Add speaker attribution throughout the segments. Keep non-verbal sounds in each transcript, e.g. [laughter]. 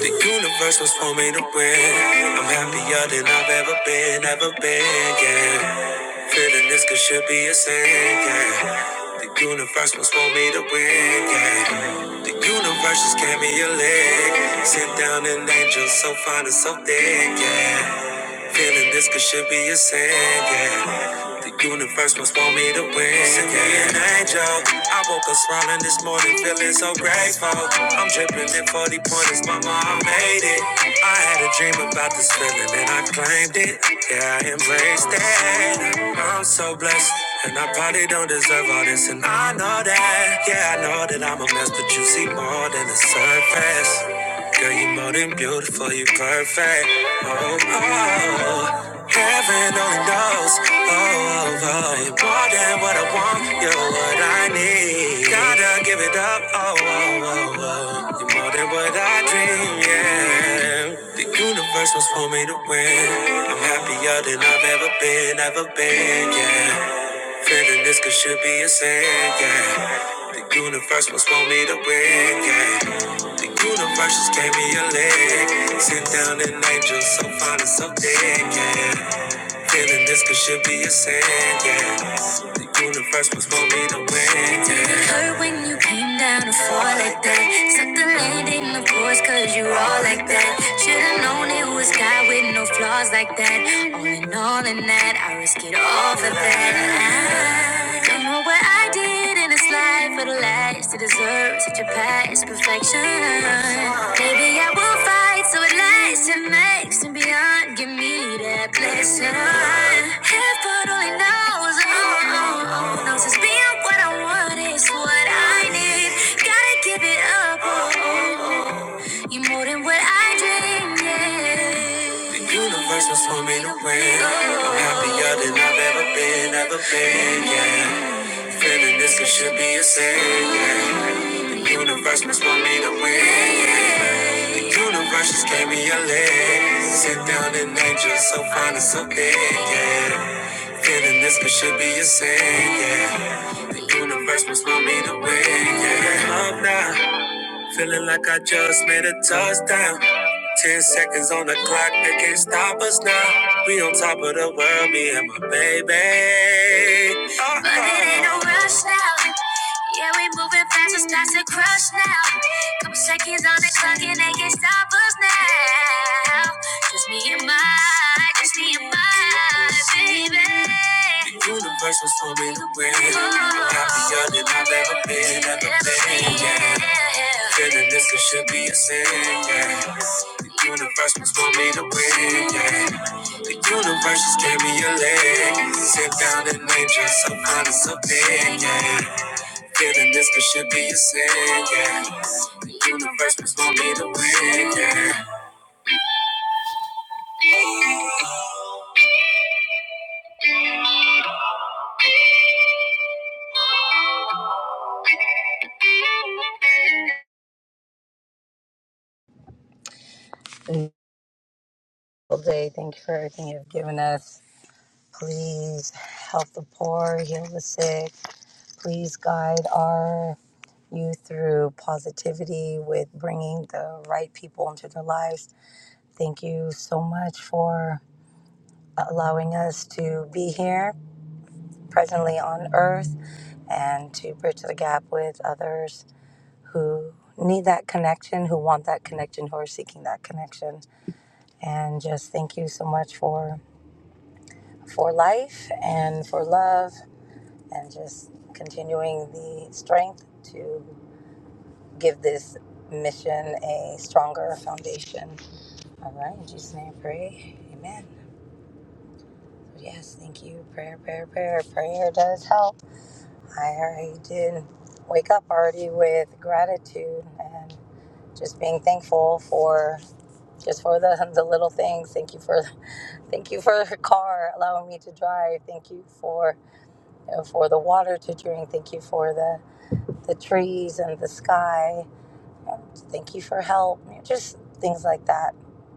Speaker 1: The universe was for me to win. I'm happier than I've ever been, ever been, yeah. Feeling this could should be a sin, yeah. The universe was for me to win, yeah. The universe just gave me a leg. Sit down and angel so fine and so thick, yeah. Feeling this could should be a sin, yeah. The universe must want me to win. yeah. Send me an angel. I woke up smiling this morning, feeling so grateful. I'm dripping in 40 pointers, mama, I made it. I had a dream about this feeling and I claimed it. Yeah, I embraced it. I'm so blessed. And I probably don't deserve all this, and I know that. Yeah, I know that I'm a mess, but you see more than the surface. Girl, you more than beautiful, you perfect. Oh, oh, heaven only knows. Oh, oh, oh, you're more than what I want, you're what I need. Gotta give it up. Oh, oh, oh, oh, you're more than what I dream. Yeah, the universe was for me to win. I'm happier than I've ever been, ever been. Yeah. Feeling this could should be a sin, yeah. The universe must want me to win, yeah. The universe just gave me a leg. Sent down an angel so fine and so dead, yeah. Feeling this could should be a sin, yeah. The universe was for me to win, yeah. It hurt when you came down to fall like that. Set the landing, of course, cause you all like that. Should've known it was God with no flaws like that. All in all, in that, I risk it all for that. I don't know what I did did in this life for the last to deserve such a past perfection. Maybe I will fight so it lasts and makes and beyond. Give me that blessing. Heaven only knows, oh, oh, oh, knows it's being what I want is what I need. Gotta give it up, oh, oh, oh. you more than what I dreamed. Yeah. The universe was for me to win. I'm happier than I've ever been, ever been, yeah. Feeling this it should be a sin. yeah. Universe must want me to win. yeah. Universe just gave me a leg. Sit down and angel, so fine and so big. Yeah. Feeling this it should be a sin. Yeah. The universe must want me to win. Yeah. Come now. Feeling like I just made a touchdown. Ten seconds on the clock, they can't stop us now. We on top of the world, me and my baby. Uh-oh. But it ain't no rush now. Yeah, we moving fast, it's not to crush now. Couple seconds on the clock, and they can't stop us now. Just me and my, just me and my baby. The universe was for me to win. I'm happier than I've ever been, ever been, yeah. Feeling this it should be a sin, yeah. The universe was for me to win, yeah. The universe just gave me a leg. Sit down and name just some honest opinion, yeah. Feeling this could should be a sin, yeah. The universe was for me to win, yeah.
Speaker 2: wonderful day. Thank you for everything you've given us. Please help the poor, heal the sick. Please guide our youth through positivity with bringing the right people into their lives. Thank you so much for allowing us to be here presently on earth and to bridge the gap with others who need that connection, who want that connection, who are seeking that connection. And just thank you so much for. for life and for love and just continuing the strength to give this mission a stronger foundation. All right, in Jesus' name I pray. Amen. Yes, thank you. Prayer, prayer, prayer. Prayer does help. I already did wake up already with gratitude and just being thankful for just for the, [laughs] the little things. Thank you for Thank you for the car, allowing me to drive. Thank you for and for the water to drink. Thank you for the, the trees and the sky. Um, Thank you for help. Just things like that.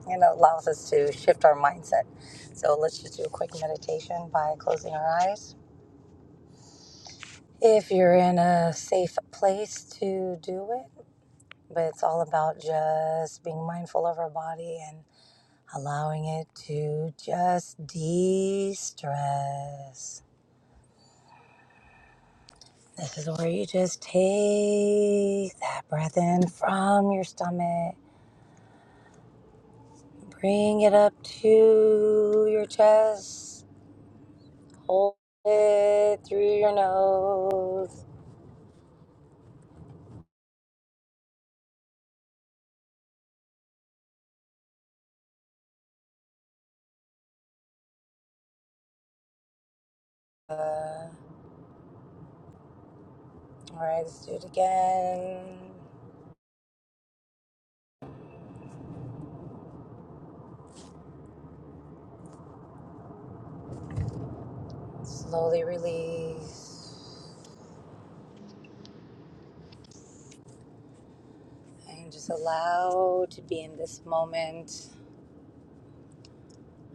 Speaker 2: You know, allows us to shift our mindset. So let's just do a quick meditation by closing our eyes. If you're in a safe place to do it, but it's all about just being mindful of our body and allowing it to just de stress. This is where you just take that breath in from your stomach, bring it up to your chest, hold it through your nose. Uh, all right, let's do it again. Slowly release and just allow to be in this moment.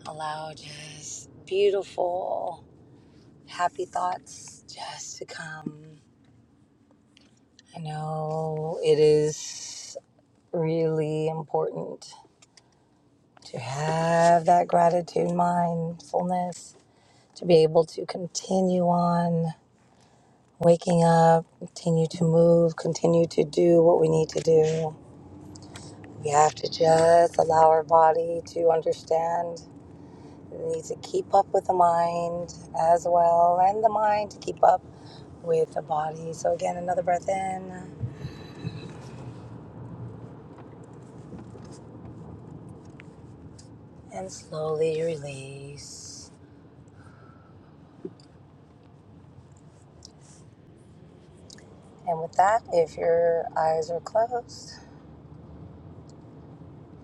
Speaker 2: Allow just beautiful, happy thoughts just to come. I know it is. really important to have that gratitude mindfulness to be able to continue on waking up, continue to move, continue to do what we need to do. We have to just allow our body to understand it needs to keep up with the mind as well, and the mind to keep up with the body. So, again, another breath in and slowly release. And with that, if your eyes are closed,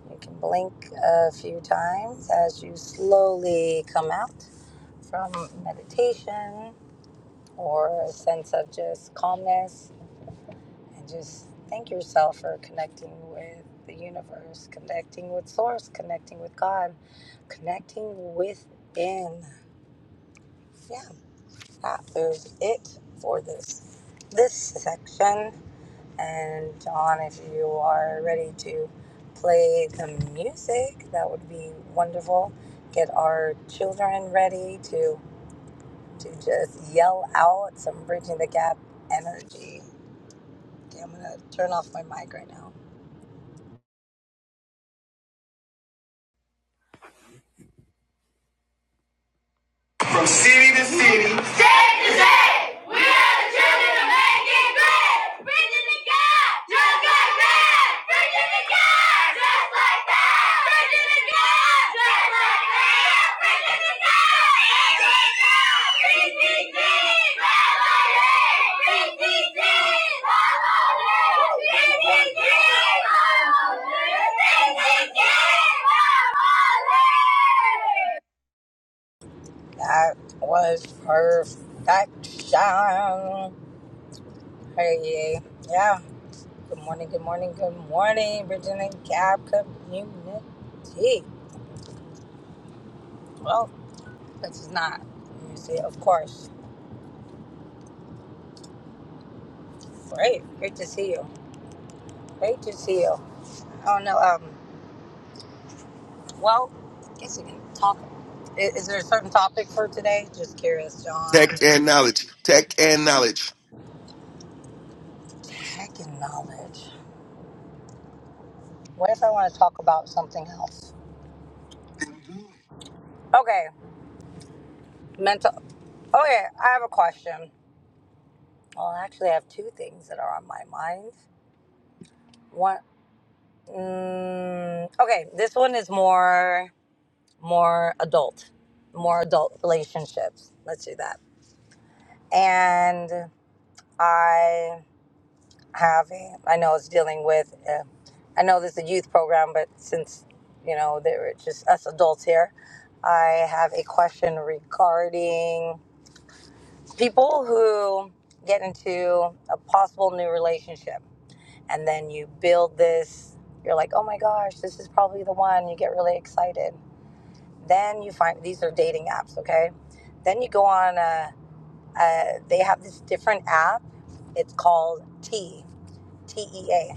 Speaker 2: You can blink a few times as you slowly come out from meditation or a sense of just calmness and just thank yourself for connecting with the universe, connecting with source, connecting with God, connecting within. Yeah, that is it for this this section. And John, if you are ready to play the music, that would be wonderful. Get our children ready to to just yell out some bridging the gap energy. Okay, I'm gonna turn off my mic right now.
Speaker 1: From city to city, State to state, we are the children of making great. Preaching to God, just like that. Preaching to God, just like that. Preaching to God, just like that. Preaching to God, PCC, family, PCC, family, PCC, family, PCC, family.
Speaker 2: That was perfection. Hey, yeah. Good morning, good morning, good morning, bridging the gap community. Well, this is not music, of course. Great. Great to see you. Great to see you. Oh no. Um. Well, I guess we can talk. i- Is, there a certain topic for today? Just curious, John.
Speaker 3: Tech
Speaker 2: Or
Speaker 3: and knowledge. Tech and knowledge.
Speaker 2: [clears throat] heck knowledge. What if I want to talk about something else? Okay. Mental. Okay, I have a question. Well, actually, I have two things that are on my mind. One. Mm, okay. This one is more more adult, more adult relationships. Let's do that. And I having. I know it's dealing with. Uh, I know this is a youth program, but since you know there are just us adults here, I have a question regarding people who get into a possible new relationship, and then you build this. You're like, oh my gosh, this is probably the one. You get really excited. Then you find these are dating apps, okay? Then you go on. A, a, they have this different app. It's called T T E A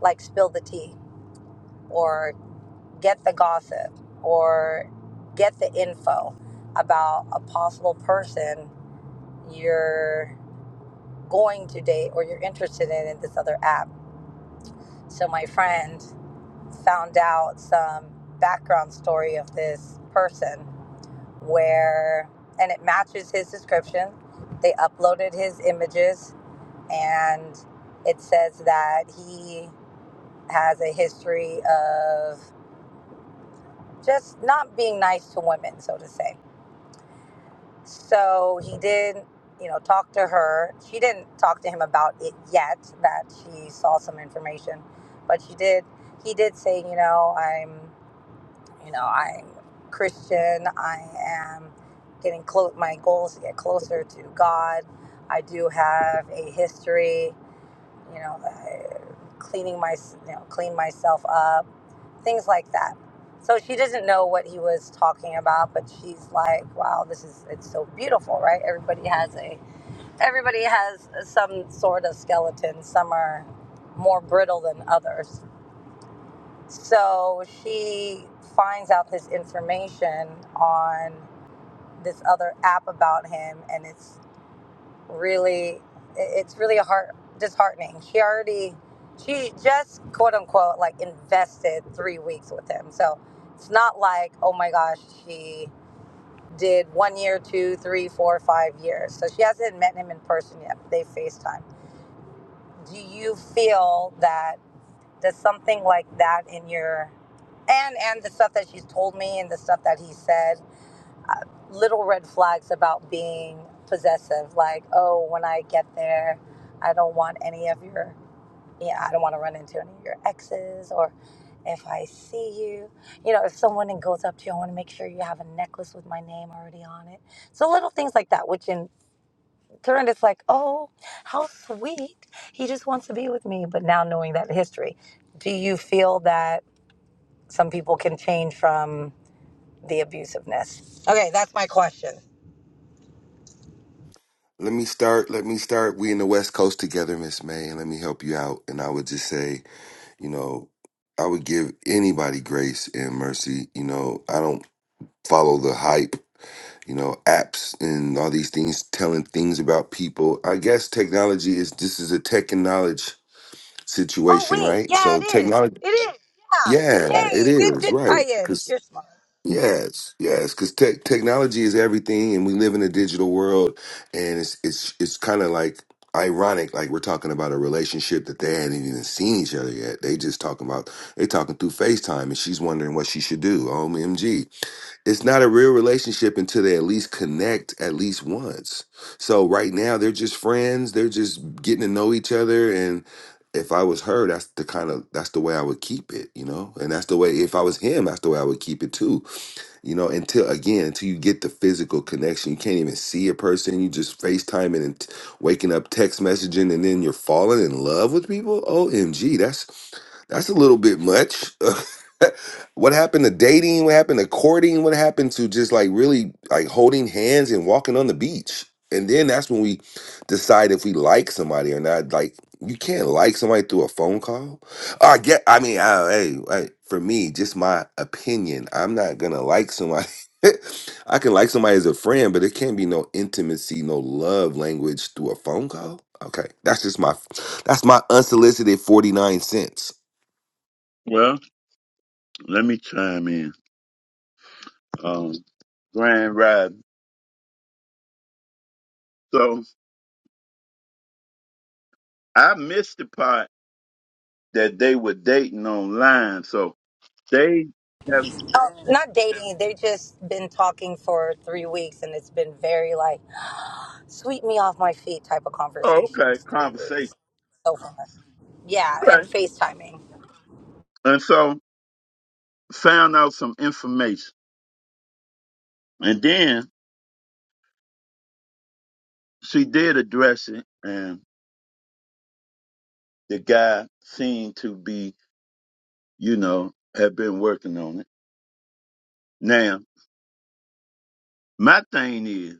Speaker 2: like spill the tea or get the gossip or get the info about a possible person you're going to date or you're interested in in this other app. So my friend found out some background story of this person where and it matches his description. They uploaded his images and it says that he has a history of just not being nice to women, so to say. So he did, you know, talk to her. She didn't talk to him about it yet that she saw some information, but she did. He did say, you know, I'm, you know, I'm Christian. I am getting close. My goal is to get closer to God. I do have a history you know, uh, cleaning my, you know, clean myself up, things like that. So she doesn't know what he was talking about, but she's like, "Wow, this is it's so beautiful, right? Everybody has a, everybody has some sort of skeleton. Some are more brittle than others." So she finds out this information on this other app about him, and it's really it's really heart disheartening she already she just quote unquote like invested three weeks with him so it's not like oh my gosh she did one year two three four five years so she hasn't met him in person yet they facetime do you feel that does something like that in your and and the stuff that she's told me and the stuff that he said little red flags about being possessive like oh when i get there i don't want any of your yeah i don't want to run into any of your exes or if i see you you know if someone goes up to you i want to make sure you have a necklace with my name already on it so little things like that which in turn it's like oh how sweet he just wants to be with me but now knowing that history do you feel that some people can change from the abusiveness okay that's my question
Speaker 3: Let me start. Let me start. We in the West Coast together, Miss May, and let me help you out. And I would just say, you know, I would give anybody grace and mercy. You know, I don't follow the hype, you know, apps and all these things telling things about people. I guess technology is this is a tech and knowledge
Speaker 2: Oh
Speaker 3: situation,
Speaker 2: wait,
Speaker 3: right?
Speaker 2: yeah,
Speaker 3: So
Speaker 2: it is.
Speaker 3: technology
Speaker 2: It is. Yeah.
Speaker 3: yeah, it
Speaker 2: Yay! It
Speaker 3: is,
Speaker 2: did tie
Speaker 3: right.
Speaker 2: in.
Speaker 3: Cause
Speaker 2: You're smart.
Speaker 3: Yes, yes, because tech technology is everything, and we live in a digital world, and it's it's it's kind of like ironic, like we're talking about a relationship that they hadn't even seen each other yet. They just talking about they talking through Facetime, and she's wondering what she should do. OMG, it's not a real relationship until they at least connect at least once. So right now they're just friends; they're just getting to know each other, and if I was her, that's the kind of that's the way I would keep it, you know. And that's the way if I was him, that's the way I would keep it too you know, until again, until you get the physical connection, you can't even see a person. You just FaceTiming and t- waking up, text messaging, and then you're falling in love with people. OMG, that's that's a little bit much. [laughs] What happened to dating? What happened to courting? What happened to just like really like holding hands and walking on the beach? And then that's when we decide if we like somebody or not. Like you can't like somebody through a phone call. I get. I mean, I, hey, hey, for me, just my opinion. I'm not gonna like somebody. [laughs] I can like somebody as a friend, but it can't be no intimacy, no love language through a phone call. Okay, that's just my that's my unsolicited forty nine cents.
Speaker 4: Well, let me chime in. Um, Grand Ride. So I missed the part that they were dating online. So they have,
Speaker 2: Oh, not dating. They've just been talking for three weeks, and it's been very like sweep me off my feet type of
Speaker 4: oh, okay,
Speaker 2: conversations. Three
Speaker 4: conversation.
Speaker 2: weeks so far. Yeah, and
Speaker 4: Okay.
Speaker 2: FaceTiming.
Speaker 4: And so found out some information. And then she did address it, and the guy seemed to be, you know, have been working on it. Now, my thing is,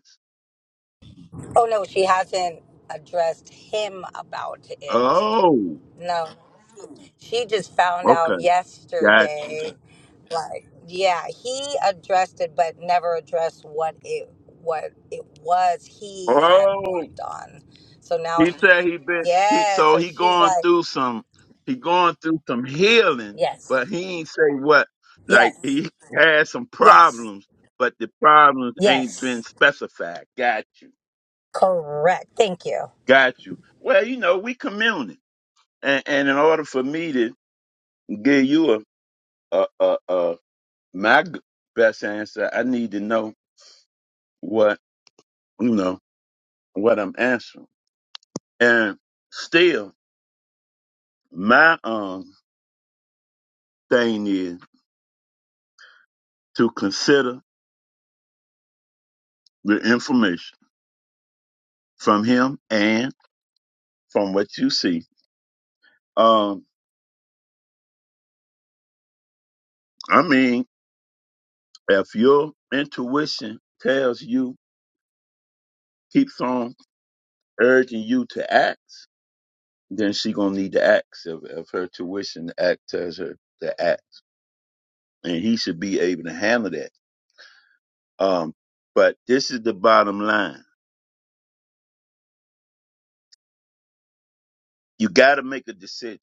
Speaker 2: Oh no, she hasn't addressed him about it.
Speaker 4: oh,
Speaker 2: No. She just found out
Speaker 4: okay, got you.
Speaker 2: yesterday. Like, yeah, he addressed it, but never addressed what it what it was he had
Speaker 4: Oh.
Speaker 2: worked on. So now,
Speaker 4: He
Speaker 2: she,
Speaker 4: said he been he
Speaker 2: yeah.
Speaker 4: so
Speaker 2: So
Speaker 4: he
Speaker 2: she's
Speaker 4: going
Speaker 2: like,
Speaker 4: through some he going through some healing,
Speaker 2: yes,
Speaker 4: but he ain't say what. Like
Speaker 2: yes,
Speaker 4: he had some
Speaker 2: yes,
Speaker 4: problems, but the problems ain't been
Speaker 2: yes.
Speaker 4: specified. Got you,
Speaker 2: Correct. Thank you.
Speaker 4: got you. Well, you know we communing, and, and in order for me to give you a a a, a my g- best answer, I need to know what you know what I'm answering. And still, my um thing is to consider the information from him and from what you see. Um, I mean, if your intuition tells you, keeps on urging you to act, then she gonna need to act. If, if her tuition to act tells her to act, and he should be able to handle that. Um, but this is the bottom line: you got to make a decision,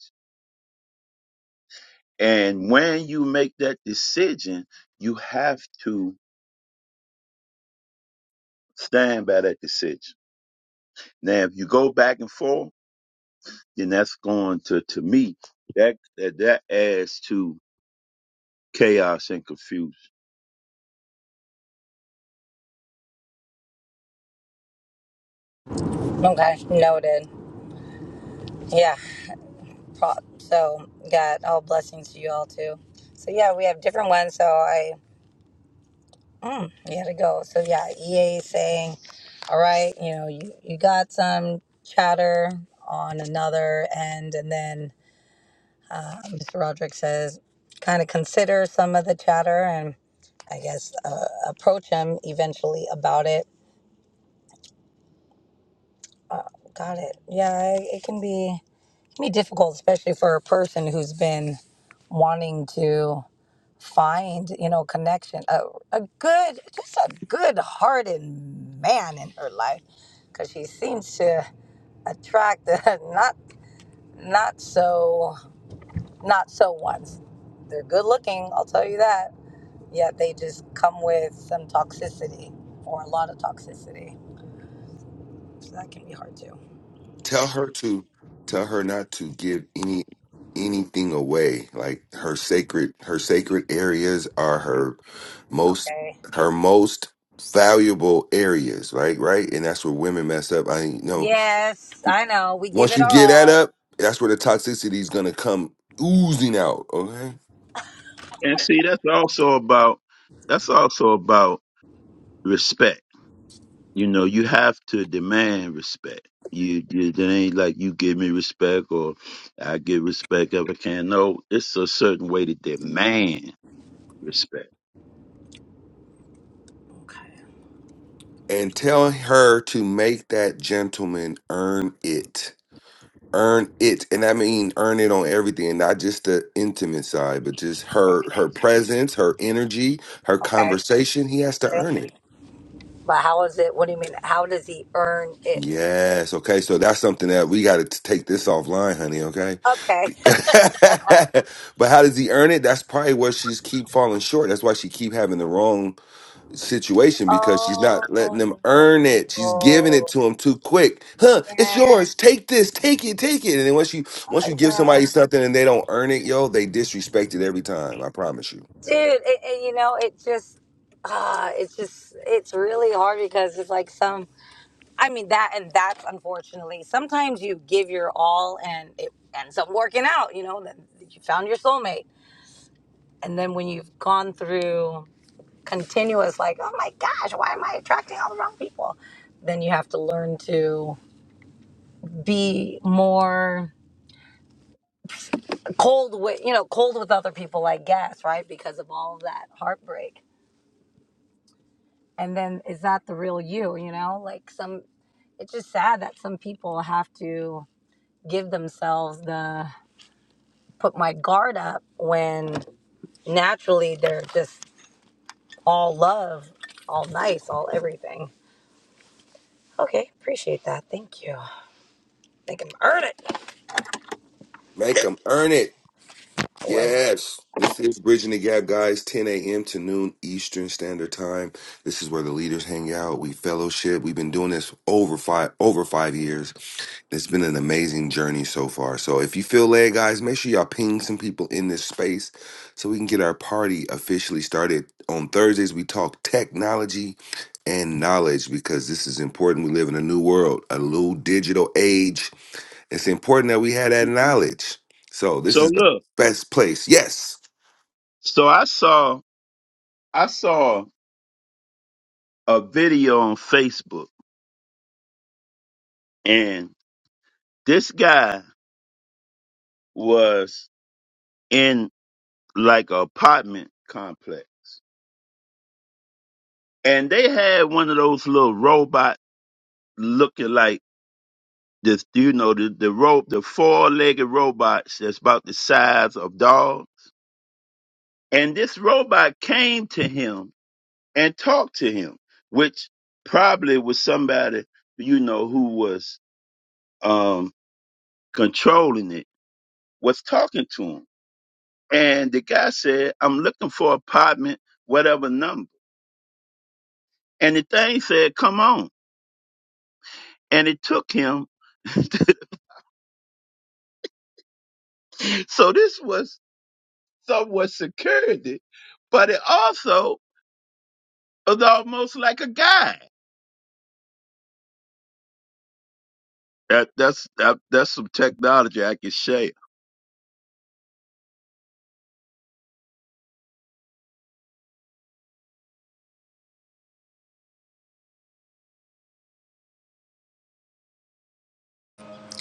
Speaker 4: and when you make that decision, you have to stand by that decision. Now, if you go back and forth then that's going to to me that that, that adds to chaos and confusion.
Speaker 2: Okay, noted. Yeah. pro- So, God, all blessings to you all too. So yeah, we have different ones. So I. Mm, you gotta go. So yeah, EA is saying, all right, you know, you, you got some chatter on another end, and then um, Mr. Roderick says, kind of consider some of the chatter, and I guess uh, approach him eventually about it. Uh, got it. Yeah, it, it can be it can be difficult, especially for a person who's been wanting to. find you know connection a, a good just a good hearted man in her life because she seems to attract the [laughs] not not so not so ones they're good looking i'll tell you that yet they just come with some toxicity or a lot of toxicity so that can be hard too
Speaker 3: tell her to tell her not to give any anything away like her sacred her sacred areas are her most
Speaker 2: okay
Speaker 3: her most valuable areas right right and that's where women mess up i know
Speaker 2: yes i know we give
Speaker 3: once
Speaker 2: it
Speaker 3: you
Speaker 2: our
Speaker 3: get that
Speaker 2: all
Speaker 3: up that's where the toxicity is going to come oozing out okay
Speaker 4: And see, that's also about that's also about respect. You know, you have to demand respect. You, you it ain't like you give me respect or I give respect if I can. No, it's a certain way to demand respect.
Speaker 2: okay
Speaker 3: and tell her to make that gentleman earn it earn it and i mean earn it on everything not just the intimate side but just her
Speaker 2: okay
Speaker 3: her presence her energy her
Speaker 2: Okay.
Speaker 3: conversation he has to earn it
Speaker 2: but how is it what do you mean how does he earn it
Speaker 3: yes okay so that's something that we got to take this offline honey okay
Speaker 2: okay
Speaker 3: [laughs] but how does he earn it that's probably where she's keep falling short that's why she keep having the wrong situation because she's
Speaker 2: Oh,
Speaker 3: not letting them
Speaker 2: yeah,
Speaker 3: earn it. She's giving it to them too quick. Huh?
Speaker 2: oh,
Speaker 3: It's yours. Take this. Take it. Take it. And then once you once you give
Speaker 2: yeah,
Speaker 3: somebody something and they don't earn it, yo, they disrespect it every time. I promise you.
Speaker 2: dude. It, it, you know, it just, ah, it's just, it's really hard because it's like some. I mean that, and that's unfortunately sometimes you give your all and it ends up working out. You know, that you found your soulmate, and then when you've gone through continuous, like, oh my gosh, why am I attracting all the wrong people? Then you have to learn to be more. cold with you know cold with other people i guess right because of all of that heartbreak and then is that the real you you know like some it's just sad that some people have to give themselves the put my guard up when naturally they're just all love all nice all everything okay appreciate that thank you i am earned it
Speaker 3: Make them earn it.
Speaker 2: well
Speaker 3: Yes. This is Bridging the Gap, guys. 10 a.m. to noon Eastern Standard Time. This is where the leaders hang out. We fellowship. We've been doing this over five over five years It's been an amazing journey so far. So if you feel led, guys, make sure y'all ping some people in this space so we can get our party officially started. On Thursdays, we talk technology and knowledge because this is important. We live in a new world, a new digital age. It's important that we have that knowledge. So this
Speaker 4: So
Speaker 3: is the
Speaker 4: look,
Speaker 3: best place. Yes.
Speaker 4: so I saw I saw a video on Facebook and this guy was in like an apartment complex. And they had one of those little robot looking like this, you know, the, the rope, the four legged robots that's about the size of dogs. And this robot came to him and talked to him, which probably was somebody, you know, who was um, controlling it, was talking to him. And the guy said, I'm looking for apartment, whatever number. And the thing said, come on. and it took him. [laughs] so this was somewhat security, but it also was almost like a guide. That, that's that, that's some technology I can share.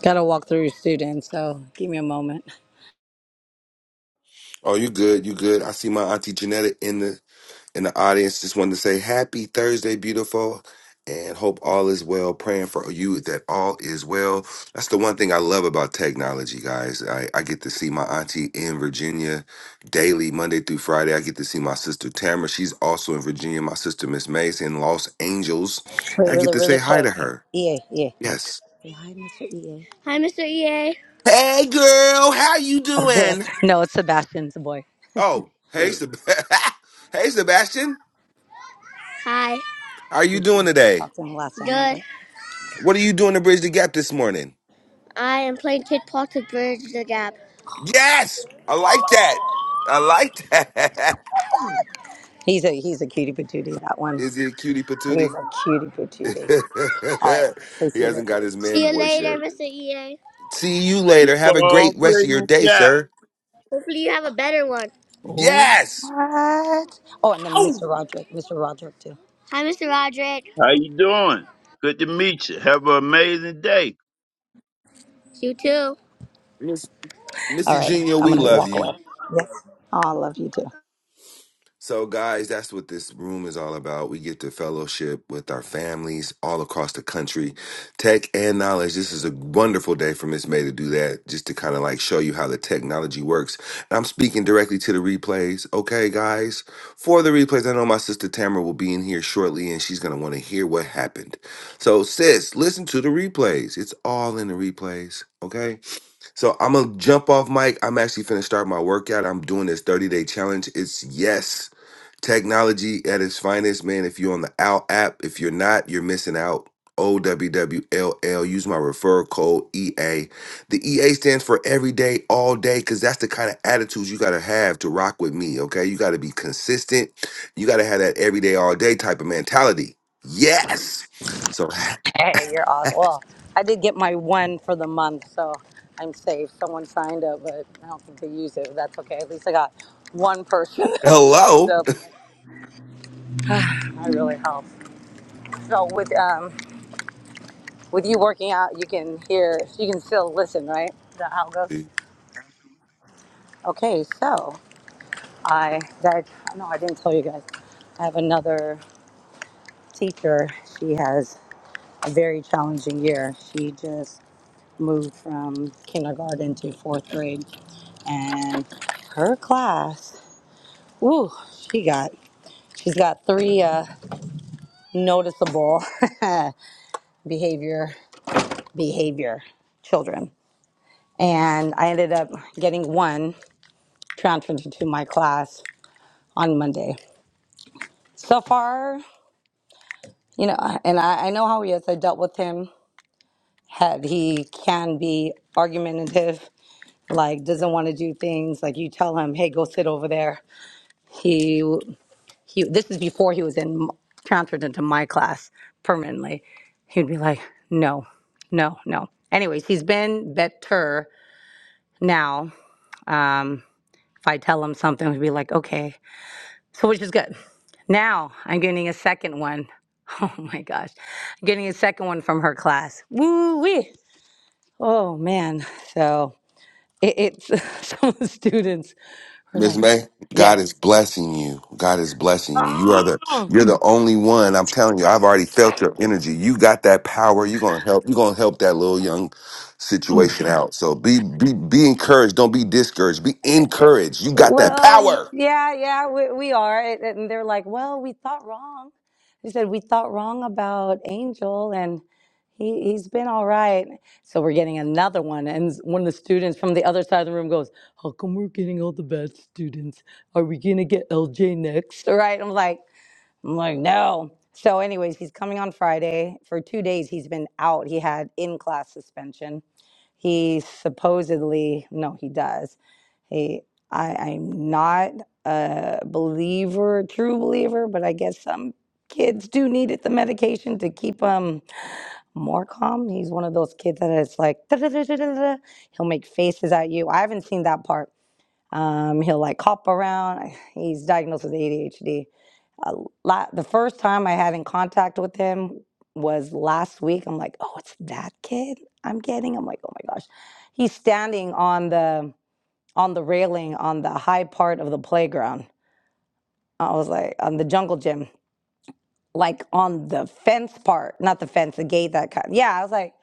Speaker 2: gotta walk through your student so give me a moment
Speaker 3: Oh, you good, you good. I see my auntie Janetta in the in the audience. Just wanted to say happy Thursday, beautiful, and hope all is well. Praying for you that all is well. That's the one thing I love about technology, guys. I, I get to see my auntie in Virginia daily, Monday through Friday. I get to see my sister Tamara. She's also in Virginia. My sister Miss Mace in Los Angeles.
Speaker 2: Wait,
Speaker 3: I get
Speaker 2: really
Speaker 3: to say
Speaker 2: really
Speaker 3: hi
Speaker 2: quick
Speaker 3: to her.
Speaker 2: ea ea
Speaker 3: Yes.
Speaker 2: Say hi, Mr. EA. Hi, Mr. EA.
Speaker 3: Hey, girl. How you
Speaker 2: Girl.
Speaker 3: doing?
Speaker 2: No, it's Sebastian's boy.
Speaker 3: Oh, hey, Seb- [laughs] hey, Sebastian.
Speaker 2: Hi.
Speaker 3: How are you doing today?
Speaker 2: Talked to him last time, I Good. think.
Speaker 3: What are you doing to bridge the gap this morning?
Speaker 2: I am playing Kid Park to bridge the gap.
Speaker 3: Yes, I like that. I like that. [laughs] Is
Speaker 2: He's a he's a cutie patootie, that one.
Speaker 3: he a cutie
Speaker 2: He's
Speaker 3: patootie?
Speaker 2: a cutie patootie. All right.
Speaker 3: [laughs]
Speaker 2: So
Speaker 3: he
Speaker 2: see you later.
Speaker 3: hasn't got his man
Speaker 2: See you
Speaker 3: voice
Speaker 2: later,
Speaker 3: yet.
Speaker 2: Mr. EA.
Speaker 3: See you later. Have a
Speaker 4: Paul
Speaker 3: great rest of your
Speaker 4: Bridgman
Speaker 3: day,
Speaker 4: Gap,
Speaker 3: sir.
Speaker 2: Hopefully you have a better one. Oh.
Speaker 3: Yes.
Speaker 2: What? Oh, and then
Speaker 3: Ow!
Speaker 2: Mr. Roderick. Mr. Roderick too. Hi, Mr. Roderick.
Speaker 4: how you doing? Good to meet you. Have an amazing day.
Speaker 2: You too.
Speaker 3: Miss
Speaker 2: All
Speaker 3: Missy
Speaker 2: right.
Speaker 3: Junior,
Speaker 2: I'm
Speaker 3: we
Speaker 2: gonna
Speaker 3: love
Speaker 2: walk
Speaker 3: you.
Speaker 2: away. Yes. Oh, I love you too.
Speaker 3: So, guys, that's what this room is all about. We get to fellowship with our families all across the country, tech and knowledge. This is a wonderful day for Miss May to do that, just to kind of like show you how the technology works. And I'm speaking directly to the replays, okay, guys? For the replays, I know my sister Tamara will be in here shortly and she's going to want to hear what happened. So, sis, listen to the replays. It's all in the replays, okay? So, I'm going to jump off mic. I'm actually finna start my workout. I'm doing this 30 day challenge. It's yes. Technology at its finest, man. If you're on the OWL app, if you're not, you're missing out. O W W L L. Use my referral code EA. The EA stands for every day, all day, because that's the kind of attitudes you got to have to rock with me, okay? You got to be consistent. You got to have that every day, all day type of mentality. Yes. So,
Speaker 2: Hey, you're awesome. Well, I did get my one for the month, so I'm safe. Someone signed up, but I don't think they use it. But that's okay. At least I got one person [laughs]
Speaker 3: [laughs]
Speaker 2: that signed
Speaker 3: hello.
Speaker 2: up. That really helps. So with um with you working out, you can hear, you can still listen, right? Is that how it goes?
Speaker 3: [laughs]
Speaker 2: Okay, so I that no, I didn't tell you guys. I have another teacher. She has a very challenging year. She just moved from kindergarten to fourth grade and her class. Ooh, she got she's got three uh, noticeable [laughs] behavior behavior children, and I ended up getting one transferred to my class on Monday. So far, you know, and I, I know how he is. I dealt with him. Had he can be argumentative, like doesn't want to do things. Like you tell him, hey, go sit over there. He he this is before he was in transferred into my class permanently he'd be like no no no anyways he's been better now um if i tell him something he'd be like okay so which is good now i'm getting a second one. [laughs] Oh my gosh I'm getting a second one from her class woo wee oh man so it, it's [laughs] some of the students were
Speaker 3: Miss
Speaker 2: like
Speaker 3: May,
Speaker 2: yeah
Speaker 3: God is blessing you. God is blessing you. You are the
Speaker 2: [laughs]
Speaker 3: you're the only one. I'm telling you, I've already felt your energy. You got that power. You're gonna help. You're gonna help that little young situation out. So be be be encouraged. Don't be discouraged. Be encouraged. You got that
Speaker 2: Well,
Speaker 3: power.
Speaker 2: yeah, yeah, we, we are. And and they're like, well, we thought wrong. They said, we thought wrong about Angel and he, he's been all right. So we're getting another one. And s- one of the students from the other side of the room goes, how come we're getting all the bad students? Are we going to get LJ next? Right. I'm like, I'm like, no. So, anyways, he's coming on Friday. For two days, he's been out. He had in class suspension. He supposedly, no, he does. He, I, I'm not a believer, true believer, but I guess some kids do need it, the medication to keep them more calm. He's one of those kids that is like, "Da, da, da, da, da, da." he'll make faces at you. I haven't seen that part. Um, he'll like hop around. [sighs] He's diagnosed with ADHD a la the first time I had in contact with him was last week. I'm like, oh, it's that kid I'm getting. I'm like, oh my gosh, he's standing on the on the railing on the high part of the playground. I was like, on the jungle gym, like on the fence part, not the fence, the gate that kind. Yeah, I was like,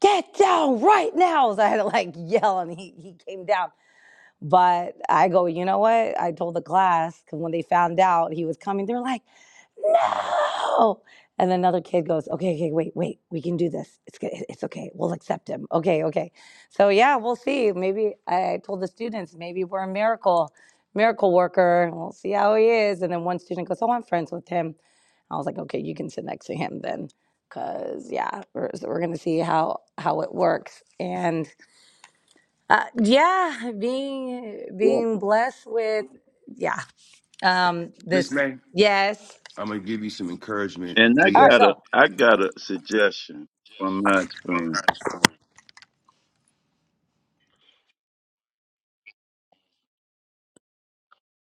Speaker 2: get down right now. [laughs] So I had to like yell, and he he came down. But I go, you know what? I told the class because when they found out he was coming, they're like oh and another kid goes okay okay wait wait we can do this it's good it's okay we'll accept him okay okay so yeah we'll see maybe i told the students maybe we're a miracle miracle worker we'll see how he is and then one student goes oh i'm friends with him i was like okay you can sit next to him then because yeah we're, so we're gonna see how how it works and uh, yeah being
Speaker 4: Yeah.
Speaker 2: being blessed with yeah um
Speaker 3: Miss
Speaker 2: this
Speaker 3: May,
Speaker 2: yes
Speaker 3: I'm gonna give you some encouragement.
Speaker 4: And I
Speaker 2: all right
Speaker 3: Please
Speaker 4: got a
Speaker 2: go
Speaker 4: I got a suggestion from my experience.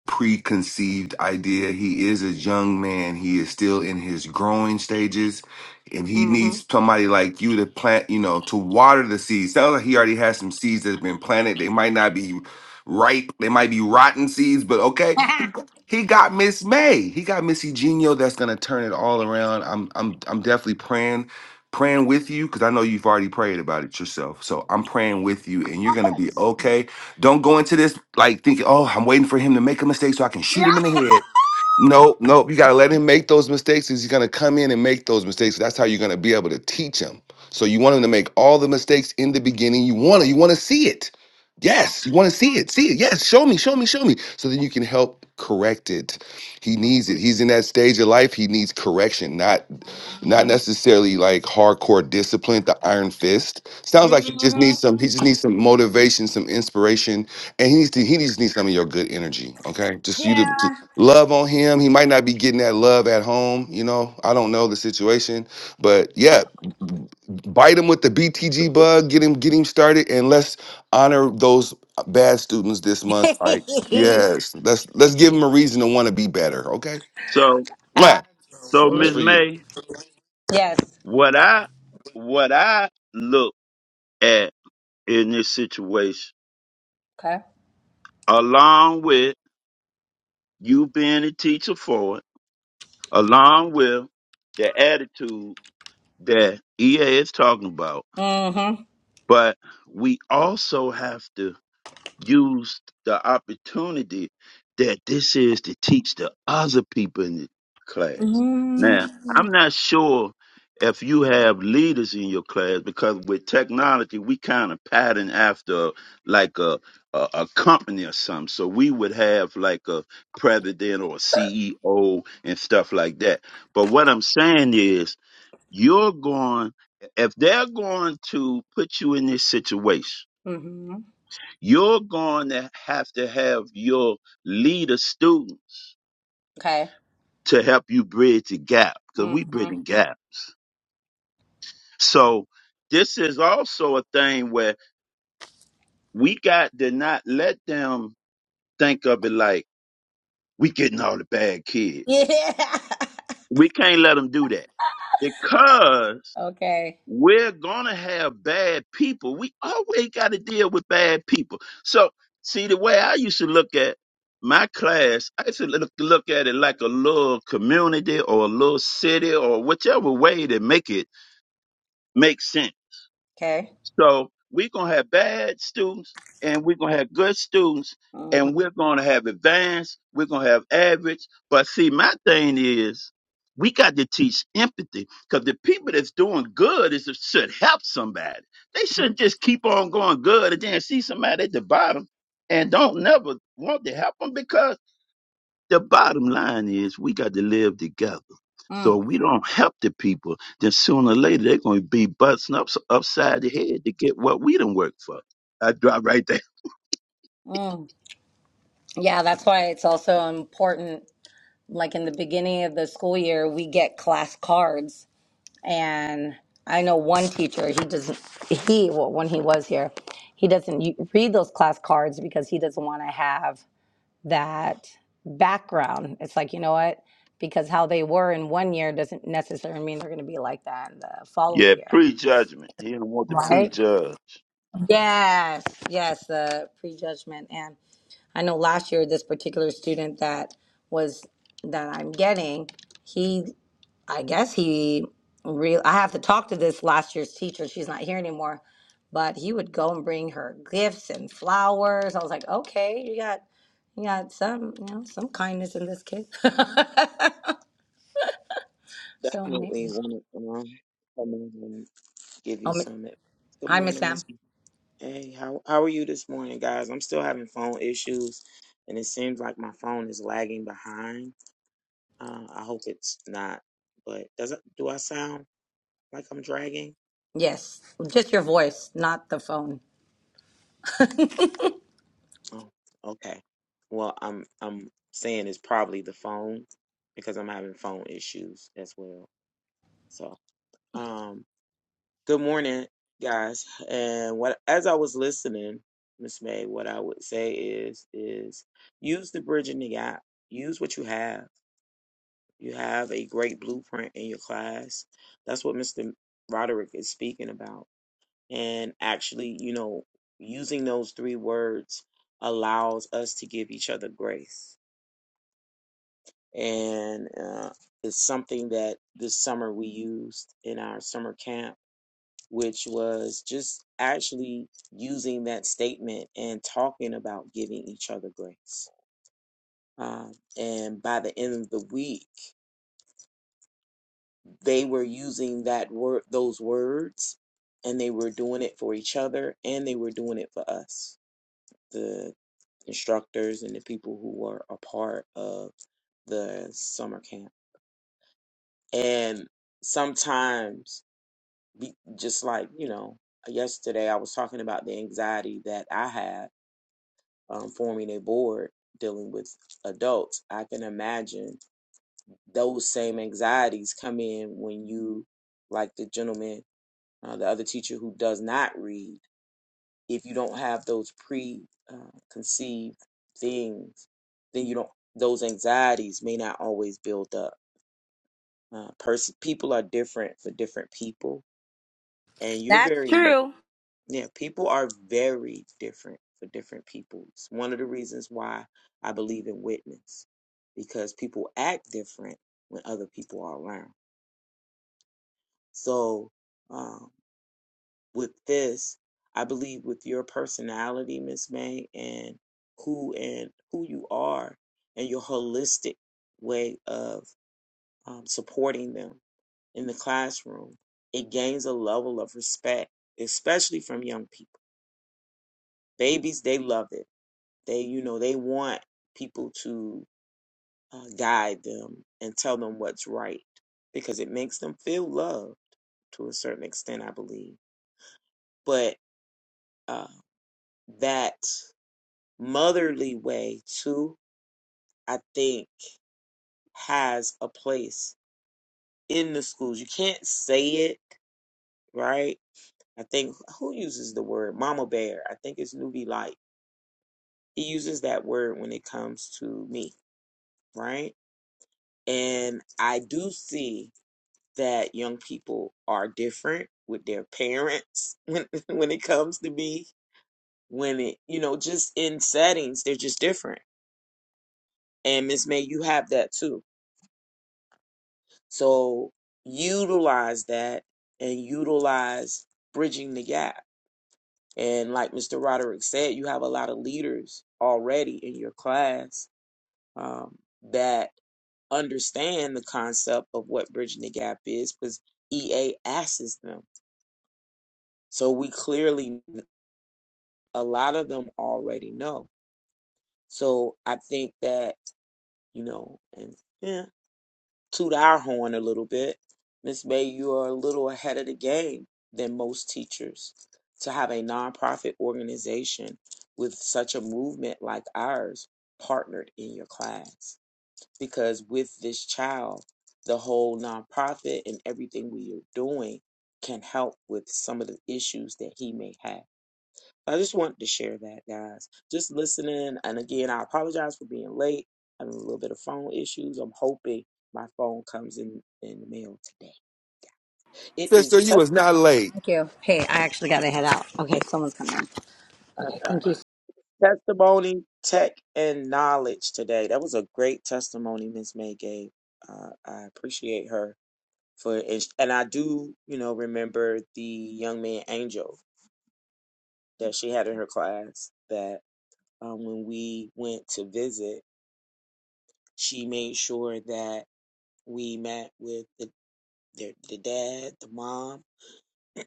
Speaker 3: preconceived idea. He is a young man. He is still in his growing stages, and he
Speaker 2: Mm-hmm.
Speaker 3: needs somebody like you to plant, you know, to water the seeds. Sounds like he already has some seeds that have been planted. They might not be ripe. They might be rotten seeds, but okay. He he got Miss May. He got Miss Eugenio that's gonna turn it all around. I'm I'm I'm definitely praying. Praying with you because I know you've already prayed about it yourself. So I'm praying with you, and you're going to be okay don't go into this like thinking, oh, I'm waiting for him to make a mistake so I can
Speaker 2: Yeah.
Speaker 3: shoot him in the head. Nope, nope. You got to let him make those mistakes. 'cause He's going to come in and make those mistakes. That's how you're going to be able to teach him. So you want him to make all the mistakes in the beginning. You want to, you want to see it. Yes, you want to see it. See it. Yes, show me, show me, show me. So then you can help correct it. He needs it. He's in that stage of life. He needs correction, not not necessarily like hardcore discipline, the iron fist. Sounds like he just
Speaker 2: hmm
Speaker 3: needs some he just needs some motivation, some inspiration, and he needs to he just needs some of your good energy, okay? Just you to
Speaker 2: Yeah.
Speaker 3: love on him. He might not be getting that love at home. You know, I don't know the situation, but yeah, bite him with the BTG bug. Get him, get him started, and let's honor those bad students this month. Like,
Speaker 2: [laughs]
Speaker 3: yes, let's let's give them a reason to want to be better. Okay,
Speaker 4: So
Speaker 3: Mwah.
Speaker 4: so
Speaker 3: that's
Speaker 4: Miss
Speaker 2: Absolutely.
Speaker 3: for you,
Speaker 4: May,
Speaker 2: Yes.
Speaker 4: what I what I look at in this situation,
Speaker 2: Okay.
Speaker 4: along with you being a teacher for it, along with the attitude that EA is talking about.
Speaker 2: Mm-hmm.
Speaker 4: But we also have to used the opportunity that this is to teach the other people in the class. Now,
Speaker 2: Mm-hmm.
Speaker 4: I'm not sure if you have leaders in your class because with technology, we kind of pattern after like a, a, a company or something. So we would have like a president or a CEO and stuff like that. But what I'm saying is, you're going, if they're going to put you in this situation,
Speaker 2: Mm-hmm.
Speaker 4: you're going to have to have your leader students
Speaker 2: Okay.
Speaker 4: to help you bridge the gap because we
Speaker 2: Mm-hmm.
Speaker 4: bridging gap. So this is also a thing where we got to not let them think of it like we getting all the bad kids.
Speaker 2: Yeah.
Speaker 4: We can't let them do that because
Speaker 2: [laughs] okay.
Speaker 4: we're gonna have bad people. We always got to deal with bad people. So, see, the way I used to look at my class, I used to look, look at it like a little community or a little city or whichever way to make it make sense
Speaker 2: Okay.
Speaker 4: so we're gonna have bad students and we're gonna have good students
Speaker 2: Mm-hmm.
Speaker 4: and we're gonna have advanced, we're gonna have average. But see, my thing is we got to teach empathy because the people that's doing good is should help somebody. They shouldn't just keep on going good and then see somebody at the bottom and don't never want to help them the bottom line is we got to live together.
Speaker 2: Mm.
Speaker 4: So if we don't help the people, then sooner or later they're going to be busting up upside the head to get what we done work for. I drop right there.
Speaker 2: Mm. Yeah, that's why it's also important. Like in the beginning of the school year, we get class cards, and I know one teacher. He doesn't. He well, when he was here, he doesn't u- read those class cards because he doesn't want to have that background. It's like, you know what? Because how they were in one year doesn't necessarily mean they're going to be like that in the following
Speaker 4: Yeah,
Speaker 2: year.
Speaker 4: prejudgment. He don't want to
Speaker 2: Right?
Speaker 4: prejudge.
Speaker 2: Yes. Yes. The prejudgment. And I know last year, this particular student that was, that I'm getting, he. I guess he real I have to talk to this last year's teacher. She's not here anymore. But he would go and bring her gifts and flowers. I was like, okay, you got you got some, you know, some kindness in this kid. [laughs] so
Speaker 5: Definitely
Speaker 2: amazing.
Speaker 5: want to um, come in and give you
Speaker 2: Oh, mi-
Speaker 5: some. ad- Good
Speaker 2: hi, Miss
Speaker 5: morning,
Speaker 2: Sam.
Speaker 5: Miss. Hey, how how are you this morning, guys? I'm still having phone issues, and it seems like my phone is lagging behind. Uh, I hope it's not. But does it, do I sound like I'm dragging?
Speaker 2: Yes, just your voice, not the phone.
Speaker 5: Oh, okay. Well, I'm I'm saying it's probably the phone because I'm having phone issues as well. So, um, Good morning, guys. And what as I was listening, Miss May, what I would say is is use the bridge in the gap. Use what you have. You have a great blueprint in your class. That's what Mr. Roderick is speaking about. And actually, you know, using those three words allows us to give each other grace. And uh, it's something that this summer we used in our summer camp which was just actually using that statement and talking about giving each other grace. Um, and by the end of the week, they were using that word, those words, and they were doing it for each other, and they were doing it for us, the instructors and the people who were a part of the summer camp. And sometimes, be, just like you know, yesterday I was talking about the anxiety that I have um, forming a board dealing with adults, I can imagine those same anxieties come in when you, like the gentleman, uh, the other teacher who does not read, if you don't have those preconceived uh, things, then you don't, those anxieties may not always build up. Uh, pers- people are different for different people. And you're
Speaker 2: That's
Speaker 5: very
Speaker 2: true.
Speaker 5: Yeah, people are very different for different people. It's one of the reasons why I believe in witness because people act different when other people are around. So, um, with this, I believe with your personality, Miss May, and who and who you are, and your holistic way of um, supporting them in the classroom, it gains a level of respect, especially from young people. Babies, they love it They, you know, they want people to uh, guide them and tell them what's right because it makes them feel loved to a certain extent, I believe. But uh, that motherly way, too, I think has a place in the schools. You can't say it, right? I think who uses the word mama bear? I think it's Nuvi Light. He uses that word when it comes to me, right? And I do see that young people are different with their parents [laughs] when when it comes to me when it you know just in settings they're just different and miss may you have that too so utilize that and utilize bridging the gap and like mr roderick said you have a lot of leaders already in your class um, that understand the concept of what bridging the gap is because ea asks them so we clearly a lot of them already know. So I think that, you know, and yeah, toot our horn a little bit. Miss May, you are a little ahead of the game than most teachers to have a nonprofit organization with such a movement like ours partnered in your class. Because with this child, the whole nonprofit and everything we are doing can help with some of the issues that he may have I just wanted to share that, guys. Just listening. And again, I apologize for being late. Having a little bit of phone issues. I'm hoping my phone comes in in the mail today. It is
Speaker 3: sister. You was
Speaker 5: testimony.
Speaker 3: not late.
Speaker 2: Thank you. Hey, I actually got to head out. Okay, someone's coming.
Speaker 5: That's
Speaker 2: Okay, thank
Speaker 5: fine.
Speaker 2: you. so
Speaker 5: Testimony, tech, and knowledge today. That was a great testimony Miss May gave. Uh, I appreciate her for, and and I do, you know, remember the young man Angel that she had in her class. That um, when we went to visit, she made sure that we met with the their, the dad, the mom,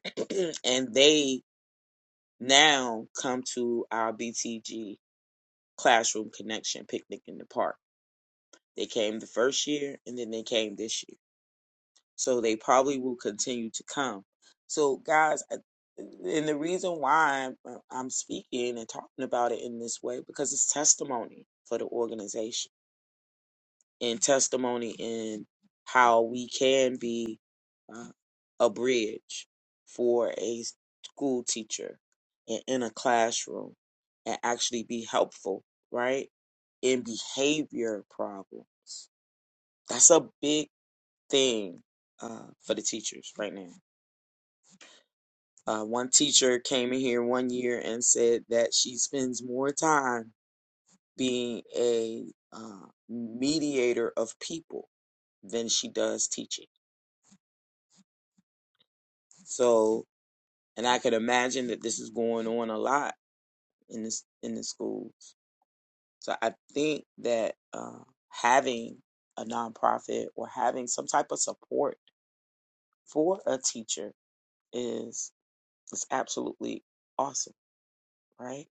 Speaker 5: [clears throat] and they now come to our BTG classroom connection picnic in the park. They came the first year, and then they came this year, so they probably will continue to come. So, guys, I- and the reason why I'm, I'm speaking and talking about it in this way because it's testimony for the organization In testimony in how we can be uh, a bridge for a school teacher and in a classroom and actually be helpful, right? In behavior problems. That's a big thing uh, for the teachers right now. Uh, one teacher came in here one year and said that she spends more time being a uh, mediator of people than she does teaching So, and I could imagine that this is going on a lot in this in the schools. So I think that uh, having a nonprofit or having some type of support for a teacher is is absolutely awesome, right?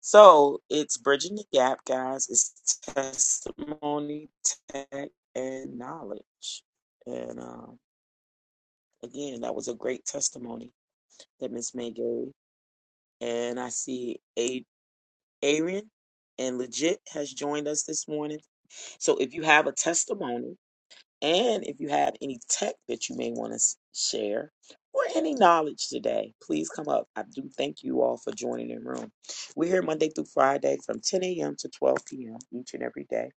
Speaker 5: So it's bridging the gap, guys. It's testimony, tech, and knowledge. And um, again, that was a great testimony that Miss May gave and I see Aaron and Legit has joined us this morning. So if you have a testimony and if you have any tech that you may want to share or any knowledge today, please come up. I do thank you all for joining the room. We're here Monday through Friday from 10 a.m. to 12 p.m. each and every day.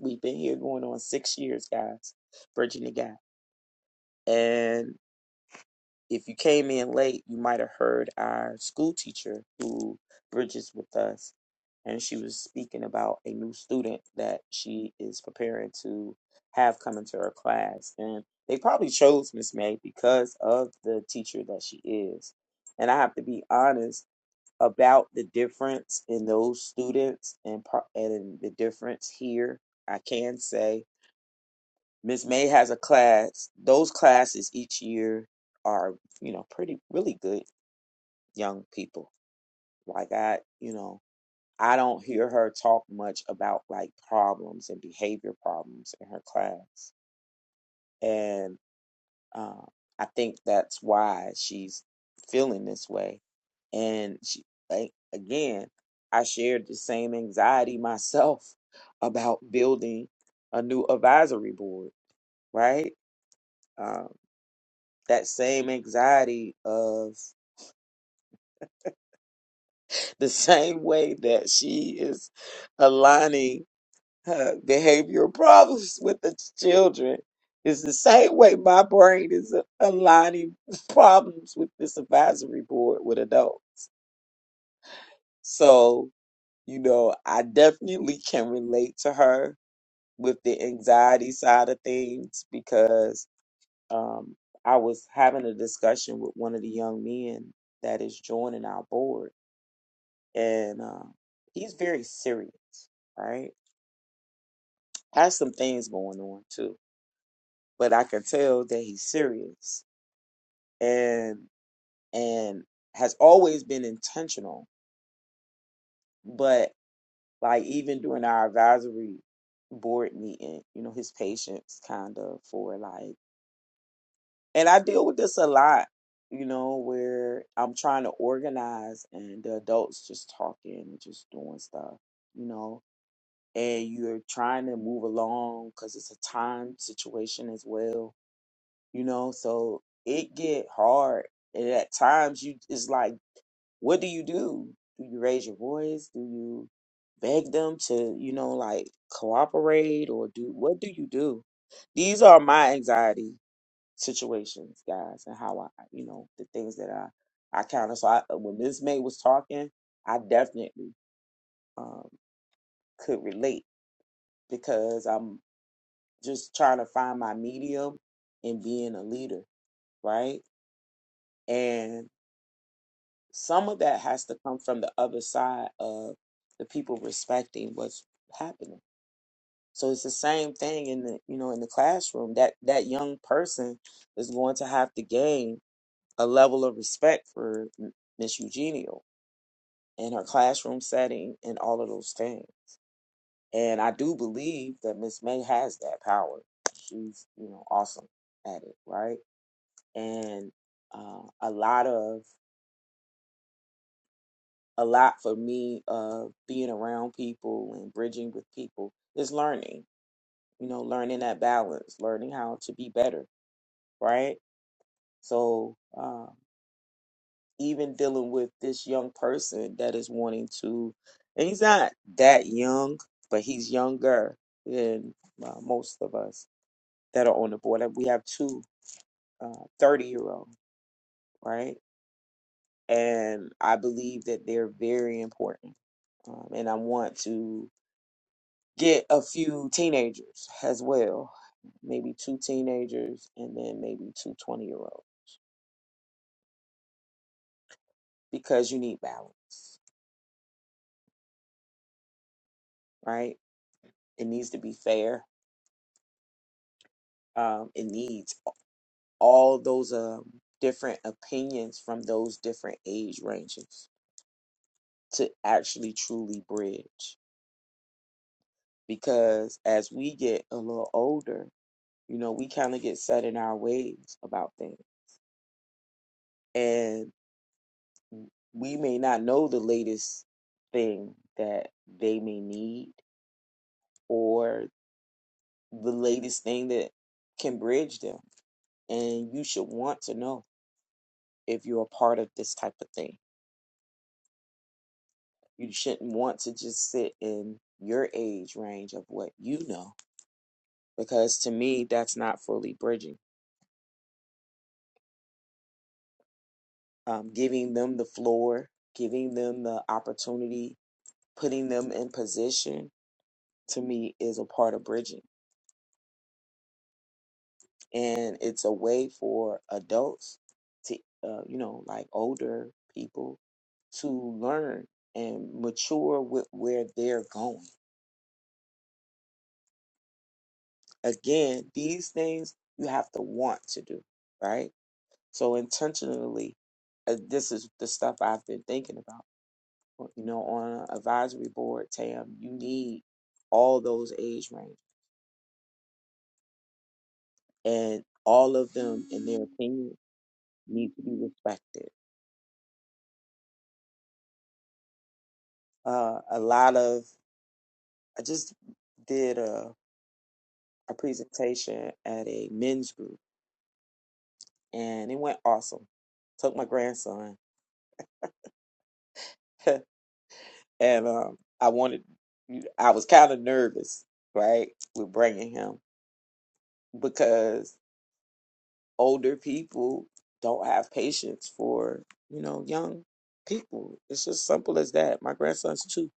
Speaker 5: We've been here going on six years, guys. Virginia Guy. And if you came in late, you might have heard our school teacher who bridges with us, and she was speaking about a new student that she is preparing to have come into her class. And they probably chose Miss May because of the teacher that she is. And I have to be honest about the difference in those students and, pro- and the difference here. I can say Miss May has a class. Those classes each year are, you know, pretty really good young people. Like I, you know, I don't hear her talk much about like problems and behavior problems in her class. And uh, I think that's why she's feeling this way. And she, like, again, I shared the same anxiety [laughs] myself about building a new advisory board, right? Um, that same anxiety of the [laughs] same way that she is aligning her behavioral problems with the children is the same way my brain is a- aligning problems with this advisory board with adults. So, you know, I definitely can relate to her with the anxiety side of things because um, I was having a discussion with one of the young men that is joining our board and um, he's very serious. Right, has some things going on too, but I can tell that he's serious and and has always been intentional. But like even during our advisory board meeting, you know, his patience kind of for like, and I deal with this a lot. You know, where I'm trying to organize and the adults just talking and just doing stuff, you know and you're trying to move along because it's a time situation as well you know so it get hard and at times you it's like what do you do do you raise your voice do you beg them to you know like cooperate or do what do you do these are my anxiety situations guys and how i you know the things that i i kind of so I, when miss may was talking i definitely um could relate because I'm just trying to find my medium and being a leader, right? And some of that has to come from the other side of the people respecting what's happening. So it's the same thing in the you know in the classroom that that young person is going to have to gain a level of respect for M- Miss Eugenio and her classroom setting and all of those things. And I do believe that Miss May has that power. She's you know awesome at it, right? and uh, a lot of a lot for me of being around people and bridging with people is learning you know learning that balance learning how to be better right so um, even dealing with this young person that is wanting to and he's not that young but he's younger than uh, most of us that are on the board Like, we have two uh, 30 year old right and I believe that they're very important. Um, and I want to get a few teenagers as well, maybe two teenagers and then maybe 220 year olds because you need balance, right? It needs to be fair. Um, it needs all those um, different opinions from those different age ranges to actually truly bridge. Because as we get a little older, you know, we kind of get set in our ways about things and we may not know the latest thing that they may need or the latest thing that can bridge them and you should want to know if you're a part of this type of thing you shouldn't want to just sit in your age range of what you know because to me that's not fully bridging um, giving them the floor giving them the opportunity putting them in position to me is a part of bridging and it's a way for adults to uh, you know like older people to learn and mature with where they're going again these things you have to want to do right so intentionally uh, this is the stuff i've been thinking about Well, you know on an advisory board tam you need all those age range and all of them in their opinion need to be respected uh, a lot of I just did a, a presentation at a men's group and it went awesome. Took my grandson [laughs] and um, I wanted, I was kind of nervous, right, with bringing him because older people don't have patience for, you know, young people. It's just simple as that. My grandson's two.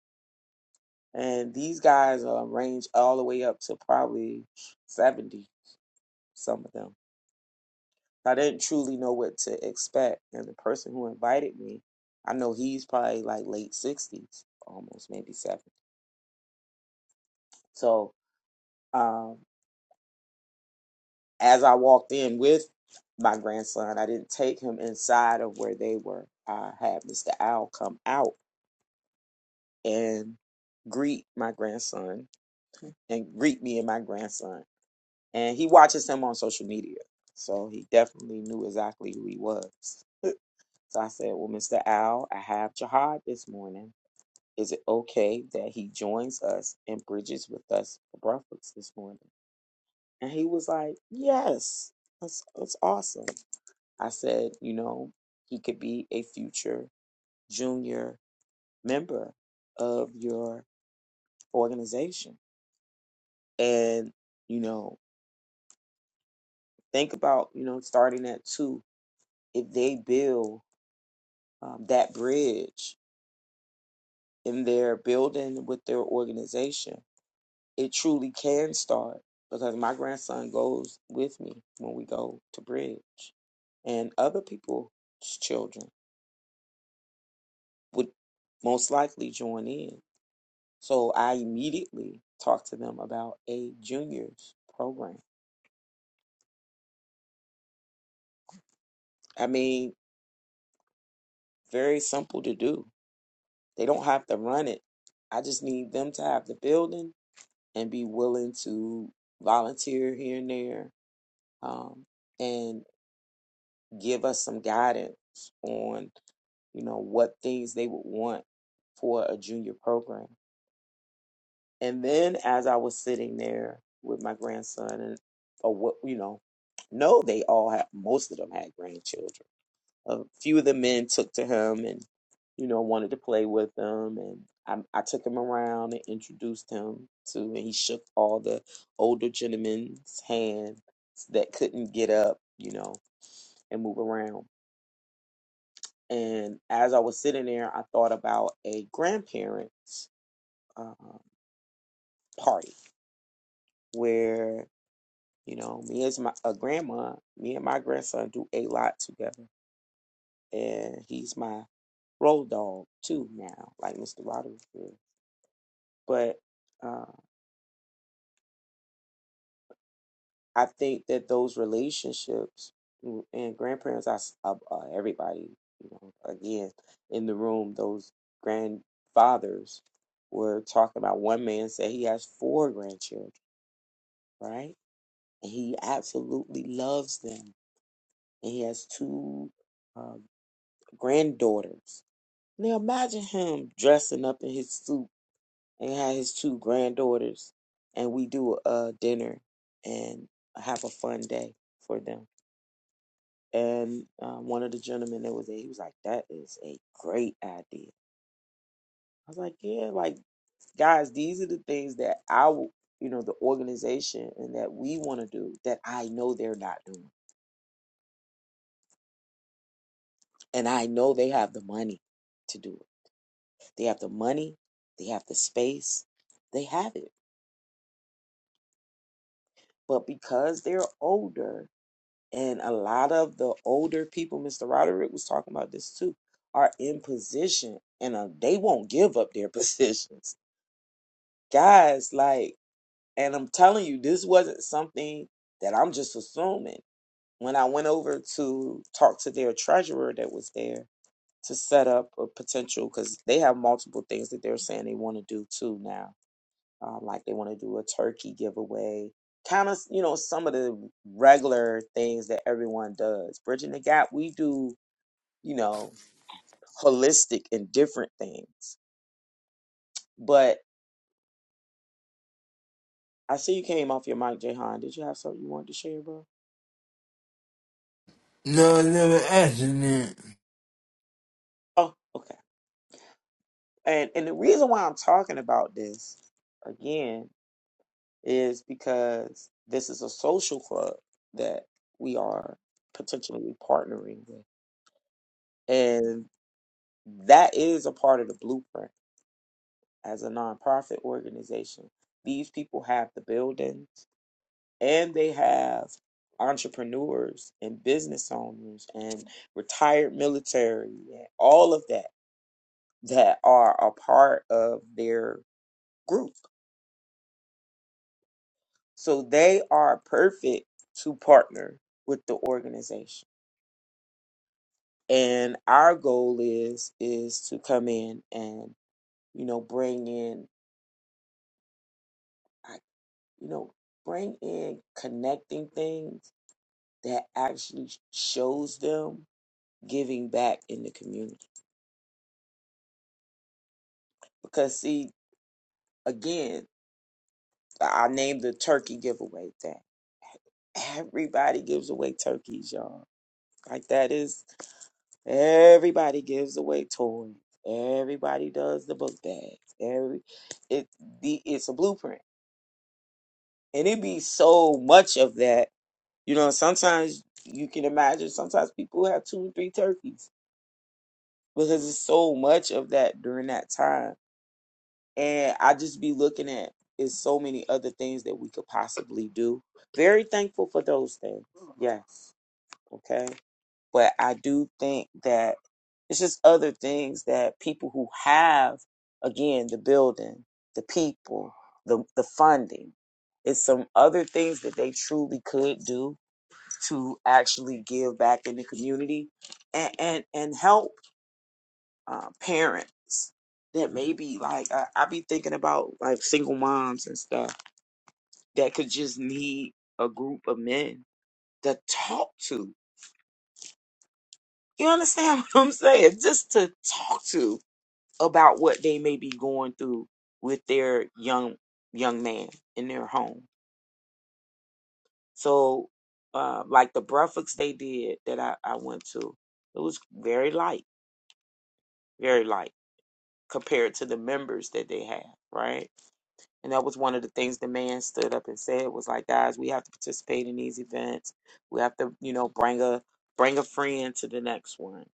Speaker 5: And these guys um, range all the way up to probably 70, some of them I didn't truly know what to expect. And the person who invited me, I know he's probably like late sixties, almost maybe seventy. So um, as I walked in with my grandson, I didn't take him inside of where they were. I had Mr. Al come out and greet my grandson and greet me and my grandson. And he watches him on social media. So he definitely knew exactly who he was. So I said, Well, Mr. Al, I have jihad this morning. Is it okay that he joins us and bridges with us for breakfast this morning? And he was like, Yes, that's, that's awesome. I said, You know, he could be a future junior member of your organization. And, you know, think about, you know, starting at two. If they build um, that bridge in their building with their organization, it truly can start because my grandson goes with me when we go to bridge and other people's children would most likely join in so i immediately talked to them about a juniors program i mean very simple to do they don't have to run it i just need them to have the building and be willing to volunteer here and there um, and give us some guidance on you know what things they would want for a junior program and then as i was sitting there with my grandson and or what you know no they all had most of them had grandchildren a few of the men took to him and you know wanted to play with them and I, I took him around and introduced him to and he shook all the older gentlemen's hands that couldn't get up you know and move around And as I was sitting there, I thought about a grandparents um, party where you know me as my a grandma, me and my grandson do a lot together, and he's my road dog too now, like Mr. Roderick is. But uh, I think that those relationships mm, and grandparents, I s- uh, uh, everybody, you know, again in the room, those grandfathers were talking about. One man said he has four grandchildren right? And he absolutely loves them. And he has two uh, granddaughters. Now imagine him dressing up in his suit and have his two granddaughters, and we do a dinner and have a fun day for them. And uh, one of the gentlemen that was there, he was like, "That is a great idea." I was like, "Yeah, like guys, these are the things that I, w- you know, the organization and that we want to do that I know they're not doing." And I know they have the money to do it. They have the money, they have the space, they have it. But because they're older, and a lot of the older people, Mr. Roderick was talking about this too, are in position and uh, they won't give up their [laughs] positions. Guys, like, and I'm telling you, this wasn't something that I'm just assuming. When I went over to talk to their treasurer that was there, to set up a potential because they have multiple things that they're saying they want to do too now. Um, like they want to do a turkey giveaway, kind of you know some of the regular things that everyone does. Bridging the gap, we do you know holistic and different things. But I see you came off your mic, Jahan. Did you have something you wanted to share, bro?
Speaker 1: No, I never accident.
Speaker 5: Oh, okay. And and the reason why I'm talking about this again is because this is a social club that we are potentially partnering with. And that is a part of the blueprint as a nonprofit organization. These people have the buildings and they have entrepreneurs and business owners and retired military and all of that that are a part of their group. So they are perfect to partner with the organization and our goal is is to come in and you know bring in I- you know bring in connecting things that actually shows them giving back in the community because see again i named the turkey giveaway thing everybody gives away turkeys y'all like that is everybody gives away toys everybody does the book bags every it the it's a blueprint And it be so much of that. You know, sometimes you can imagine sometimes people have two or three turkeys because it's so much of that during that time. And I just be looking at is so many other things that we could possibly do. Very thankful for those things. Yes. Okay. But I do think that it's just other things that people who have again the building, the people, the the funding, it's some other things that they truly could do to actually give back in the community and and, and help uh, parents that maybe like I, I be thinking about like single moms and stuff that could just need a group of men to talk to. You understand [laughs] what I'm saying? Just to talk to about what they may be going through with their young young man in their home. So uh, like the breakfast they did that I, I went to, it was very light, very light compared to the members that they have, right? And that was one of the things the man stood up and said was like, guys, we have to participate in these events. We have to, you know, bring a bring a friend to the next one.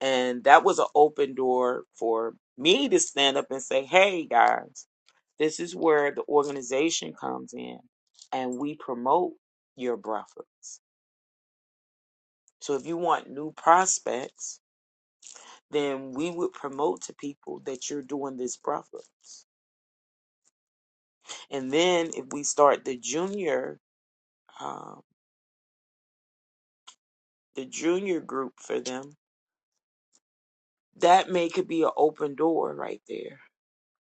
Speaker 5: And that was an open door for me to stand up and say, hey guys, this is where the organization comes in and we promote your brothers. So if you want new prospects, then we would promote to people that you're doing this brothers And then if we start the junior, um, the junior group for them, that may could be an open door right there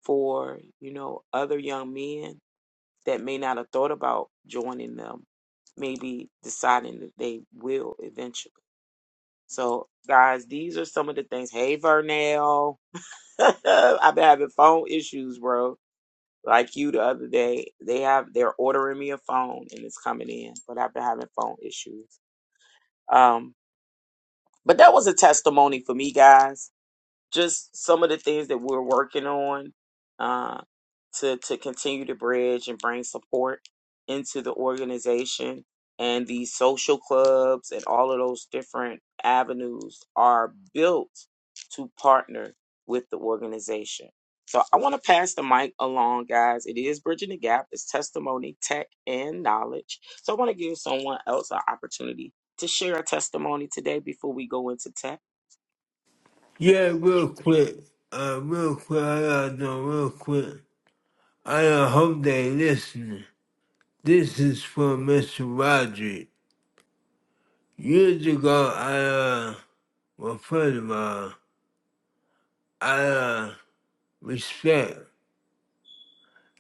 Speaker 5: for you know other young men that may not have thought about joining them, maybe deciding that they will eventually. So, guys, these are some of the things. Hey, Vernell, [laughs] I've been having phone issues, bro. Like you the other day, they have they're ordering me a phone and it's coming in, but I've been having phone issues. Um, But that was a testimony for me, guys just some of the things that we're working on uh, to to continue to bridge and bring support into the organization and these social clubs and all of those different avenues are built to partner with the organization. So I want to pass the mic along, guys. It is bridging the gap. It's testimony, tech, and knowledge. So I want to give someone else an opportunity to share a testimony today before we go into tech
Speaker 1: Yeah, real quick. Uh, real quick, I gotta know real quick. I uh, hope they listening. This is for Mr. Roger. Years ago, I, uh, well, first of all, I, uh, respect.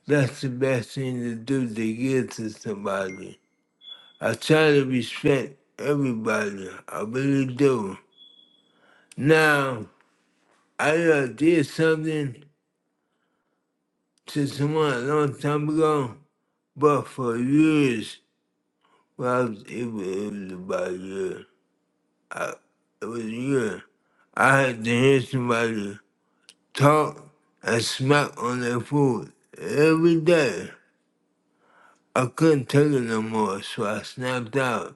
Speaker 1: That's the best thing to do to give to somebody. I try to respect everybody. I really do. Now, I uh, did something to someone a long time ago. But for years, when I was able, able to buy a year, it was a year. I had to hear somebody talk and smack on their food every day. I couldn't take it no more, so I snapped out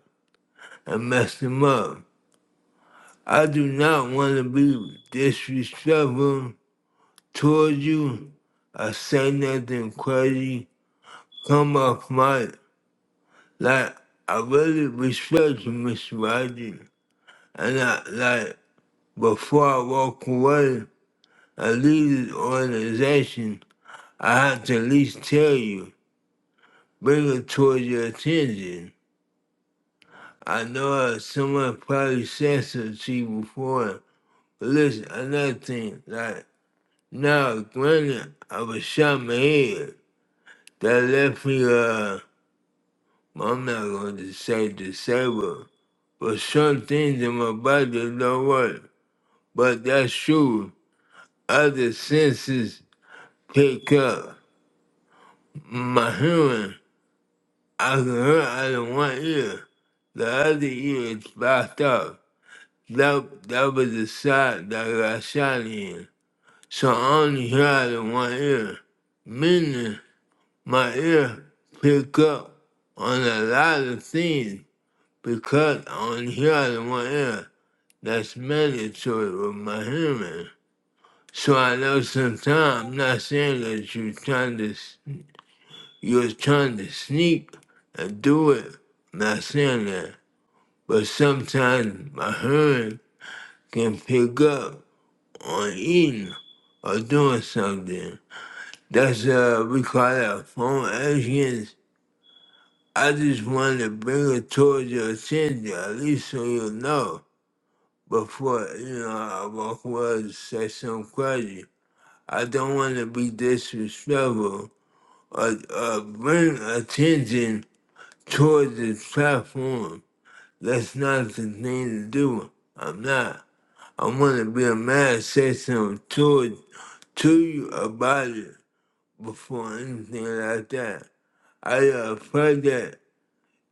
Speaker 1: and messed them up. I do not want to be disrespectful towards you. I say nothing crazy. Come off my like I really respect you, Mr. Roger. And I like Before I walk away and leave this organization, I have to at least tell you, bring it towards your attention. I know someone probably said something to you before. But listen, another thing, like, now, granted, I was shot in my head. That left me, uh, I'm not going to say disabled, but some things in my body don't work. But that's true. Other senses pick up. My human, I can hurt out of one ear. The other ear is blocked up. That, that was the side that I got shot in. So I only hear out of one ear. Meaning, my ear pick up on a lot of things because I only hear out of one ear. That's mandatory with my human. So I know sometimes I'm not saying that you are trying to. You was trying to sneak and do it. Not saying that. But sometimes my hearing can pick up on eating or doing something. That's uh we call that phone actions. I just wanted to bring it towards your attention, at least so you know. Before, you know, I walk away and say something crazy. I don't want to be disrespectful or, or bring attention towards the platform That's not the thing to do. I'm not. I want to be a man, say something to it, to you about it before anything like that. I am afraid that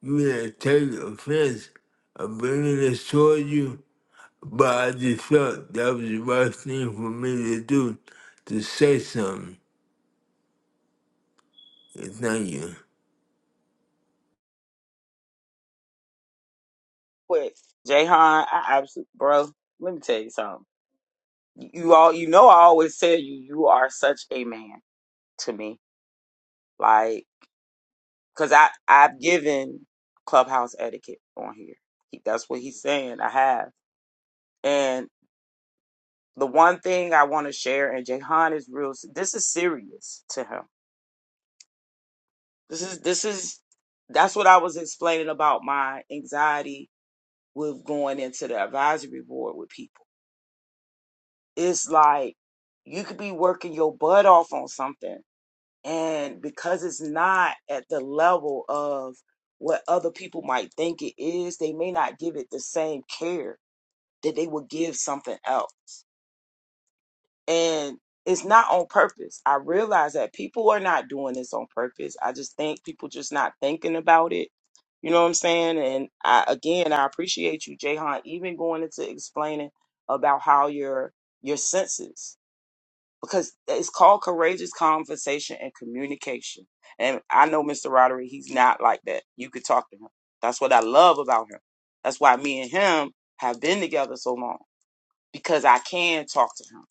Speaker 1: you gonna take offense of bringing this toward you, but I just felt that was the right thing for me to do, to say something. And thank you.
Speaker 5: quick, Jayhan, I absolutely, bro. Let me tell you something. You all, you know, I always tell you, you are such a man to me. Like, cause I I've given clubhouse etiquette on here. He, that's what he's saying. I have, and the one thing I want to share, and Jayhan is real. This is serious to him. This is this is that's what I was explaining about my anxiety with going into the advisory board with people it's like you could be working your butt off on something and because it's not at the level of what other people might think it is they may not give it the same care that they would give something else and it's not on purpose i realize that people are not doing this on purpose i just think people just not thinking about it you know what i'm saying and i again i appreciate you jayhan even going into explaining about how your your senses because it's called courageous conversation and communication. And I know Mr. Roderick, he's not like that. You could talk to him. That's what I love about him. That's why me and him have been together so long because I can talk to him.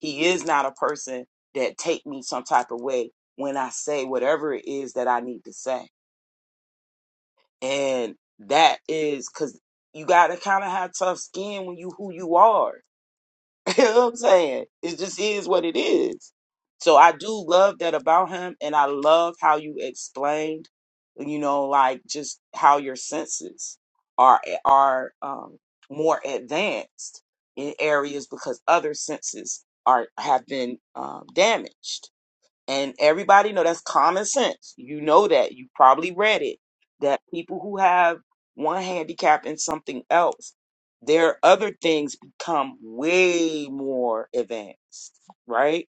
Speaker 5: He is not a person that take me some type of way when I say whatever it is that I need to say. And that is cuz you got to kind of have tough skin when you who you are [laughs] you know what I'm saying? It just is what it is. So I do love that about him and I love how you explained, you know, like just how your senses are eh, are um more advanced in areas because other senses are have been um damaged and everybody know that's common sense. You know that. You probably read it. That people who have one handicap and something else, their other things become way more advanced, right?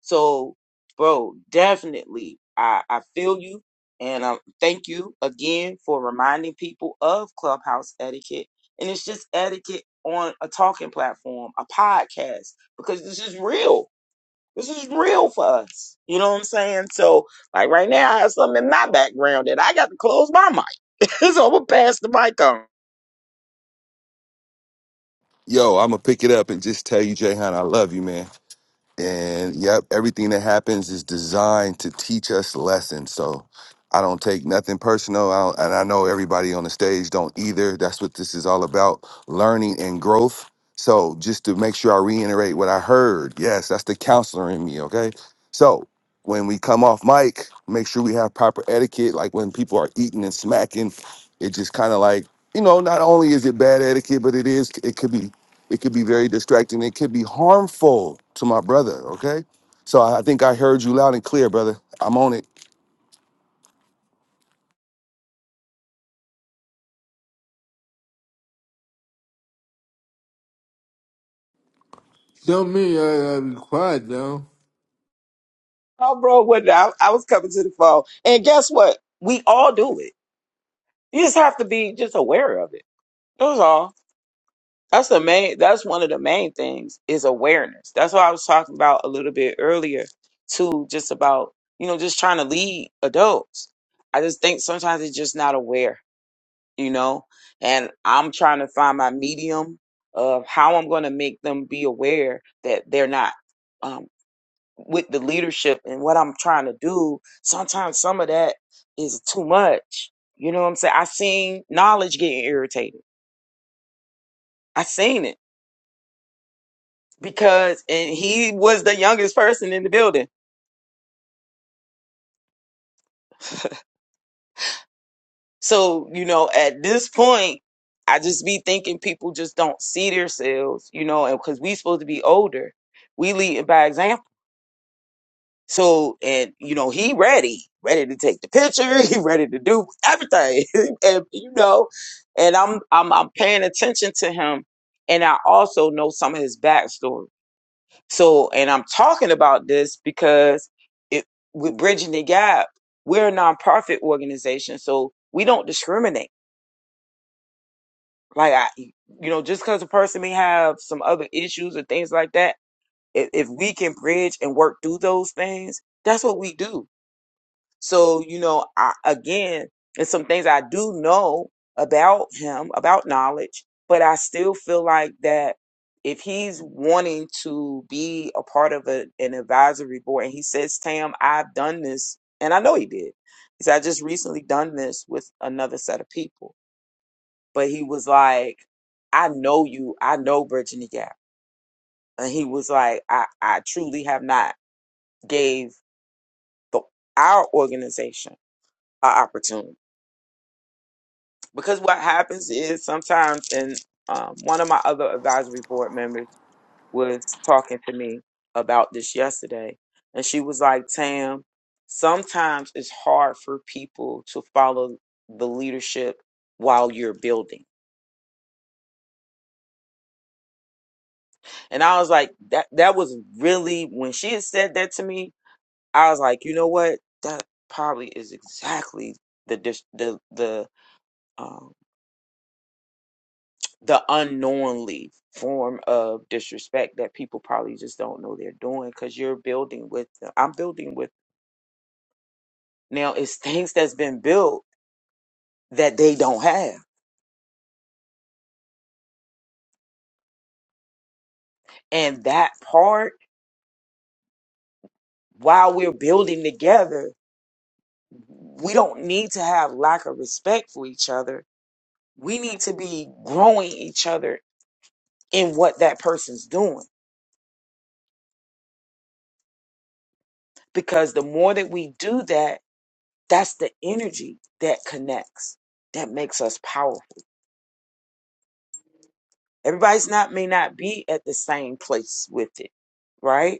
Speaker 5: So, bro, definitely, I, I feel you, and um, thank you again for reminding people of clubhouse etiquette. And it's just etiquette on a talking platform, a podcast, because this is real this is real for us. You know what I'm saying? So, like right now, I have something in my background that I got to close my mic. [laughs] so I'm gonna pass the mic on.
Speaker 3: Yo, I'm gonna pick it up and just tell you, Jayhan, I love you, man. And yep, everything that happens is designed to teach us lessons. So I don't take nothing personal. I don't, and I know everybody on the stage don't either. That's what this is all about learning and growth. So just to make sure I reiterate what I heard, yes, that's the counselor in me. Okay. So when we come off mic, make sure we have proper etiquette. Like when people are eating and smacking, it just kind of like, you know, not only is it bad etiquette, but it is, it could be it could be very distracting. It could be harmful to my brother. Okay. So I I think I heard you loud and clear, brother. I'm on it.
Speaker 1: Don't mean I gotta be quiet though.
Speaker 5: Oh, bro, what? I, I was coming to the phone, and guess what? We all do it. You just have to be just aware of it. That's all. That's the main. That's one of the main things is awareness. That's what I was talking about a little bit earlier, too. Just about you know just trying to lead adults. I just think sometimes they're just not aware you know, and I'm trying to find my medium of how I'm going to make them be aware that they're not um, with the leadership and what I'm trying to do. Sometimes some of that is too much. You know what I'm saying? I seen knowledge getting irritated. I seen it because, and he was the youngest person in the building. So, you know, at this point, I just be thinking people just don't see themselves, you know, and because we supposed to be older, we lead by example So, and you know, he ready, ready to take the picture. [laughs] He ready to do everything, [laughs] and you know, and I'm I'm I'm paying attention to him, and I also know some of his backstory. So, and I'm talking about this because it with Bridging the Gap, we're a nonprofit organization, so we don't discriminate. Like I, you know, just because a person may have some other issues or things like that, if, if we can bridge and work through those things, that's what we do So, you know, I, again, there's some things I do know about him, about knowledge, but I still feel like that if he's wanting to be a part of a, an advisory board and he says, Tam, I've done this, and I know he did. He said, I just recently done this with another set of people. But he was like, I know you, I know Bridging the Gap. And he was like, I, I truly have not gave the, our organization an opportunity. because what happens is sometimes and um, one of my other advisory board members was talking to me about this yesterday and she was like tam sometimes it's hard for people to follow the leadership while you're building and i was like that that was really when she had said that to me i was like you know what that probably is exactly the dis- the the um the unknowingly form of disrespect that people probably just don't know they're doing because you're building with them. I'm building with now it's [laughs] things that's been built that they don't have. And that part, while we're building together, we don't need to have lack of respect for each other. We need to be growing each other in what that person's doing. Because the more that we do that, that's the energy that connects, that makes us powerful Everybody's not may not be at the same place with it, right?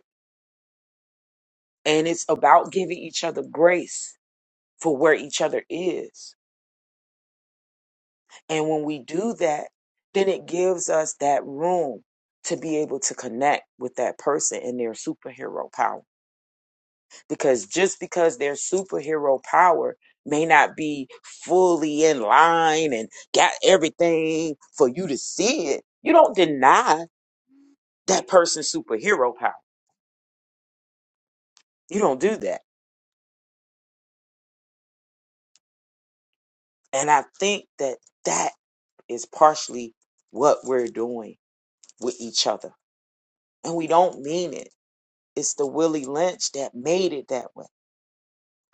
Speaker 5: And it's about giving each other grace for where each other is. And when we do that, then it gives us that room to be able to connect with that person and their superhero power. Because just because their superhero power may not be fully in line and got everything for you to see it, you don't deny that person's superhero power. You don't do that And I think that that is partially what we're doing with each other. And we don't mean it. It's the Willie Lynch that made it that way.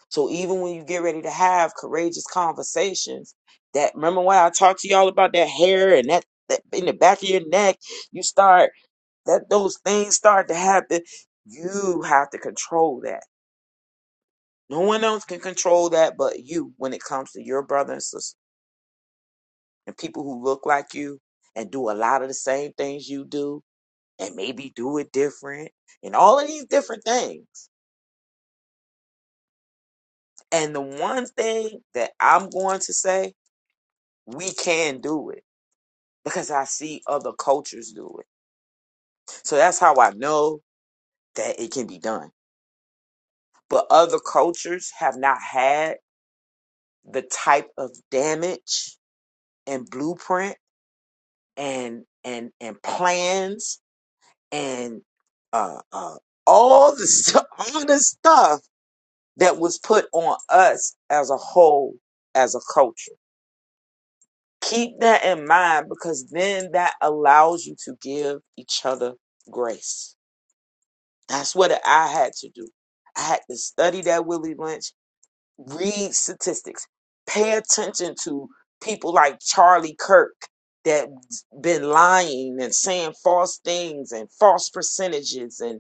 Speaker 5: So even when you get ready to have courageous conversations, that remember when I talked to y'all about that hair and that, that in the back of your neck, you start that those things start to happen, you have to control that. No one else can control that but you when it comes to your brother and sister. and people who look like you and do a lot of the same things you do and maybe do it different and all of these different things. And the one thing that I'm going to say, we can do it because I see other cultures do it. So that's how I know that it can be done. But other cultures have not had the type of damage and blueprint and and and plans and uh, uh all the stu- [laughs] all the stuff that was put on us as a whole, as a culture. Keep that in mind because then that allows you to give each other grace. That's what I had to do. I had to study that Willie Lynch, read statistics, pay attention to people like Charlie Kirk that been lying and saying false things and false percentages and.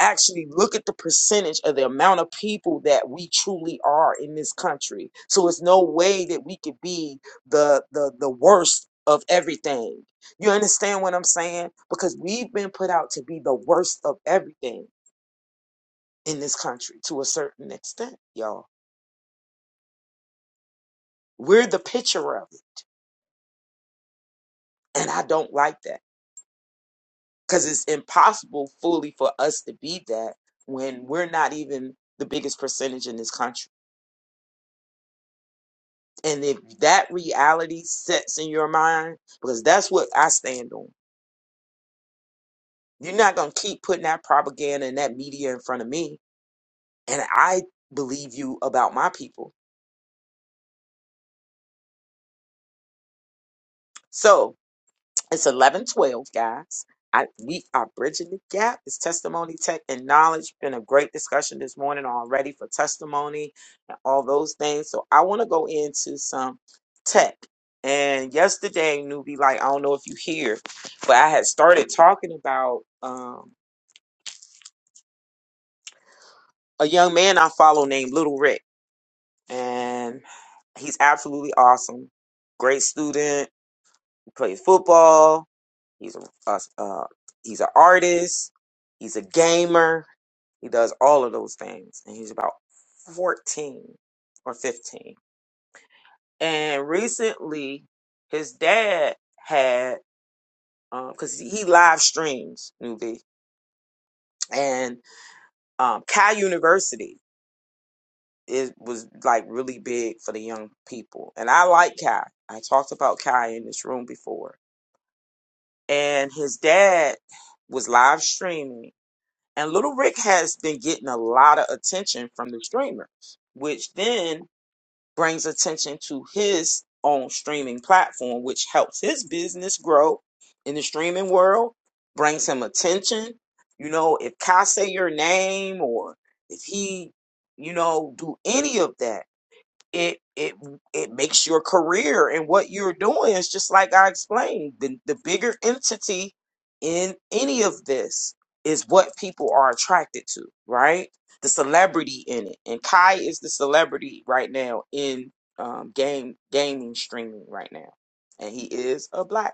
Speaker 5: actually look at the percentage of the amount of people that we truly are in this country. So it's no way that we could be the the the worst of everything. You understand what I'm saying? Because we've been put out to be the worst of everything in this country to a certain extent, y'all. We're the picture of it, and I don't like that because it's impossible fully for us to be that when we're not even the biggest percentage in this country And if that reality sets in your mind, because that's what I stand on, you're not going to keep putting that propaganda and that media in front of me. And I believe you about my people. So, It's eleven twelve, guys. I, we are bridging the gap. It's testimony, tech, and knowledge. Been a great discussion this morning already for testimony and all those things. So I want to go into some tech. And yesterday, newbie, like I don't know if you hear, but I had started talking about um, a young man I follow named Little Rick, and he's absolutely awesome. Great student, plays football. He's a uh, uh, he's an artist. He's a gamer. He does all of those things, and he's about fourteen or fifteen. And recently, his dad had because um, he live streams newbie, and um, Cal University is was like really big for the young people, and I like Cal. I talked about Cal in this room before, and his dad was live streaming And Little Rick has been getting a lot of attention from the streamer, which then brings attention to his own streaming platform, which helps his business grow in the streaming world, brings him attention. You know, if Kai say your name or if he, you know, do any of that it it it makes your career and what you're doing is just like I explained. The the bigger entity in any of this is what people are attracted to, right? The celebrity in it, and Kai is the celebrity right now in um, game gaming streaming right now, and he is a black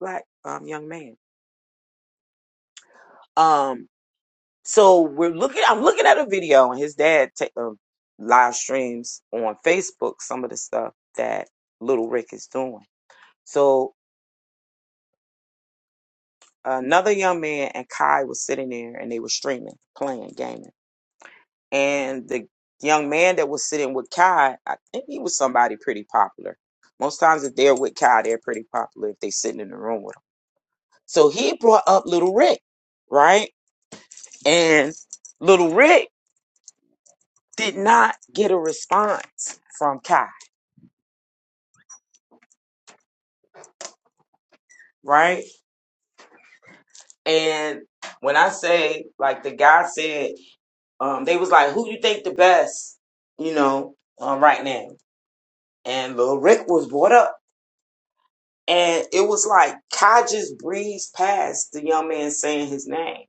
Speaker 5: black um, young man. Um so we're looking. I'm looking at a video, and his dad ta- uh, live streams on Facebook some of the stuff that Little Rick is doing. So another young man and Kai was sitting there, and they were streaming, playing, gaming, and the young man that was sitting with Kai, I think he was somebody pretty popular. Most times, if they're with Kai, they're pretty popular if they sitting in the room with him. So he brought up Little Rick, right? And Little Rick did not get a response from Kai right? And when I say, like the guy said, um, they was like, "Who you think the best?" You know, um, right now. And Lil Rick was brought up, and it was like Kai just breezed past the young man saying his name,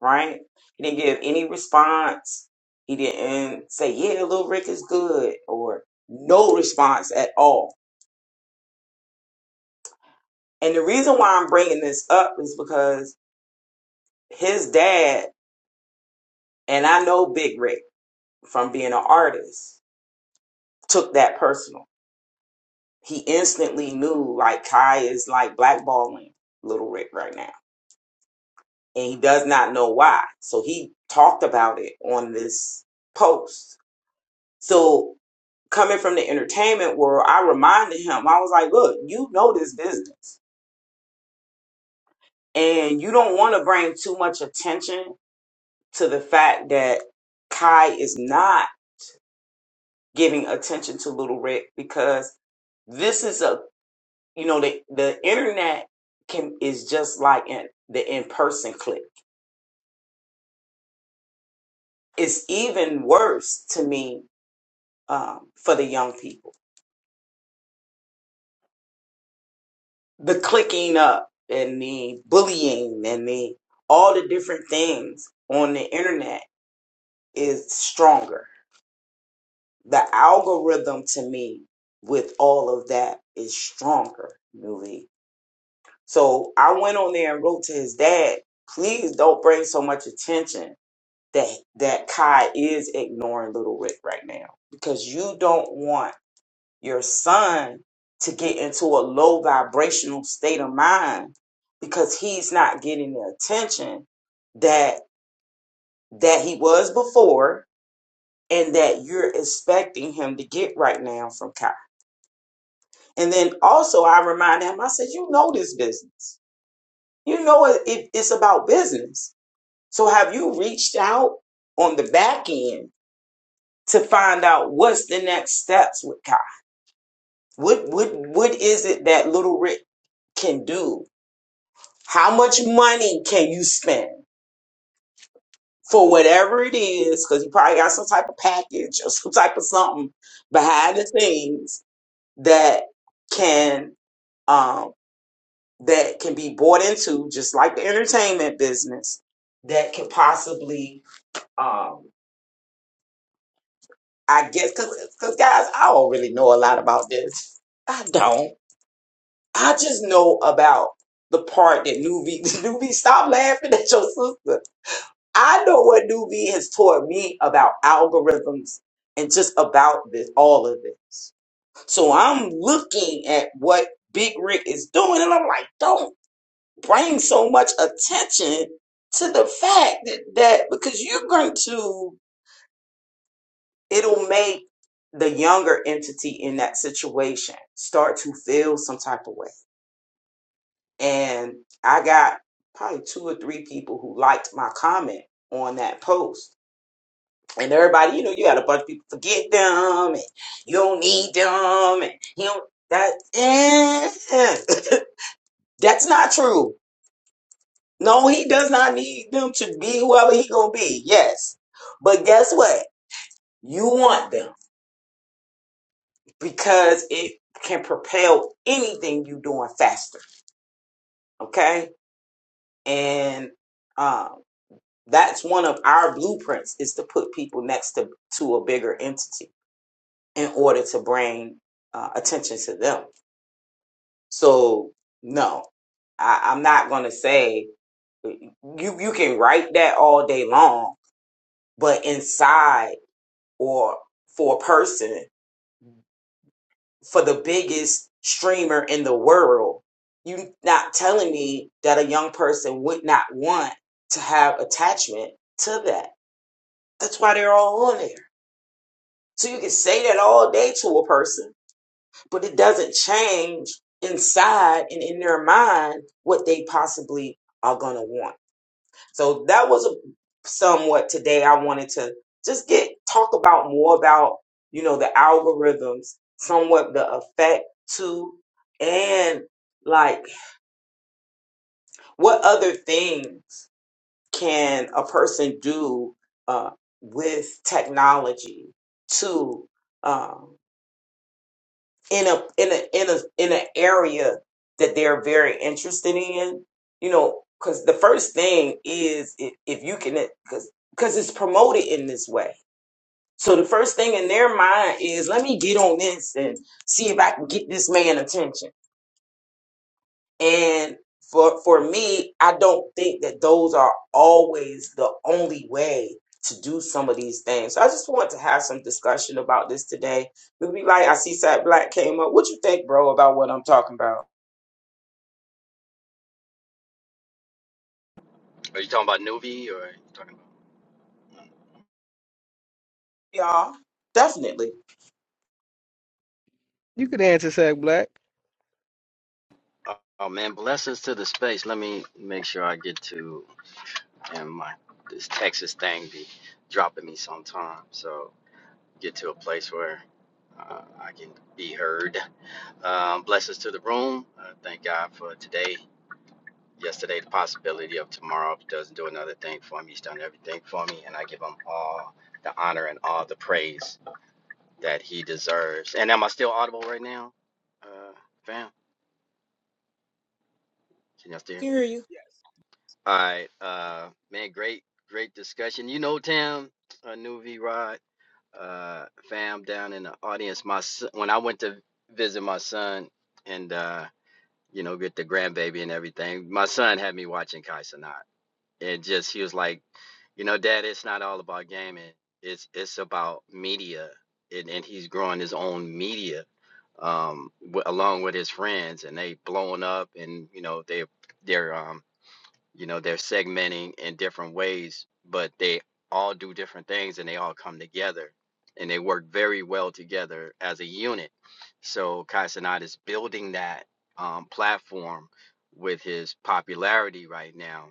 Speaker 5: right? He didn't give any response. He didn't say, "Yeah, Lil Rick is good," or no response at all. And the reason why I'm bringing this up is because his dad, and I know Big Rick. from being an artist took that personal. He instantly knew like Kai is like blackballing Little Rick right now. And he does not know why. So he talked about it on this post. So coming from the entertainment world, I reminded him, I was like, look, you know this business. And you don't want to bring too much attention to the fact that Kai is not giving attention to Little Rick because this is a you know the the internet can is just like in, the in person click. It's even worse to me um, for the young people. The clicking up and the bullying and the all the different things on the internet is stronger. The algorithm to me with all of that is stronger, really. So I went on there and wrote to his dad, please don't bring so much attention that that Kai is ignoring Little Rick right now because you don't want your son to get into a low vibrational state of mind because he's not getting the attention that that he was before and that you're expecting him to get right now from Kai. And then also I remind him, I said, you know this business. You know it, it, it's about business. So have you reached out on the back end to find out what's the next steps with Kai. What what what is it that Little Rick can do? How much money can you spend for whatever it is? Because you probably got some type of package or [laughs] some type of something behind the scenes that can um that can be bought into, just like the entertainment business, that can possibly um I guess because because guys, I don't really know a lot about this. [laughs] I don't. I just know about the part that Nuvi, [laughs] Nuvi, stop laughing at your sister. I know what Nuvi has taught me about algorithms and just about this, all of this. So I'm looking at what Big Rick is doing and I'm like, don't bring so much attention to the fact that, that because you're going to, it'll make the younger entity in that situation start to feel some type of way and I got probably two or three people who liked my comment on that post. And everybody, you know, you had a bunch of people forget them, and you don't need them, and you know that. eh, [laughs] that's not true. No, he does not need them to be whoever he gonna be. Yes, but guess what? You want them because it can propel anything you doing faster. Okay, and um. That's one of our blueprints is to put people next to, to a bigger entity in order to bring uh, attention to them. So no, I, I'm not going to say you, you can write that all day long, but inside or for a person, for the biggest streamer in the world, you not telling me that a young person would not want to have attachment to that. That's why they're all on there. So you can say that all day to a person, but it doesn't change inside and in their mind what they possibly are going to want. So that was a, somewhat today. I wanted to just get talk about more about, you know, the algorithms, somewhat the effect to, and like what other things can a person do uh, with technology to. um, in a in a in a in an area that they're very interested in you know because the first thing is if, if you can because because it's promoted in this way so the first thing in their mind is let me get on this and see if i can get this man attention and for for me, I don't think that those are always the only way to do some of these things. So I just want to have some discussion about this today. We'll be like, I see Sat Black came up. What you think, bro, about what I'm talking about?
Speaker 6: Are you talking about Nuvi or are you talking
Speaker 5: Y'all, definitely
Speaker 7: You could answer Sack Black.
Speaker 6: about? Oh, oh, man, blessings to the space. Let me make sure I get to and my this Texas thing be dropping me sometime. So get to a place where uh, I can be heard. Um, blessings to the room. Uh, thank God for today. Yesterday, the possibility of tomorrow. If he doesn't do another thing for me, he's done everything for me, and I give him all the honor and all the praise that he deserves. And am I still audible right now, uh, fam? Can y'all still hear me?
Speaker 5: hear you.
Speaker 7: Yes,
Speaker 6: All right, uh, man, great, great discussion. You know, Tam, uh, new V Rod, uh, fam down in the audience. My son, when I went to visit my son and uh, you know, get the grandbaby and everything, my son had me watching Kai Cenat. It just he was like, you know, Dad, it's not all about gaming. It's it's about media, and and he's growing his own media, um, w- along with his friends, and they blowing up, and you know, they they're um. You know, they're segmenting in different ways, but they all do different things and they all come together and they work very well together as a unit. So Kai Cenat is building that um, platform with his popularity right now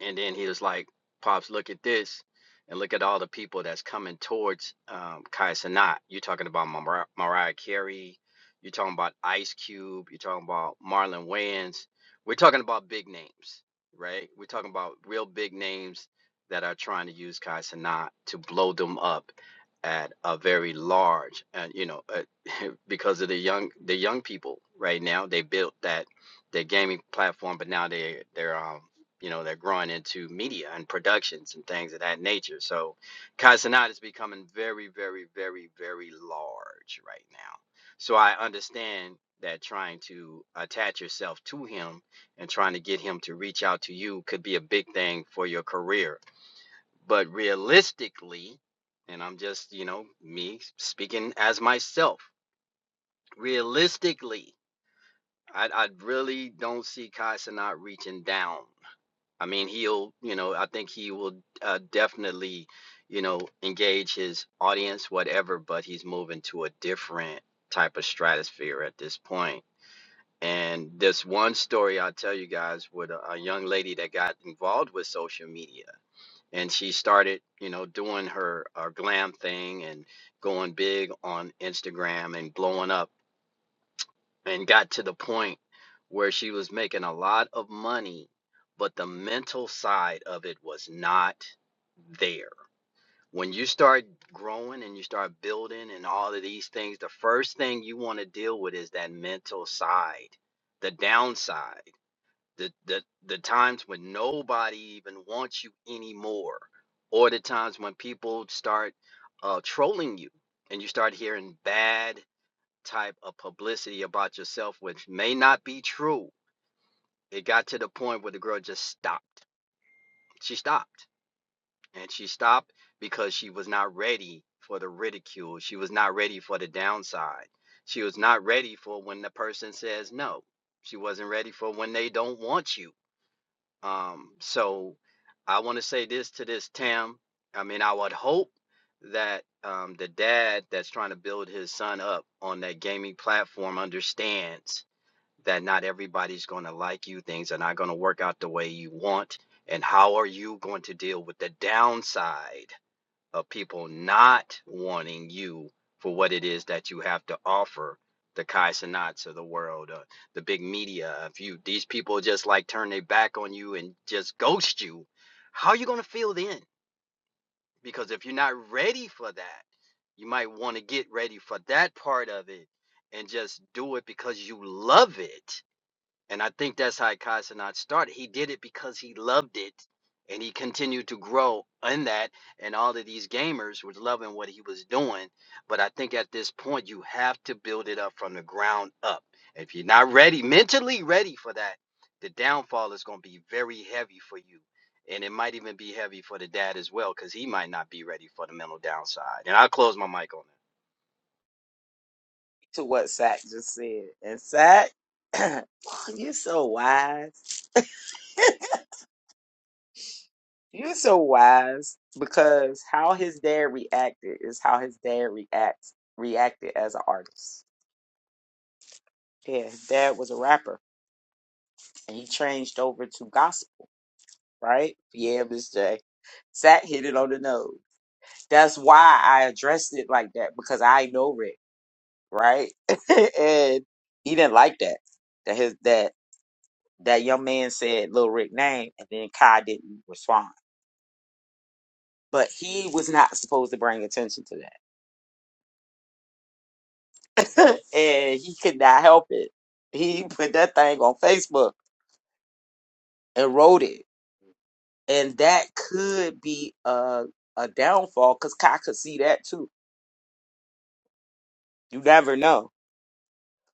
Speaker 6: and then he was like, Pops, look at this. And look at all the people that's coming towards um, Kai Sanat. You're talking about Mar- Mariah Carey. You're talking about Ice Cube. You're talking about Marlon Wayans. We're talking about big names, right? We're talking about real big names that are trying to use Kai Sanat to blow them up at a very large, and you know, uh, [laughs] because of the young, the young people right now, they built that their gaming platform, but now they they're um, you know, they're growing into media and productions and things of that nature. So Casanat is becoming very, very, very, very large right now. So I understand that trying to attach yourself to him and trying to get him to reach out to you could be a big thing for your career. But realistically, and I'm just, you know, me speaking as myself, realistically, I, I really don't see Casanat reaching down I mean, he'll, you know, I think he will uh, definitely, you know, engage his audience, whatever, but he's moving to a different type of stratosphere at this point. And this one story I'll tell you guys with a, a young lady that got involved with social media and she started, you know, doing her, her glam thing and going big on Instagram and blowing up and got to the point where she was making a lot of money, but the mental side of it was not there. When you start growing and you start building and all of these things, the first thing you want to deal with is that mental side, the downside, the, the, the times when nobody even wants you anymore, or the times when people start uh, trolling you and you start hearing bad type of publicity about yourself, which may not be true. It got to the point where the girl just stopped. She stopped. And she stopped because she was not ready for the ridicule. She was not ready for the downside. She was not ready for when the person says no. She wasn't ready for when they don't want you. Um, so I want to say this to this Tam. I mean, I would hope that um, the dad that's trying to build his son up on that gaming platform understands that not everybody's going to like you, things are not going to work out the way you want. And how are you going to deal with the downside of people not wanting you for what it is that you have to offer? The Kai Cenats of the world, uh, the big media. If you these people just like turn their back on you and just ghost you, how are you going to feel then? Because if you're not ready for that, you might want to get ready for that part of it and just do it because you love it and I think that's how Kai started. He did it because he loved it and he continued to grow in that. And all of these gamers was loving what he was doing. But I think at this point, you have to build it up from the ground up. If you're not ready, mentally ready for that, the downfall is going to be very heavy for you. And it might even be heavy for the dad as well because he might not be ready for the mental downside. And I'll close my mic on that.
Speaker 5: to what Sack just said. And Sack, [clears throat] you're so wise. You're so wise because how his dad reacted is how his dad reacts reacted as an artist. Yeah, his dad was a rapper and he changed over to gospel, right? Yeah, Miss J. Sat hit it on the nose. That's why I addressed it like that, because I know Rick, right? [laughs] and he didn't like that. That his that that young man said Lil Rick name and then Kai didn't respond. But he was not supposed to bring attention to that. [laughs] and he could not help it. He put that thing on Facebook and wrote it and that could be a a downfall because Kai could see that too. You never know.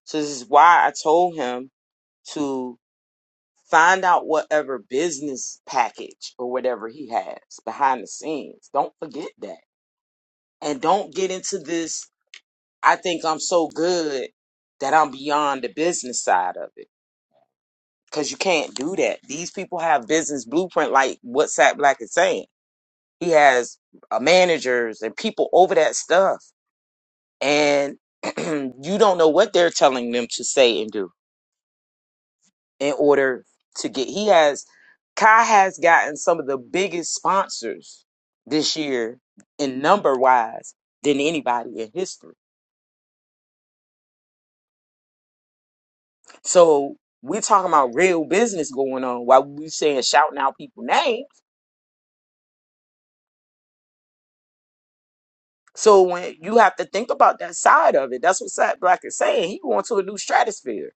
Speaker 5: So this is why I told him to find out whatever business package or whatever he has behind the scenes. Don't forget that, and don't get into this. I think I'm so good that I'm beyond the business side of it because you can't do that. These people have business blueprint, like what Sat Black is saying. He has uh, managers and people over that stuff and [clears throat] you don't know what they're telling them to say and do in order to get he has Kai has gotten some of the biggest sponsors this year in number wise than anybody in history. So we're talking about real business going on while we saying shouting out people names. So when you have to think about that side of it, that's what Sat Black is saying. He going to a new stratosphere.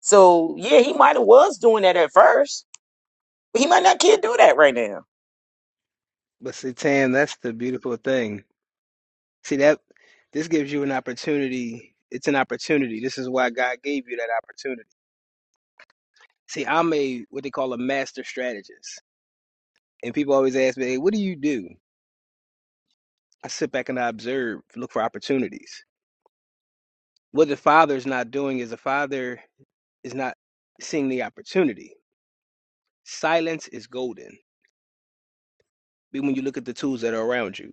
Speaker 5: So yeah, he might have was doing that at first. But he might not can't do that right now.
Speaker 7: But see, Tam, that's the beautiful thing. See that this gives you an opportunity. It's an opportunity. This is why God gave you that opportunity. See, I'm a what they call a master strategist. And people always ask me, hey, what do you do? I sit back and I observe, look for opportunities. What the father's not doing is the father is not seeing the opportunity. Silence is golden. Even when you look at the tools that are around you.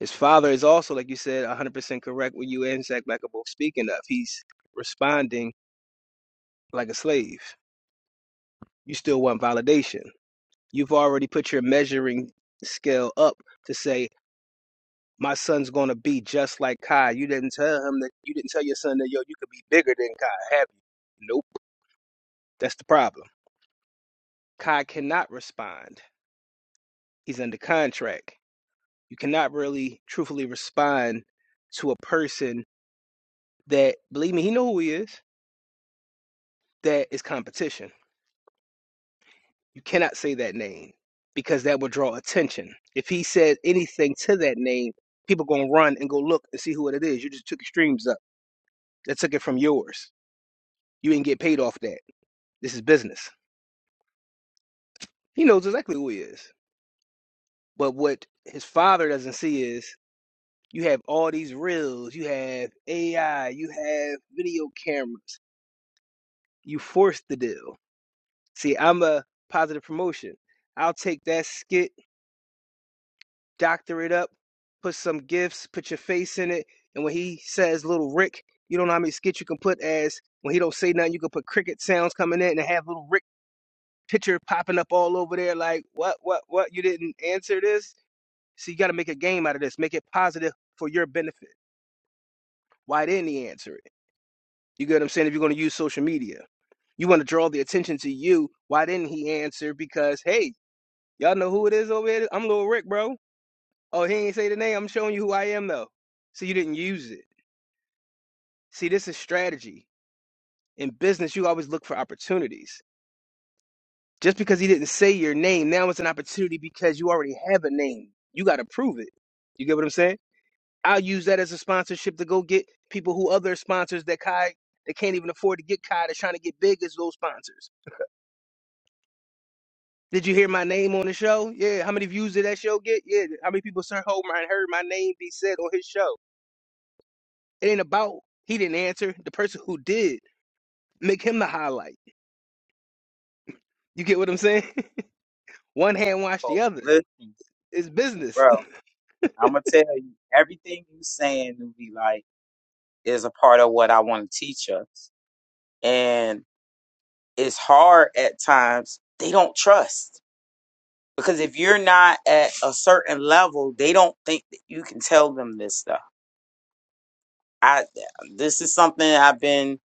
Speaker 7: His father is also, like you said, 100% correct what you and Zach Black are both speaking of. He's responding like a slave. You still want validation. You've already put your measuring scale up to say, my son's going to be just like Kai. You didn't tell him that, you didn't tell your son that, yo, you could be bigger than Kai, have you? Nope. That's the problem. Kai cannot respond. He's under contract. You cannot really truthfully respond to a person that, believe me, he know who he is, that is competition You cannot say that name because that would draw attention. If he said anything to that name, people gonna run and go look and see who it is. You just took your streams up. That took it from yours. You didn't get paid off that. This is business. He knows exactly who he is. But what his father doesn't see is you have all these reels, you have AI, you have video cameras. You forced the deal. See, I'm a positive promotion. I'll take that skit doctor it up, put some gifts, put your face in it. And when he says little Rick, you don't know how many skits you can put as when he don't say nothing, you can put cricket sounds coming in and have little Rick picture popping up all over there like what what what you didn't answer this? So you gotta make a game out of this. Make it positive for your benefit. Why didn't he answer it? You get what I'm saying? If you're gonna use social media. You want to draw the attention to you. Why didn't he answer? Because hey, y'all know who it is over here? I'm Lil Rick, bro. Oh, he ain't say the name. I'm showing you who I am though. So you didn't use it. See, this is strategy. In business, you always look for opportunities. Just because he didn't say your name, now it's an opportunity because you already have a name. You got to prove it. You get what I'm saying? I'll use that as a sponsorship to go get people who other sponsors that Kai that can't even afford to get Kai that's trying to get big as those sponsors. Did you hear my name on the show? Yeah. How many views did that show get? Yeah. How many people heard heard my name be said on his show? It ain't about he didn't answer. The person who did. Make him the highlight. You get what I'm saying? [laughs] One hand wash the
Speaker 5: Oh,
Speaker 7: other.
Speaker 5: listen.
Speaker 7: It's business.
Speaker 5: bro.
Speaker 7: [laughs]
Speaker 5: I'm gonna tell you everything you saying, Nuvi, like is a part of what I want to teach us, and it's hard at times. They don't trust because if you're not at a certain level, they don't think that you can tell them this stuff. I this is something I've been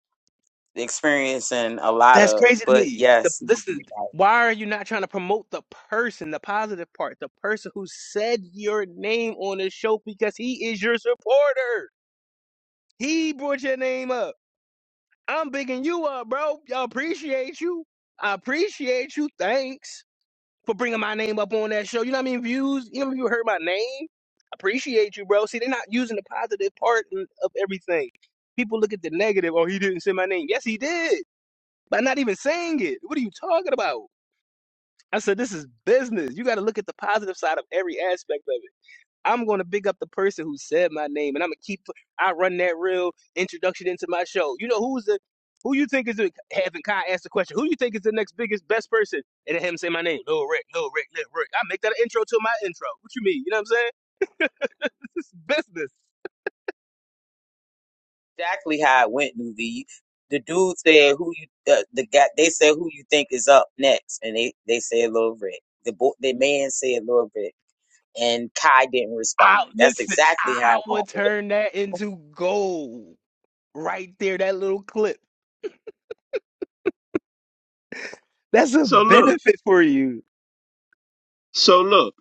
Speaker 5: experiencing a lot
Speaker 7: That's
Speaker 5: of,
Speaker 7: crazy to
Speaker 5: but
Speaker 7: me. The,
Speaker 5: yes,
Speaker 7: listen, why are you not trying to promote the person, the positive part, the person who said your name on the show because he is your supporter? He brought your name up. I'm bigging you up, bro. I appreciate you. I appreciate you. Thanks. for bringing my name up on that show. You know what I mean? Views. You know what I mean? You heard my name. Appreciate you, bro. See, they're not using the positive part in- of everything. People look at the negative. Oh, he didn't say my name. Yes, he did. By not even saying it. What are you talking about? I said, this is business. You got to look at the positive side of every aspect of it. I'm going to big up the person who said my name, and I'm gonna keep. I run that real introduction into my show. You know who's the who you think is the, having Kai ask the question? Who you think is the next biggest best person? And then him say my name, Lil Rick, Lil Rick, Lil Rick. I make that an intro to my intro. What you mean? You know what I'm saying? [laughs] This is business.
Speaker 5: exactly how it went, Nuvi. The dude said who you uh, the guy they said who you think is up next, and they they said Lil Rick. The boy the man said Lil Rick, and Kai didn't
Speaker 7: I
Speaker 5: respond. That's
Speaker 7: listen.
Speaker 5: exactly
Speaker 7: I
Speaker 5: how it
Speaker 7: would turn that into gold right there. That little clip. That's a
Speaker 4: So look,
Speaker 7: benefit for you.
Speaker 4: so look,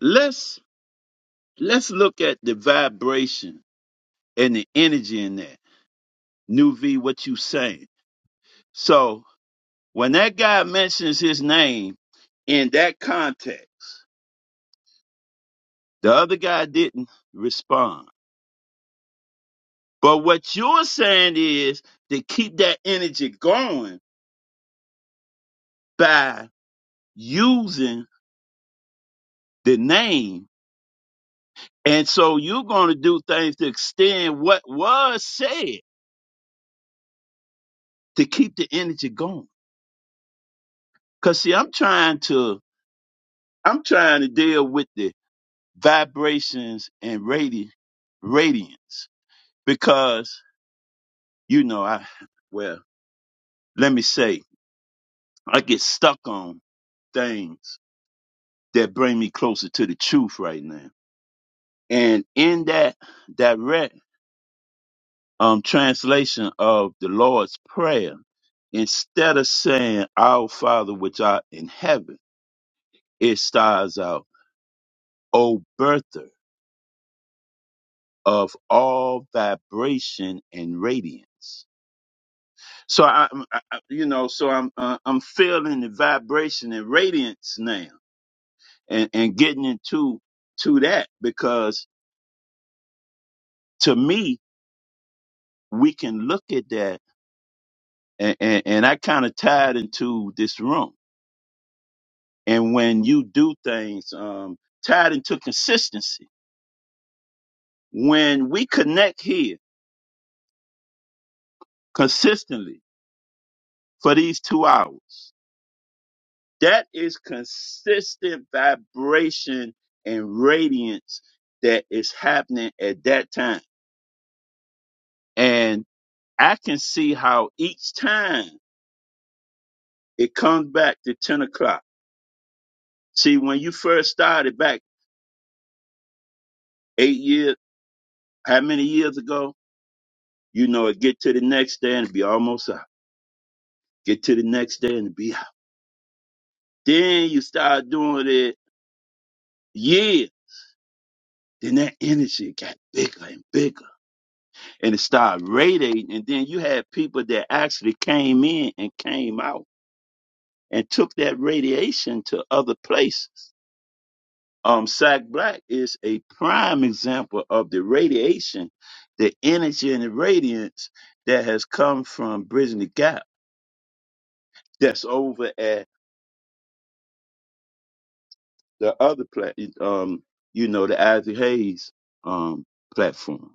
Speaker 4: let's let's look at the vibration and the energy in that. New V, what you saying? So When that guy mentions his name in that context, the other guy didn't respond. But what you're saying is to keep that energy going by using the name. And so you're going to do things to extend what was said to keep the energy going. Cause see, I'm trying to, I'm trying to deal with the vibrations and radi- radiance because, you know, I, well, let me say I get stuck on things that bring me closer to the truth right now. And in that direct um, translation of the Lord's Prayer, instead of saying, Our Father which art in heaven, it starts out, O birther of all vibration and radiance. So I, I I- you know, so I'm uh, I'm feeling the vibration and radiance now, and and getting into to that because to me we can look at that and, and, and I kind of tied into this room. And when you do things, um, tied into consistency. When we connect here consistently for these two hours, that is consistent vibration and radiance that is happening at that time. And I can see how each time it comes back to 10 o'clock. See, when you first started back eight years, how many years ago? You know, it get to the next day and be almost out. Get to the next day and be out. Then you start doing it yeah. Then that energy got bigger and bigger. And it started radiating. And then you had people that actually came in and came out and took that radiation to other places. Um, Sack Black is a prime example of the radiation, the energy and the radiance that has come from Bridging the Gap that's over at the other plat, um, you know, the Isaac Hayes um, platform.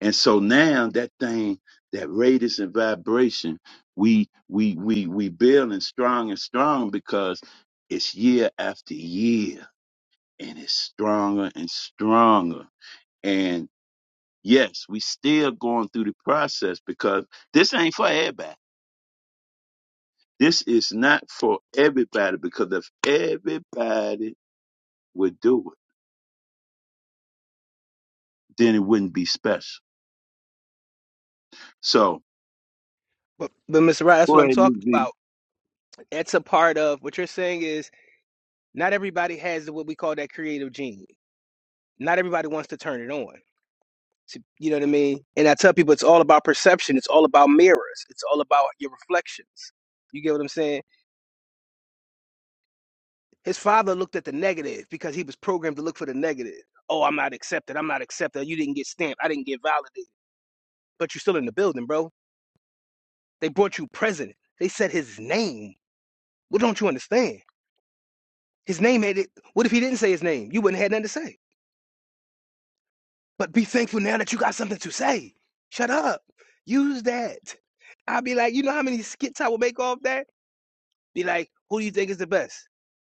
Speaker 4: And so now that thing, that radius and vibration, we we we we building strong and strong because it's year after year, and it's stronger and stronger. And yes, we still going through the process because this ain't for everybody. This is not for everybody because if everybody would do it, then it wouldn't be special. So
Speaker 7: But, but Mr. Rod, that's
Speaker 4: Go
Speaker 7: what I'm
Speaker 4: ahead,
Speaker 7: talking
Speaker 4: Nick.
Speaker 7: about. That's a part of what you're saying is Not everybody has what we call that creative gene. Not everybody wants to turn it on. To- You know what I mean? And I tell people it's all about perception. It's all about mirrors. It's all about your reflections. You get what I'm saying? His father looked at the negative because he was programmed to look for the negative. Oh, I'm not accepted. I'm not accepted. You didn't get stamped. I didn't get validated. But you're still in the building, bro. They brought you president. They said his name. What don't you understand? His name had it. What if he didn't say his name? You wouldn't have nothing to say. But be thankful now that you got something to say. Shut up. Use that. I'll be like, you know how many skits I will make off that? Be like, who do you think is the best?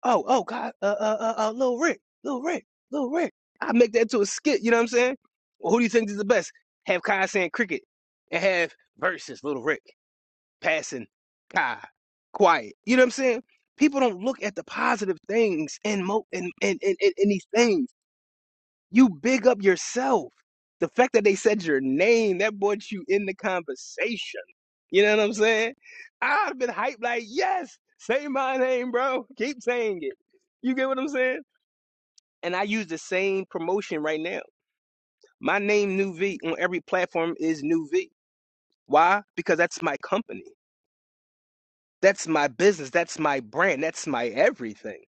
Speaker 7: Oh, oh, God, uh, uh, uh, uh Lil Rick, Lil Rick, Lil Rick. I make that to a skit. You know what I'm saying? Well, who do you think is the best? Have Kai saying cricket, and have versus Lil Rick passing Kai, quiet. You know what I'm saying? People don't look at the positive things in mo in in in, in, in these things. You big up yourself. The fact that they said your name, that brought you in the conversation. You know what I'm saying? i have been hyped like, yes, say my name, bro. Keep saying it. You get what I'm saying? And I use the same promotion right now. My name, New V, on every platform is New V. Why? Because that's my company. That's my business. That's my brand. That's my everything.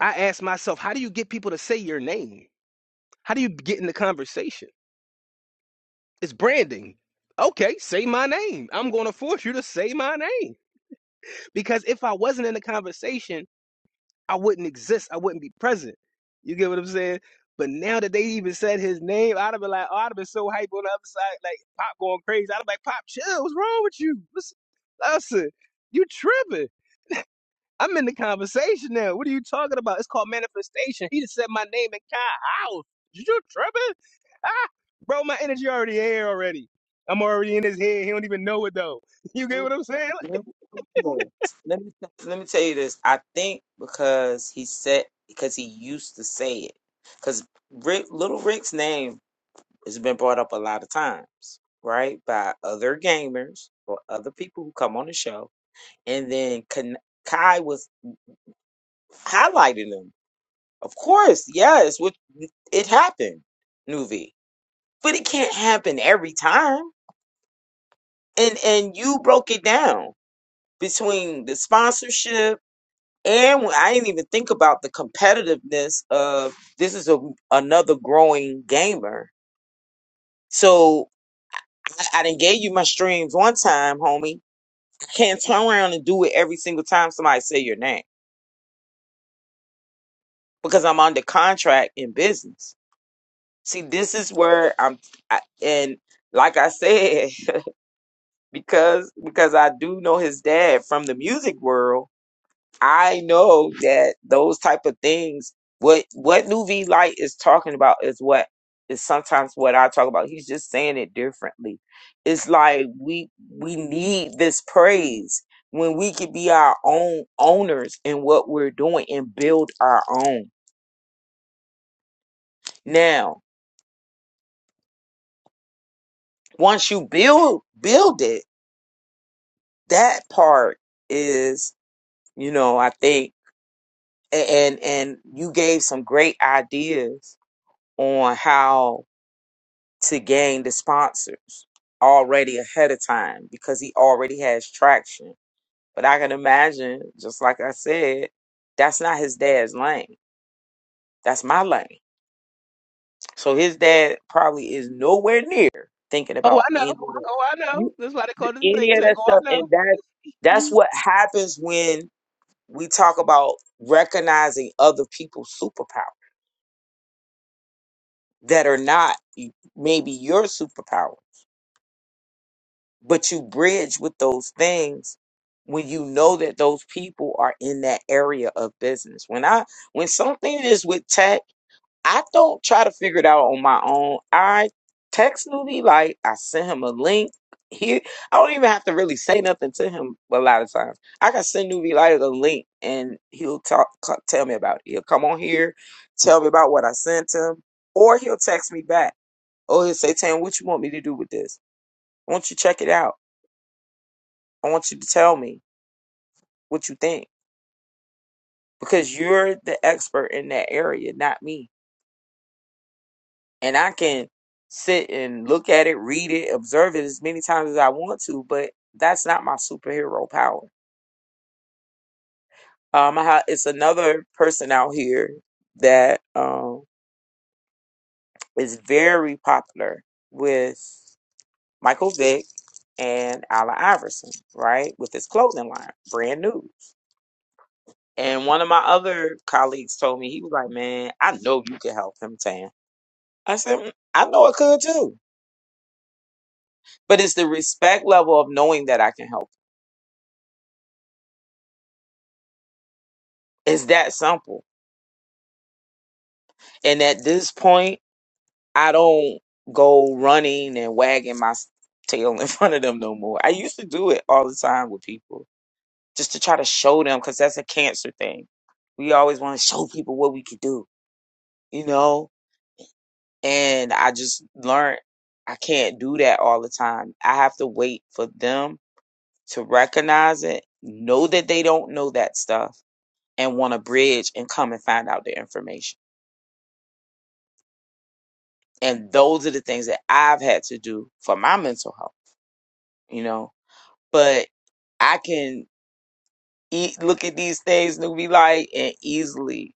Speaker 7: I ask myself, how do you get people to say your name? How do you get in the conversation? It's branding. Okay, say my name. I'm going to force you to say my name because if I wasn't in the conversation, I wouldn't exist. I wouldn't be present. You get what I'm saying? But now that they even said his name, I'd have been like, oh, I'd have been so hype on the other side, like Pop going crazy. I'd have been like, Pop, chill. What's wrong with you? What's, listen, you tripping. I'm in the conversation now. What are you talking about? It's called manifestation. He just said my name in Kai house. You tripping? Ah, bro, my energy already here already. I'm already in his head. He don't even know it though. [laughs] You get
Speaker 5: went. Nuvi,
Speaker 7: what I'm saying? Like,
Speaker 5: Let me, come on. let me let me tell you this. I think because he said because he used to say it because Rick Little Rick's name has been brought up a lot of times, right, by other gamers or other people who come on the show and then Kan- Kai was highlighting them. Of course, yes, what it happened, Nuvi, but it can't happen every time. And and you broke it down between the sponsorship and when I didn't even think about the competitiveness of this is a, another growing gamer. So I, I didn't gave you my streams one time, homie. I can't turn around and do it every single time somebody say your name because I'm under contract in business. See, this is where I'm, I, and like I said, [laughs] because because I do know his dad from the music world, I know that those type of things. What what Nuvi Light is talking about is what is sometimes what I talk about. He's just saying it differently. It's like we we need this praise when we could be our own owners in what we're doing and build our own. Now, once you build build it that part is you know i think a- and and you gave some great ideas on how to gain the sponsors already ahead of time because he already has traction but i can imagine just like i said that's not his dad's lane that's my lane so his dad probably is nowhere near thinking
Speaker 7: oh,
Speaker 5: about
Speaker 7: I
Speaker 5: any
Speaker 7: know.
Speaker 5: of
Speaker 7: Oh, I know. That's why they call
Speaker 5: that,
Speaker 7: it the
Speaker 5: any
Speaker 7: think
Speaker 5: of
Speaker 7: tank.
Speaker 5: that
Speaker 7: Oh, I
Speaker 5: stuff and
Speaker 7: know.
Speaker 5: that that's
Speaker 7: Mhm.
Speaker 5: what happens when. we talk about recognizing other people's superpower that are not maybe your superpower, but you bridge with those things when you know that those people are in that area of business. When I when something is with tech I don't try to figure it out on my own. I text Newbie, like I sent him a link. He, I don't even have to really say nothing to him a lot of times. I can send Newbie like a link and he'll talk, co- tell me about it. He'll come on here, tell me about what I sent him, or he'll text me back. Or he'll say, Tam, what you want me to do with this? I want you to check it out. I want you to tell me what you think because you're the expert in that area, not me. and I can sit and look at it, read it, observe it as many times as I want to, but that's not my superhero power. Um, I ha- it's another person out here that um is very popular with Michael Vick and Allen Iverson, right? With his clothing line, brand new. And one of my other colleagues told me he was like, "Man, I know you can help him, Tan." I said, "Mm, "I know I could too." But it's the respect level of knowing that I can help It's that simple. And at this point, I don't go running and wagging my s- tail in [laughs] front of them no more. I used to do it all the time with people just to try to show them because that's a cancer thing. We always want to show people what we can do, you know? And I just learned I can't do that all the time. I have to wait for them to recognize it, know that they don't know that stuff, and want to bridge and come and find out the information. And those are the things that I've had to do for my mental health, you know. But I can eat, look at these things, and be like, and easily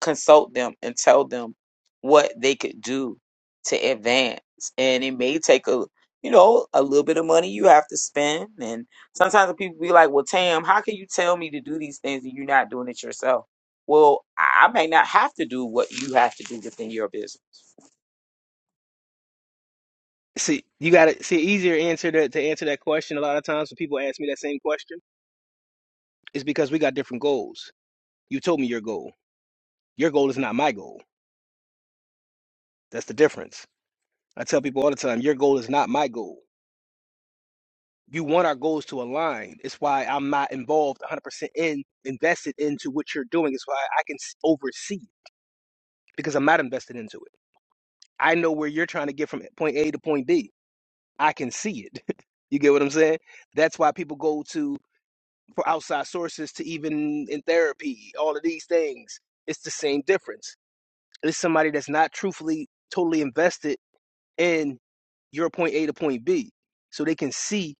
Speaker 5: consult them and tell them what they could do to advance. And it may take a, you know, a little bit of money you have to spend. And sometimes the people be like, well, Tam, how can you tell me to do these things and you're not doing it yourself? Well, I I may not have to do what you have to do within your business
Speaker 7: See, you got to see easier answer to, to answer that question. A lot of times when people ask me that same question, it's because we got different goals. You told me your goal. Your goal is not my goal. That's the difference. I tell people all the time, your goal is not my goal. you want our goals to align. It's why I'm not involved 100% in invested into what you're doing. It's why I can s- oversee it because I'm not invested into it. I know where you're trying to get from point A to point B. I can see it. [laughs] you get what I'm saying? That's why people go to for outside sources to even in therapy, all of these things. It's the same difference. It's somebody that's not truthfully totally invested in your point A to point B. So they can see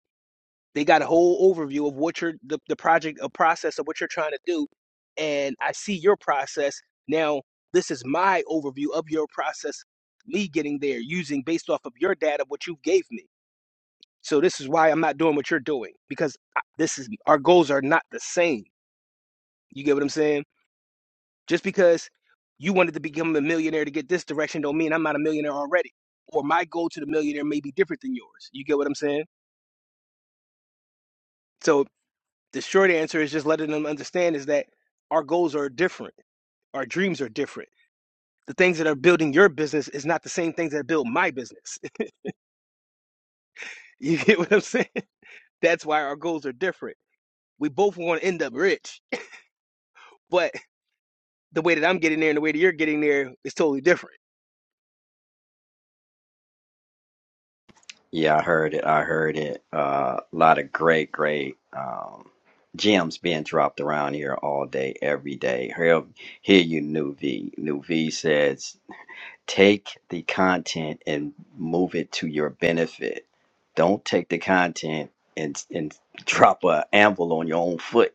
Speaker 7: They got a whole overview of what you're the, the project, a process of what you're trying to do, and I see your process now. This is my overview of your process, me getting there, using based off of your data what you gave me. So this is why I'm not doing what you're doing because I- this is our goals are not the same. You get what I'm saying? Just because you wanted to become a millionaire to get this direction don't mean I'm not a millionaire already. Or my goal to the millionaire may be different than yours. You get what I'm saying? So. The short answer is just letting them understand is that our goals are different, our dreams are different. The things that are building your business is not the same things that build my business. [laughs] You get what I'm saying? That's why our goals are different. We both want to end up rich, but the way that I'm getting there and the way that you're getting there is totally different.
Speaker 6: Yeah, I heard it. I heard it. Uh, a lot of great, great um, gems being dropped around here all day, every day. Hear, hear you, New V. New V says Take the content and move it to your benefit. Don't take the content and and drop a anvil on your own foot.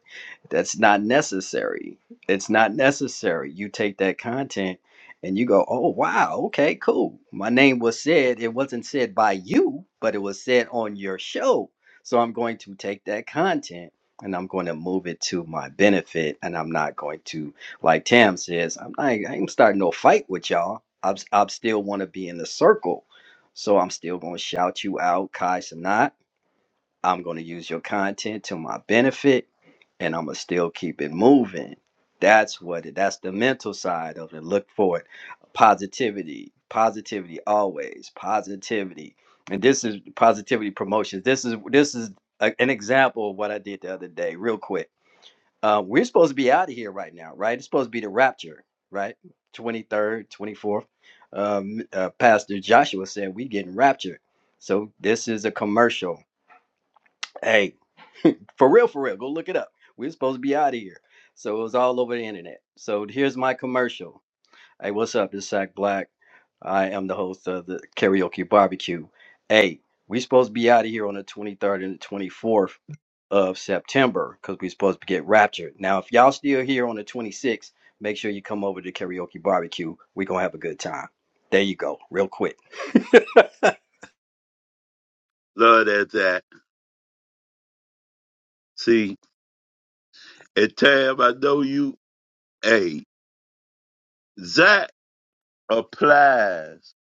Speaker 6: That's not necessary. It's not necessary. You take that content and you go, "Oh wow, okay, cool. My name was said. It wasn't said by you, but it was said on your show. So I'm going to take that content and I'm going to move it to my benefit and I'm not going to like Tam says, I'm not, I ain't starting no fight with y'all. I'm, I'm still want to be in the circle. So I'm still going to shout you out, Kai Sanat. I'm going to use your content to my benefit and I'm going to still keep it moving. That's what it, that's the mental side of it. Look for it. Positivity, positivity always, positivity. And this is positivity promotions. This is, this is a, an example of what I did the other day, real quick uh, we're supposed to be out of here right now, right? It's supposed to be the rapture, right? 23rd, 24th. Um, uh, Pastor Joshua said, we getting raptured. So this is a commercial. Hey, for real, for real, go look it up. We're supposed to be out of here. So it was all over the internet. So here's my commercial. Hey, what's up? It's Zach Black. I am the host of the Karaoke Barbecue. Hey, we supposed to be out of here on the 23rd and the 24th of September because we're supposed to get raptured. Now, if y'all still here on the 26th, make sure you come over to karaoke barbecue. We're going to have a good time. There you go, real quick.
Speaker 4: Love that, Zach. See, and Tab, I know you. Hey, Zach applies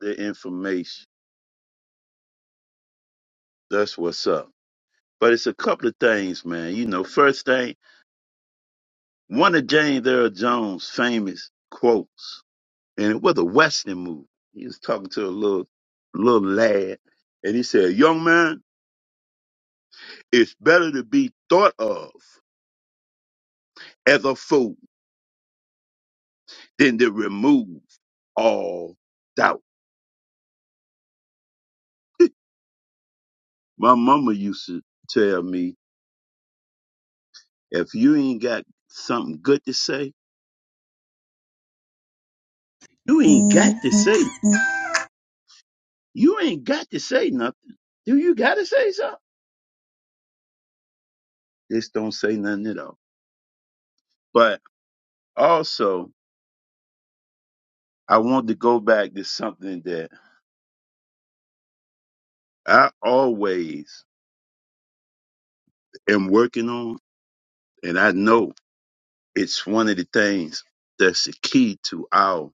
Speaker 4: the information. That's what's up. But it's a couple of things, man. You know, first thing, one of James Earl Jones' famous quotes, and it was a Western movie. He was talking to a little little lad, and he said, "Young man, it's better to be thought of as a fool than to remove all doubt." My mama used to tell me, if you ain't got something good to say, you ain't got to say. You ain't got to say nothing. Do you got to say something? Just don't say nothing at all. But also, I want to go back to something that I always am working on, and I know it's one of the things that's the key to our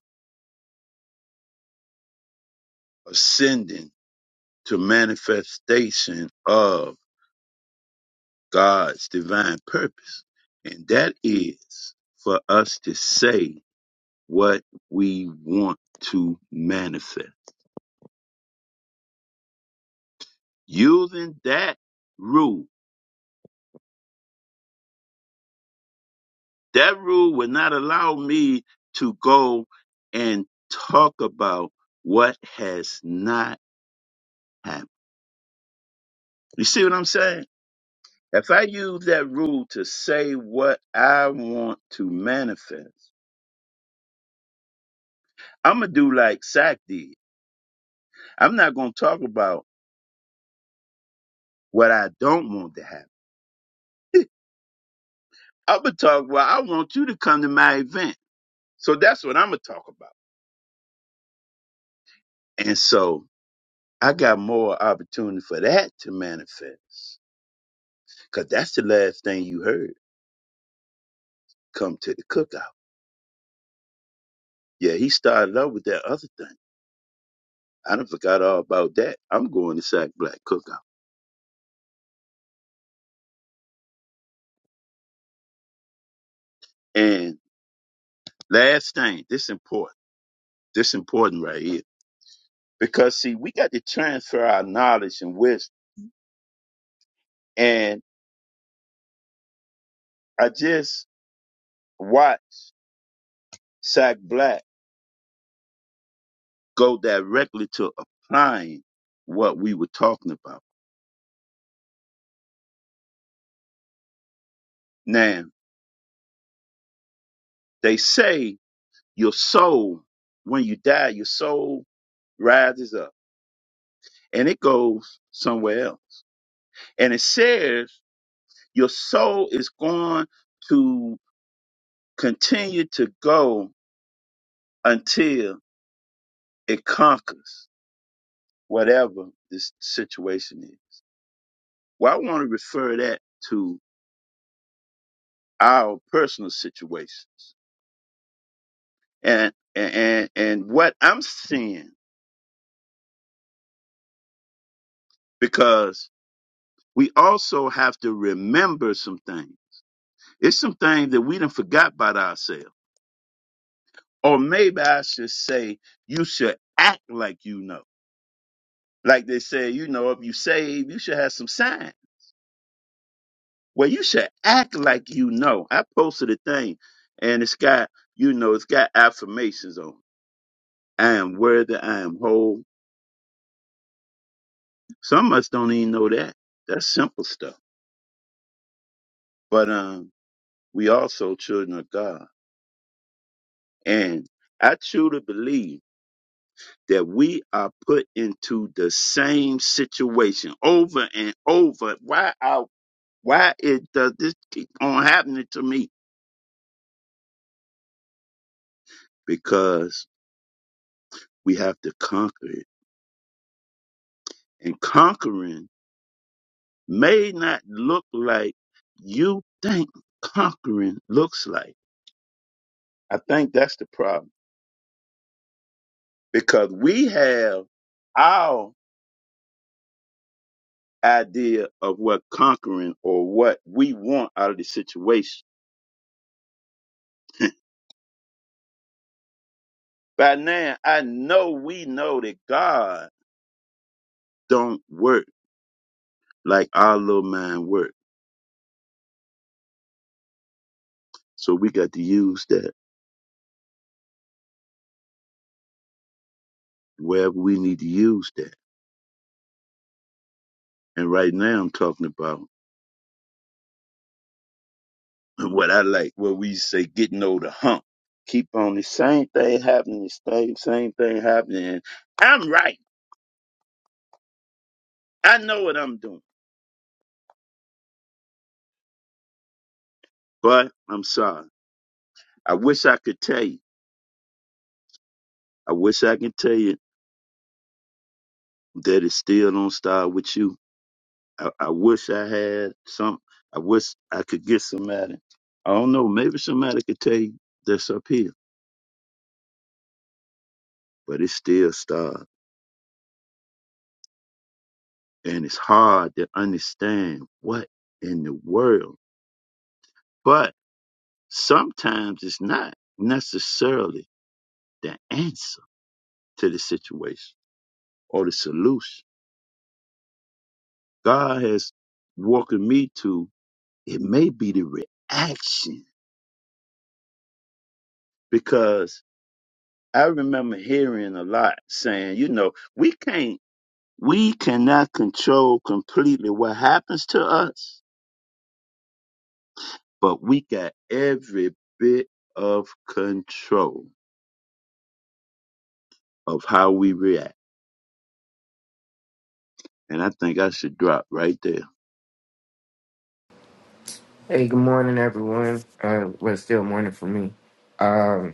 Speaker 4: ascending to manifestation of God's divine purpose, and that is for us to say what we want to manifest. Using that rule, that rule would not allow me to go and talk about what has not happened. You see what I'm saying? If I use that rule to say what I want to manifest, I'm going to do like Sack did. I'm not going to talk about what I don't want to happen. I'm gonna talk. Well, I want you to come to my event, so that's what I'm gonna talk about. And so I got more opportunity for that to manifest, cause that's the last thing you heard. Come to the cookout. Yeah, he started up with that other thing. I done forgot all about that. I'm going to Sack Black Cookout. And last thing, this important. This important right here. Because see, we got to transfer our knowledge and wisdom. And I just watched Sack Black go directly to applying what we were talking about. Now, they say your soul, when you die, your soul rises up and it goes somewhere else. And it says your soul is going to continue to go until it conquers whatever this situation is. Well, I want to refer that to our personal situations and and and, and what I'm seeing because we also have to remember some things. It's some things that we done forgot about ourselves. Or maybe I should say, you should act like you know. Like they say, you know, if you save, you should have some sign. Well, you should act like you know. I posted a thing and it's got, you know, it's got affirmations on it. I am worthy, I am whole. Some of us don't even know that. That's simple stuff. But um, we also children of God. And I truly believe that we are put into the same situation over and over. Why I, why it does this keep on happening to me? Because we have to conquer it. And conquering may not look like you think conquering looks like. I think that's the problem. Because we have our idea of what conquering or what we want out of the situation. By now, I know we know that God don't work like our little mind work. So we got to use that wherever we need to use that. And right now, I'm talking about [laughs] what I like, what we say, getting over the hump. Keep on the same thing happening, the same same thing happening. I'm right. I know what I'm doing. But I'm sorry. I wish I could tell you. I wish I could tell you that it still don't start with you I, I wish I had some. I wish I could get somebody. I don't know. Maybe somebody could tell you that's up here, but it's still starved, and it's hard to understand what in the world. But sometimes it's not necessarily the answer to the situation or the solution. God has woken me to it may be the reaction because I remember hearing a lot saying, you know, we can't We cannot control completely what happens to us, but we got every bit of control of how we react. And I think I should drop right there.
Speaker 8: Hey, good morning, everyone. Uh, well, it's still morning for me. Um,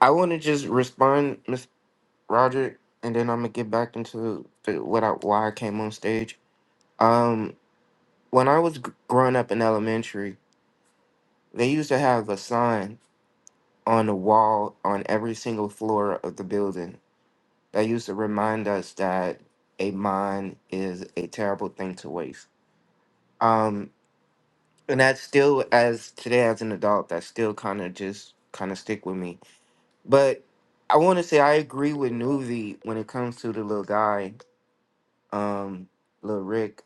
Speaker 8: I want to just respond, Miss Roderick, and then I'm gonna get back into the, what I, why I came on stage. Um, when I was gr- growing up in elementary, they used to have a sign on the wall on every single floor of the building that used to remind us that a mine is a terrible thing to waste. Um, and that's still as today as an adult, that still kind of just kind of stick with me But I want to say I agree with Nuvi when it comes to the little guy, um, little Rick.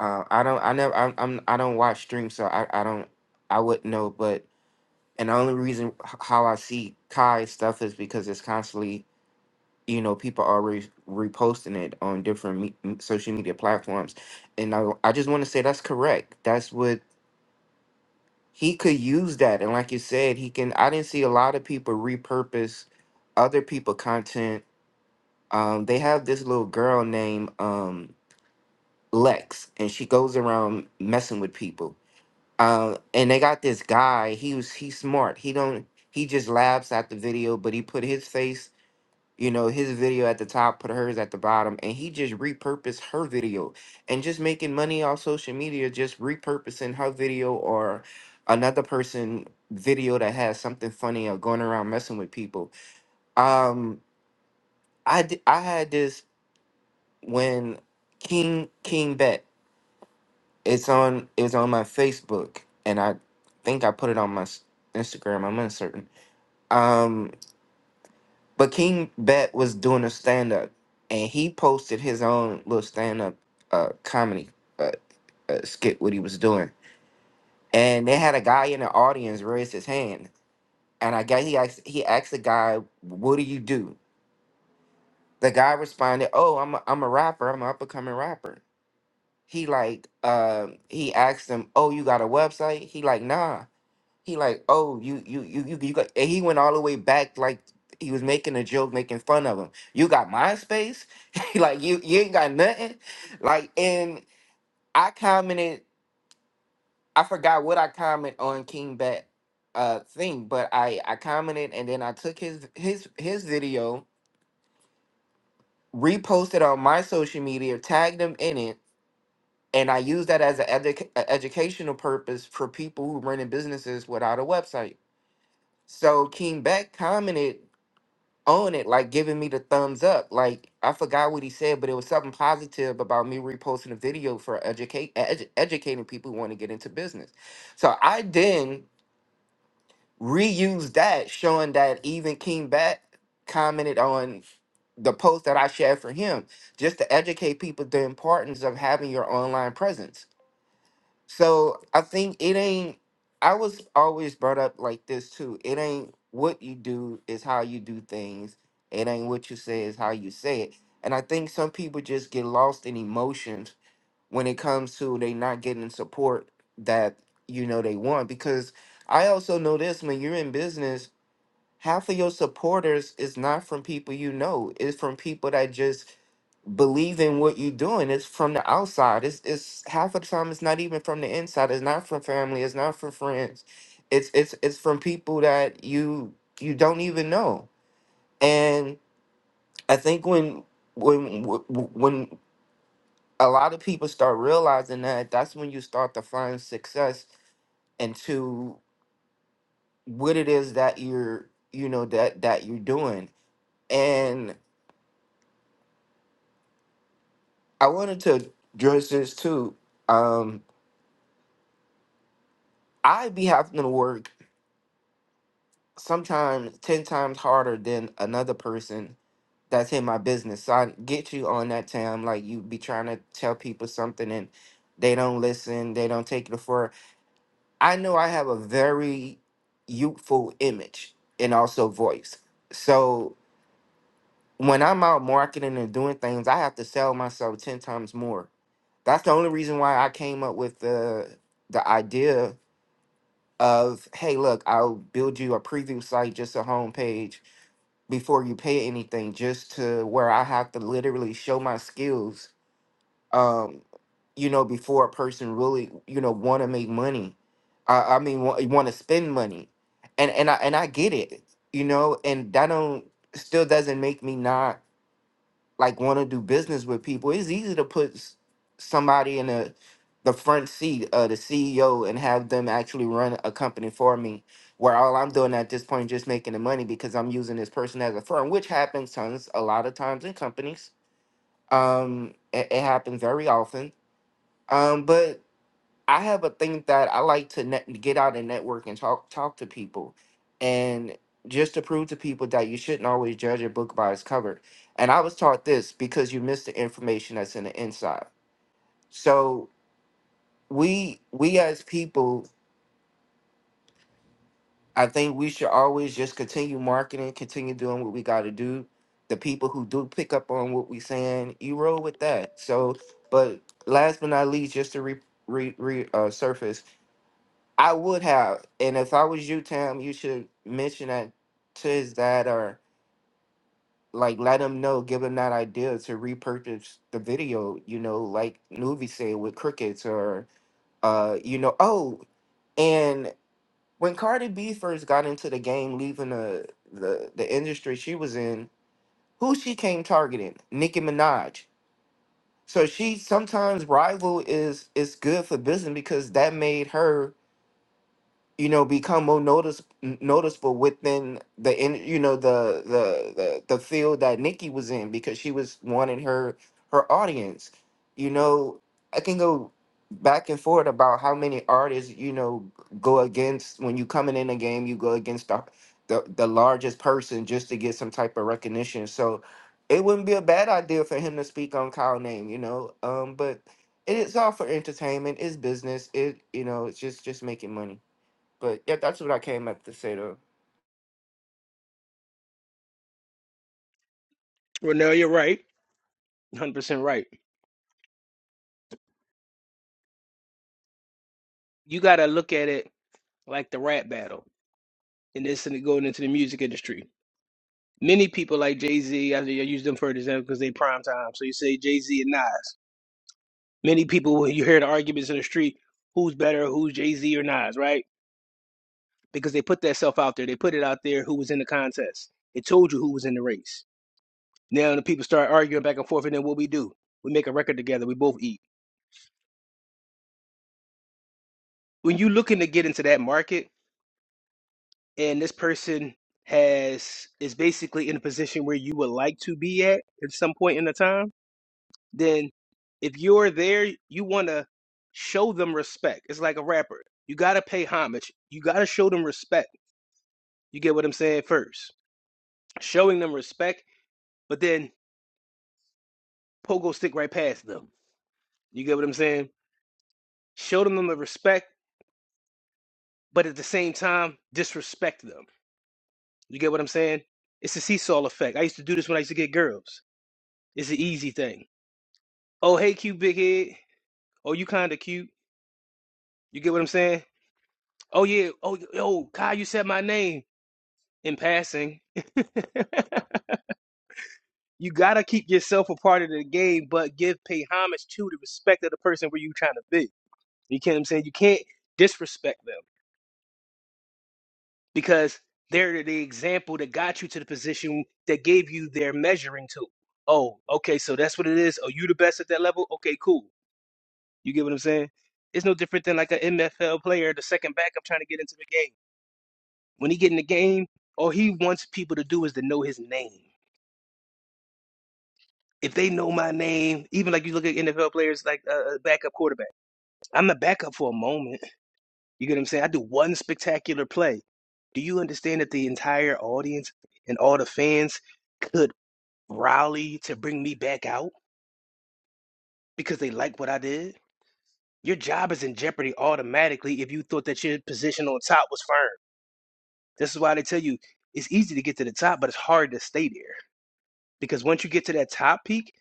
Speaker 8: Uh, I don't. I never. I'm. I'm I don't watch streams, so I. I don't. I wouldn't know. But and the only reason h- how I see Kai stuff is because it's constantly. You know, people are re- reposting it on different me- m- social media platforms, and I. I just want to say that's correct. That's what he could use that, and like you said, he can. I didn't see a lot of people repurpose other people content um, they have this little girl named um, Lex, and she goes around messing with people. Uh, and they got this guy. He was he's smart. He don't he just laughs at the video, but he put his face, you know, his video at the top, put hers at the bottom, and he just repurposed her video and just making money off social media, just repurposing her video or another person video that has something funny or going around messing with people. Um, I d- I had this. when King King Bet, it's on it's on my Facebook, and I think I put it on my s- Instagram. I'm uncertain. Um, but King Bet was doing a stand up, and he posted his own little stand up uh comedy uh, uh, skit what he was doing, and they had a guy in the audience raise his hand, and I guess he asked he asked the guy, "What do you do?" The guy responded, "Oh, I'm a, I'm a rapper. I'm an up and coming rapper." he like uh he asked him, "Oh, you got a website?" He like, "Nah." He like, "Oh, you you you you, you got." And he went all the way back like he was making a joke, making fun of him. You got MySpace? [laughs] He like you you ain't got nothing. Like and I commented, I forgot what I comment on King Bat uh thing, but I I commented and then I took his his his video, reposted on my social media, tagged him in it and I use that as an edu- a educational purpose for people who running businesses without a website. So King Beck commented on it, like giving me the thumbs up. Like I forgot what he said, but it was something positive about me reposting a video for educate edu- educating people who want to get into business. So I then reused that, showing that even King Beck commented on the post that I shared for him, just to educate people the importance of having your online presence So I think it ain't. I was always brought up like this too. It ain't what you do is how you do things. It ain't what you say is how you say it. And I think some people just get lost in emotions when it comes to they not getting support that you know they want. Because I also know this when you're in business, half of your supporters is not from people you know. It's from people that just believe in what you're doing. It's from the outside. It's it's half of the time it's not even from the inside. It's not from family. It's not from friends. It's it's it's from people that you you don't even know. And I think when when when a lot of people start realizing that, that's when you start to find success into what it is that you're you know that that you're doing. And I wanted to address this too. Um, I be having to work sometimes 10 times harder than another person that's in my business. So I get you on that, Tam. Like you be trying to tell people something and they don't listen, they don't take it for. I know I have a very youthful image and also voice. So when I'm out marketing and doing things, I have to sell myself 10 times more. That's the only reason why I came up with the the idea of, hey, look, I'll build you a preview site, just a homepage before you pay anything just to where I have to literally show my skills um you know before a person really you know want to make money I, I mean want to spend money and and I and I get it you know and that don't still doesn't make me not like want to do business with people, it's easy to put s- somebody in the the front seat of the CEO and have them actually run a company for me, where all I'm doing at this point is just making the money because I'm using this person as a firm, which happens tons a lot of times in companies. Um, it, it happens very often. Um, but I have a thing that I like to net, get out and network and talk talk to people, and just to prove to people that you shouldn't always judge a book by its cover. And I was taught this because you miss the information that's in the inside. So we we as people, I think we should always just continue marketing, continue doing what we got to do. The people who do pick up on what we saying, you roll with that. So, but last but not least, just to re, re, re uh, surface I would have. And if I was you, Tam, you should mention that to his dad or like let him know, give him that idea to repurchase the video, you know, like Nuvi said with crickets or uh, you know, oh, and when Cardi B first got into the game, leaving the the, the industry she was in, who she came targeting? Nicki Minaj. So she sometimes rival is is good for business because that made her you know become more notice noticeable within the in you know the, the the the field that Nikki was in because she was wanting her her audience. You know, I can go back and forth about how many artists you know go against when you coming in a game. You go against the the, the largest person just to get some type of recognition. So it wouldn't be a bad idea for him to speak on Kyle name. You know, um, but. It's all for entertainment. It's business. It you know, it's just just making money. But yeah, that's what I came up to say though.
Speaker 7: Well, no, you're right. 100% right. You got to look at it like the rap battle and this and going into the music industry. Many people like Jay Z, I I use them for an example because they prime time. So you say Jay Z and Nas. Many people, when you hear the arguments in the street, who's better, who's Jay Z or Nas, right? Because they put that self out there. They put it out there who was in the contest. It told you who was in the race. Now the people start arguing back and forth, and then what we do? We make a record together. We both eat. When you are looking to get into that market, and this person has is basically in a position where you would like to be at at some point in the time, then if you're there, you want to show them respect. It's like a rapper. You got to pay homage. You got to show them respect You get what I'm saying? First, showing them respect, but then pogo stick right past them. You get what I'm saying? Show them the respect, but at the same time, disrespect them. You get what I'm saying? It's a seesaw effect. I used to do this when I used to get girls. It's an easy thing. Oh, hey, cute big head. Oh, you kind of cute. You get what I'm saying? Oh, yeah. Oh, yo, Kyle, you said my name in passing. [laughs] you got to keep yourself a part of the game, but give pay homage to the respect of the person where you trying to be. You get what I'm saying? You can't disrespect them because they're the example that got you to the position that gave you their measuring tool. Oh, okay, so that's what it is. Are you the best at that level? Okay, cool. You get what I'm saying? It's no different than like an NFL player, the second backup trying to get into the game. When he get in the game, all he wants people to do is to know his name. If they know my name, even like you look at NFL players like a uh, backup quarterback, I'm the backup for a moment You get what I'm saying? I do one spectacular play. Do you understand that the entire audience and all the fans could rally to bring me back out because they like what I did? Your job is in jeopardy automatically if you thought that your position on top was firm. This is why they tell you it's easy to get to the top, but it's hard to stay there because once you get to that top peak,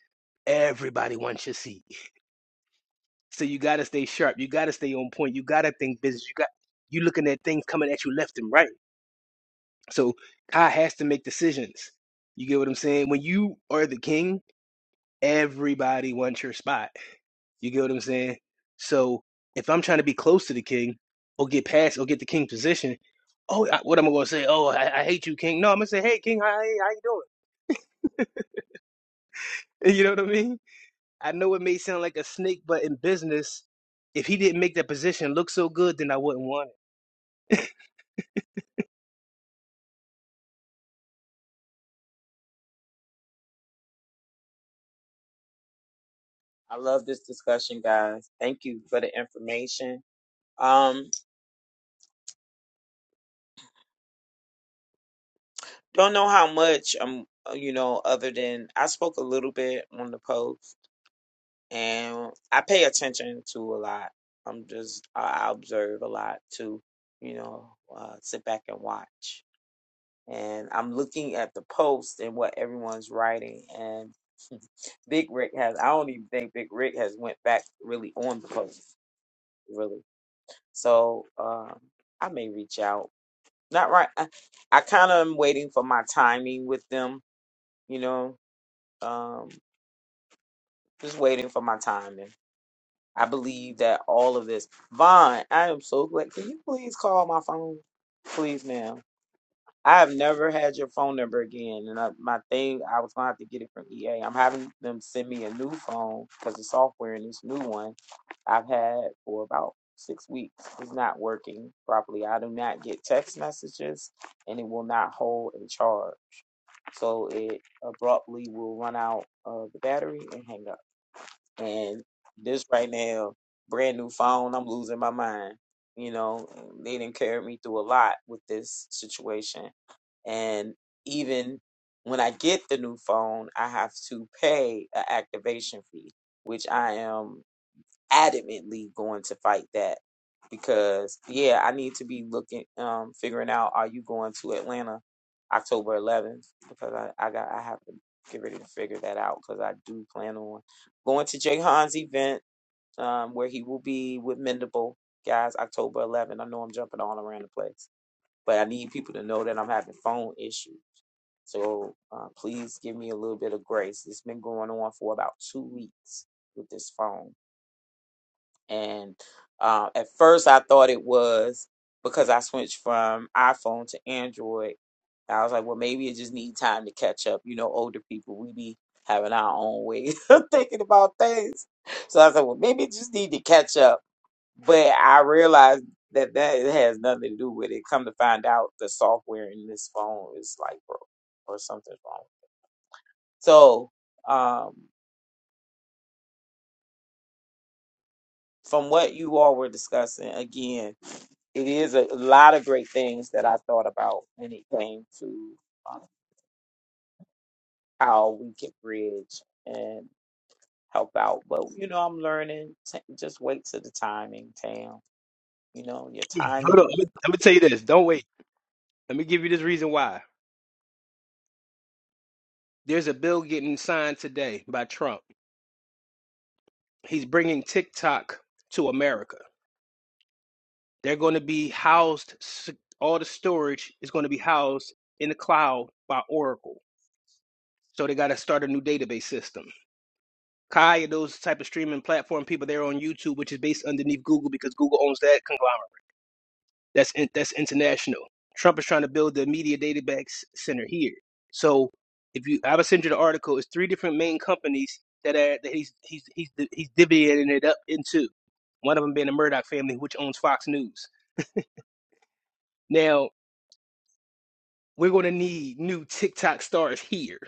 Speaker 7: everybody wants your seat. So you got to stay sharp. You got to stay on point. You got to think business. You got you looking at things coming at you left and right. So Kai has to make decisions. You get what I'm saying? When you are the king, everybody wants your spot. You get what I'm saying? So if I'm trying to be close to the king or get past or get the king position, oh, I, what am I going to say? Oh, I, I hate you, king. No, I'm going to say, hey, king, how, hey, how you doing? [laughs] You know what I mean? I know it may sound like a snake, but in business, if he didn't make that position look so good, then I wouldn't want
Speaker 5: I love this discussion, guys. Thank you for the information. Um, don't know how much um, you know, other than I spoke a little bit on the post, and I pay attention to a lot. I'm just I observe a lot too, you know, uh, sit back and watch. And I'm looking at the post and what everyone's writing. And Big Rick has I don't even think Big Rick has went back really on the post, really. So um, I may reach out Not right. I, I kind of am waiting for my timing with them, you know. Um, just waiting for my timing. I believe that all of this. Vaughn, I am so glad. Can you please call my phone? Please, ma'am. I have never had your phone number again. And I, my thing, I was gonna have to get it from EA. I'm having them send me a new phone because the software in this new one I've had for about six weeks is not working properly. I do not get text messages, and it will not hold a charge. So it abruptly will run out of the battery and hang up. And this right now, brand new phone, I'm losing my mind. You know, they didn't carry me through a lot with this situation. And even when I get the new phone, I have to pay an activation fee, which I am adamantly going to fight that because yeah, I need to be looking um figuring out are you going to Atlanta October 11th because I I got I have to get ready to figure that out because I do plan on going to Jay Han's event um where he will be with Mendable guys October 11th. I know I'm jumping all around the place, but I need people to know that I'm having phone issues. So uh, please give me a little bit of grace. It's been going on for about two weeks with this phone. And uh, at first, I thought it was because I switched from iPhone to Android. I was like, well, maybe it just needs time to catch up. You know, older people, we be having our own way [laughs] of thinking about things. So I was like, well, maybe it just need to catch up. But I realized that that has nothing to do with it. Come to find out, the software in this phone is like broke or something's wrong. So, um, From what you all were discussing, again, it is a lot of great things that I thought about when it came to uh, how we can bridge and help out. But you know, I'm learning. T- just wait till the timing, Tam. You know, your
Speaker 7: it. [laughs] Hold on.
Speaker 5: timing.
Speaker 7: I'm going to tell you this. Don't wait. Let me give you this reason why. There's a bill getting signed today by Trump He's bringing TikTok to America. They're going to be housed, all the storage is going to be housed in the cloud by Oracle. So they got to start a new database system. Kai, those type of streaming platform people, they're on YouTube, which is based underneath Google because Google owns that conglomerate. That's in, that's international. Trump is trying to build the media data back center here. So if you, I would send you the article. It's three different main companies that are that he's he's he's he's divvying it up into. One of them being the Murdoch family, which owns Fox News. Now we're going to need new TikTok stars here.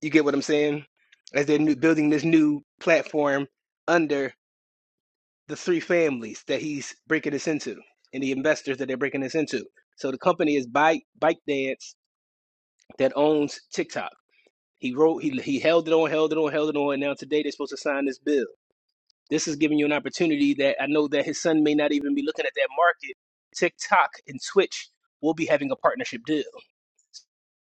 Speaker 7: You get what I'm saying? As they're new, building this new platform under the three families that he's breaking this into, and the investors that they're breaking this into. So the company is Byte, ByteDance, that owns TikTok. He wrote, he, he held it on, held it on, held it on, and now today they're supposed to sign this bill. This is giving you an opportunity that I know that his son may not even be looking at that market. TikTok and Twitch will be having a partnership deal.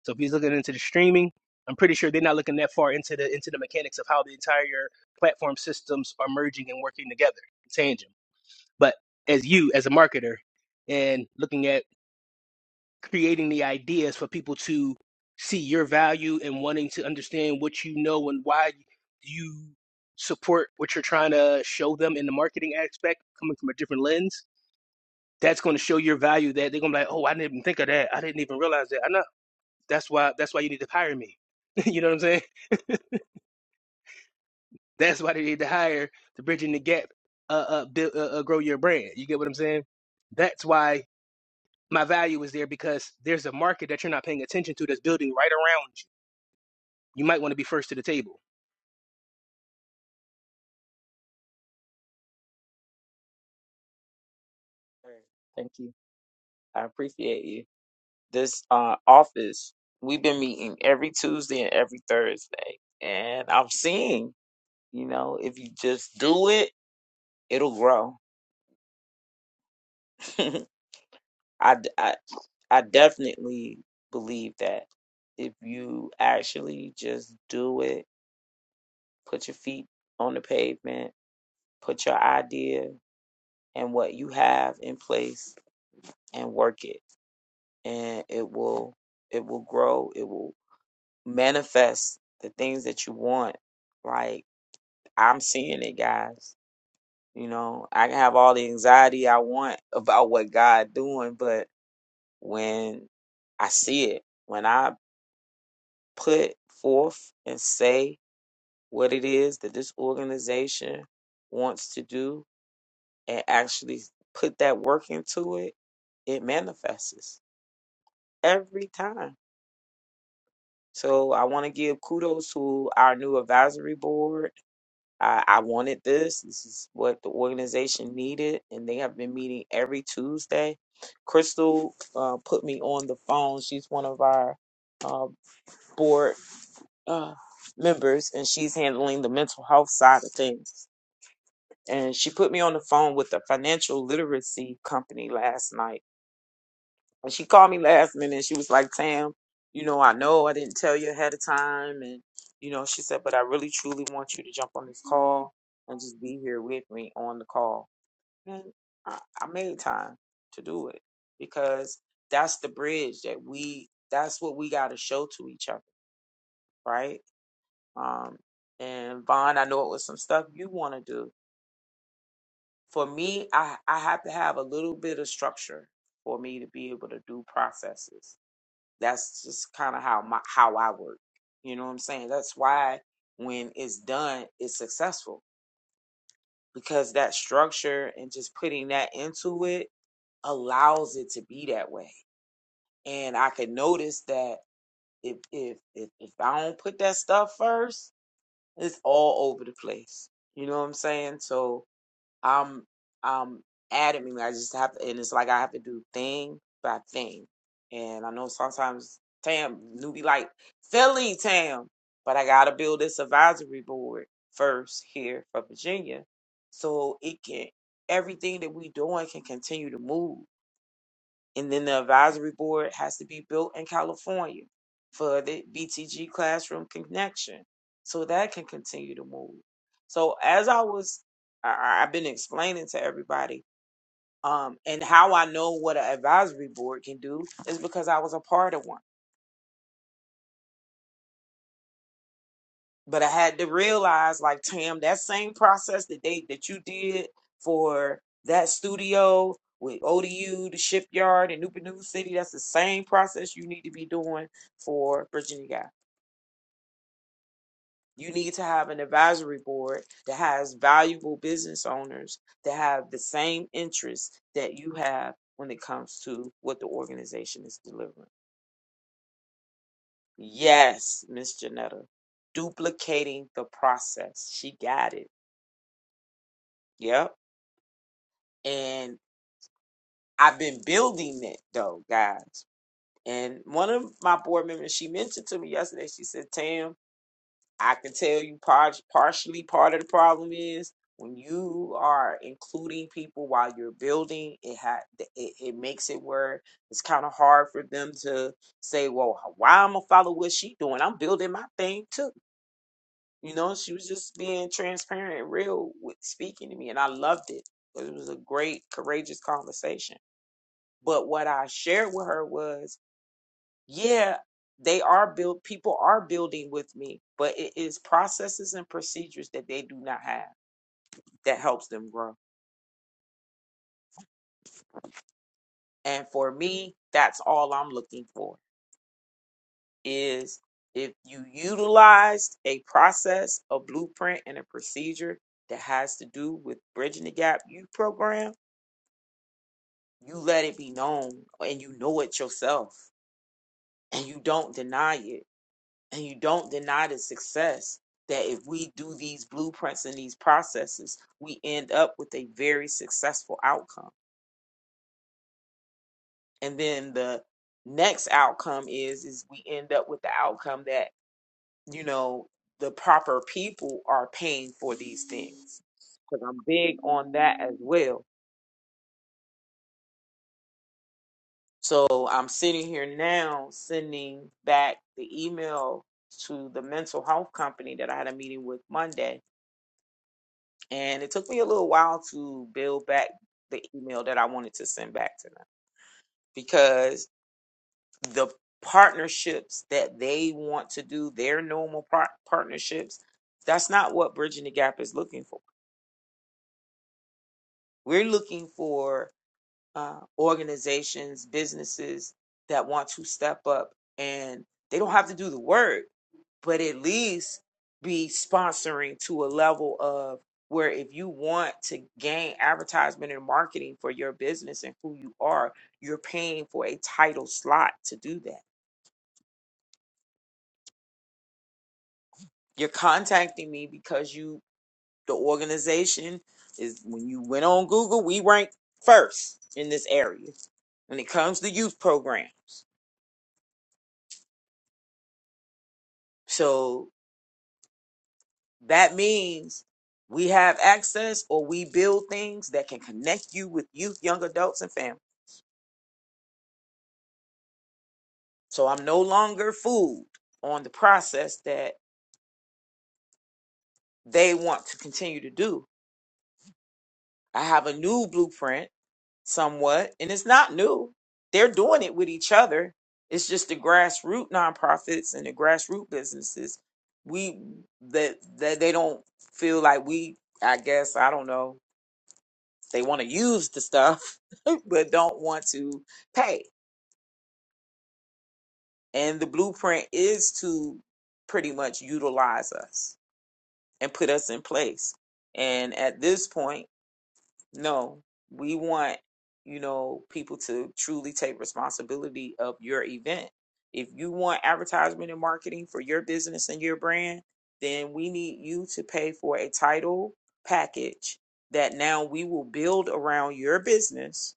Speaker 7: So if he's looking into the streaming, I'm pretty sure they're not looking that far into the into the mechanics of how the entire platform systems are merging and working together. It's tangent. But as you, as a marketer, and looking at creating the ideas for people to see your value and wanting to understand what you know and why you support what you're trying to show them in the marketing aspect coming from a different lens that's going to show your value that they're going to be like oh i didn't even think of that i didn't even realize that i know that's why that's why you need to hire me [laughs] you know what i'm saying that's why they need to hire the bridging the gap uh, uh, build, uh uh grow your brand you get what i'm saying that's why my value is there because there's a market that you're not paying attention to that's building right around you You might want to be first to the table.
Speaker 5: Thank you. I appreciate you. This uh, office, we've been meeting every Tuesday and every Thursday, and I'm seeing. You know, if you just do it, it'll grow. [laughs] I, I definitely believe that if you actually just do it, put your feet on the pavement, put your idea and what you have in place and work it and it will it will grow, it will manifest the things that you want. Like I'm seeing it guys. You know, I can have all the anxiety I want [laughs] about what God doing, but when I see it, when I put forth and say what it is that this organization wants to do and actually put that work into it, it manifests every time. So I want to give kudos to our new advisory board. I, I wanted this. This is what the organization needed, and they have been meeting every Tuesday. Crystal uh, put me on the phone. She's one of our uh, board uh, members, and she's handling the mental health side of things. and she put me on the phone with a financial literacy company last night. And she called me last minute and she was like, Tam, you know, I know I didn't tell you ahead of time. And, you know, she said, but I really truly want you to jump on this call and just be here with me on the call. And I, I made time to do it because that's the bridge that we, that's what we got to show to each other, right? Um, and Vaughn, I know it was some stuff you want to do for me, I, I have to have a little bit of structure for me to be able to do processes. That's just kind of how my how I work. You know what I'm saying? That's why when it's done, it's successful because that structure and just putting that into it allows it to be that way. And I can notice that if if if, if I don't put that stuff first, it's all over the place. You know what I'm saying? So I'm I'm adamant. I just have to and it's like I have to do thing by thing. And I know sometimes Tam newbie like, Philly Tam, but I gotta build this advisory board first here for Virginia so it can everything that we doing can continue to move. And then the advisory board has to be built in California for the BTG classroom connection so that can continue to move. So as I was, I, I- have been explaining to everybody, um, and how I know what an advisory board can do is because I was a part of one. but I had to realize, like Tam, that same process that they that you did for that studio with ODU, the shipyard, and New City, that's the same process you need to be doing for Virginia Guy. You need to have an advisory board that has valuable business owners that have the same interests that you have when it comes to what the organization is delivering. Yes, Miss Janetta, duplicating the process. She got it. Yep and. I've been building it though, guys. And one of my board members, she mentioned to me yesterday, she said, Tam, I can tell you par- partially part of the problem is when you are including people while you're building, it ha- it, it makes it where it's kind of hard for them to say, well, why I'm gonna follow what she doing? I'm building my thing too. You know, she was just being transparent and real with speaking to me, and I loved it. It was a great, courageous conversation but what I shared with her was, yeah, they are built, people are building with me, but it is processes and procedures that they do not have that helps them grow. And for me, that's all I'm looking for is if you utilized a process, a blueprint, and a procedure that has to do with bridging the gap you program, you let it be known and you know it yourself and you don't deny it and you don't deny the success that if we do these blueprints and these processes, we end up with a very successful outcome. And then the next outcome is is we end up with the outcome that, you know, the proper people are paying for these things. Because I'm big on that as well. So I'm sitting here now sending back the email to the mental health company that I had a meeting with Monday And it took me a little while to build back the email that I wanted to send back to them because the partnerships that they want to do, their normal par- partnerships, that's not what Bridging the Gap is looking for. We're looking for uh, organizations, businesses that want to step up and they don't have to do the work but at least be sponsoring to a level of where if you want to gain advertisement and marketing for your business and who you are, you're paying for a title slot to do that. You're contacting me because you the organization is when you went on Google, we ranked first in this area when it comes to youth program. So that means we have access or we build things that can connect you with youth, young adults and families. So I'm no longer fooled on the process that they want to continue to do. I have a new blueprint somewhat, and it's not new. They're doing it with each other. It's just the grassroots nonprofits and the grassroots businesses. We that that they don't feel like we, I guess, I don't know. They want to use the stuff, [laughs] but don't want to pay. And the blueprint is to pretty much utilize us and put us in place. And at this point, no, we want, you know, people to truly take responsibility of your event. If you want advertisement and marketing for your business and your brand, then we need you to pay for a title package that now we will build around your business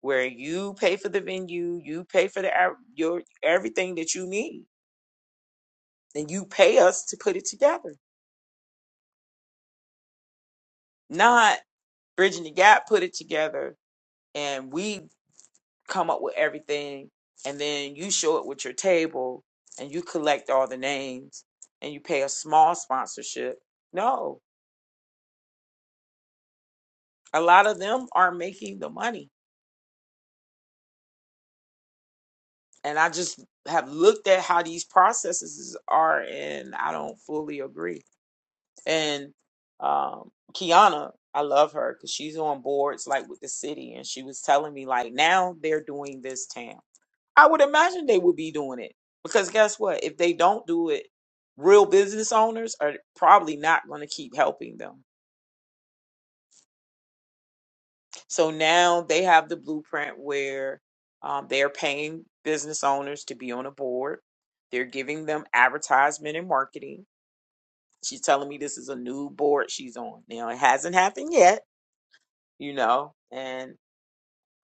Speaker 5: where you pay for the venue, you pay for the ad- your everything that you need, and you pay us to put it together. Not bridging the gap put it together and we come up with everything and then you show it with your table and you collect all the names and you pay a small sponsorship no a lot of them are making the money and i just have looked at how these processes are and i don't fully agree and um kiana i love her because she's on boards like with the city and she was telling me like now they're doing this town I would imagine they would be doing it because guess what? If they don't do it, real business owners are probably not going to keep helping them. So now they have the blueprint where um, they're paying business owners to be on a board. They're giving them advertisement and marketing. She's telling me this is a new board she's on. Now it hasn't happened yet, you know, and.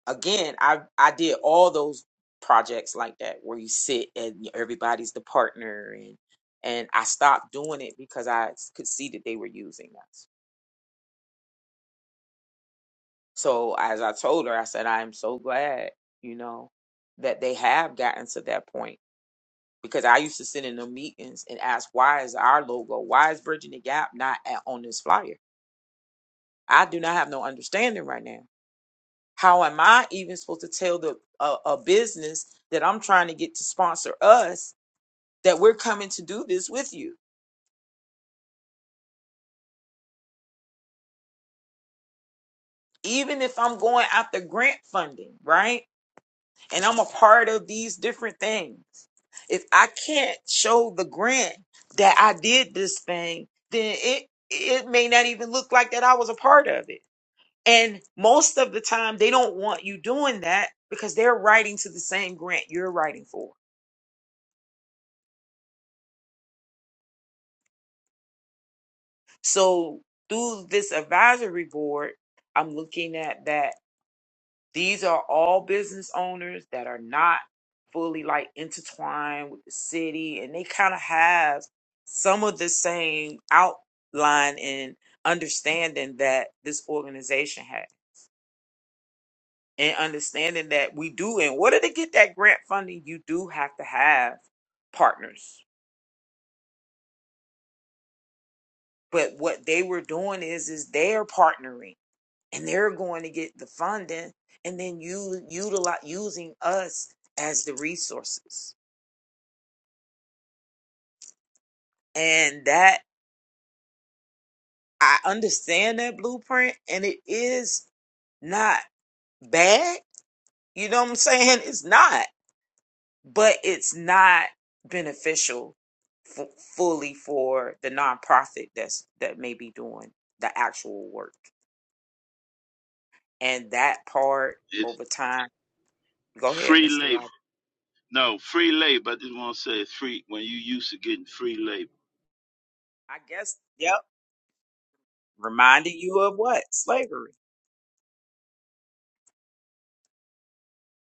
Speaker 5: again, I I did all those projects like that where you sit and everybody's the partner and and I stopped doing it because I s- could see that they were using us. So as I told her, I said, I am so glad, you know, that they have gotten to that point. Because I used to sit in the meetings and ask, why is our logo, why is Bridging the Gap not at, on this flyer? I do not have no understanding right now. How am I even supposed to tell the a, a business that I'm trying to get to sponsor us that we're coming to do this with you. Even if I'm going after grant funding, right? And I'm a part of these different things. If I can't show the grant that I did this thing, then it it may not even look like that I was a part of it. And most of the time they don't want you doing that because they're writing to the same grant you're writing for. So through this advisory board, I'm looking at that These are all business owners that are not fully like intertwined with the city and they kind of have some of the same outline and understanding that this organization had and understanding that we do in order to get that grant funding you do have to have partners but what they were doing is is they're partnering and they're going to get the funding and then you utilize using us as the resources and that I understand that blueprint, and it is not bad. You know what I'm saying? It's not, but it's not beneficial f- fully for the nonprofit that's that may be doing the actual work, and that part
Speaker 4: It's
Speaker 5: over time. Go ahead,
Speaker 4: free
Speaker 5: Mr.
Speaker 4: labor.
Speaker 5: Robert.
Speaker 4: No, free labor. I just want to say it's free when you used to getting free labor.
Speaker 5: I guess. Yep. Reminded you of what slavery.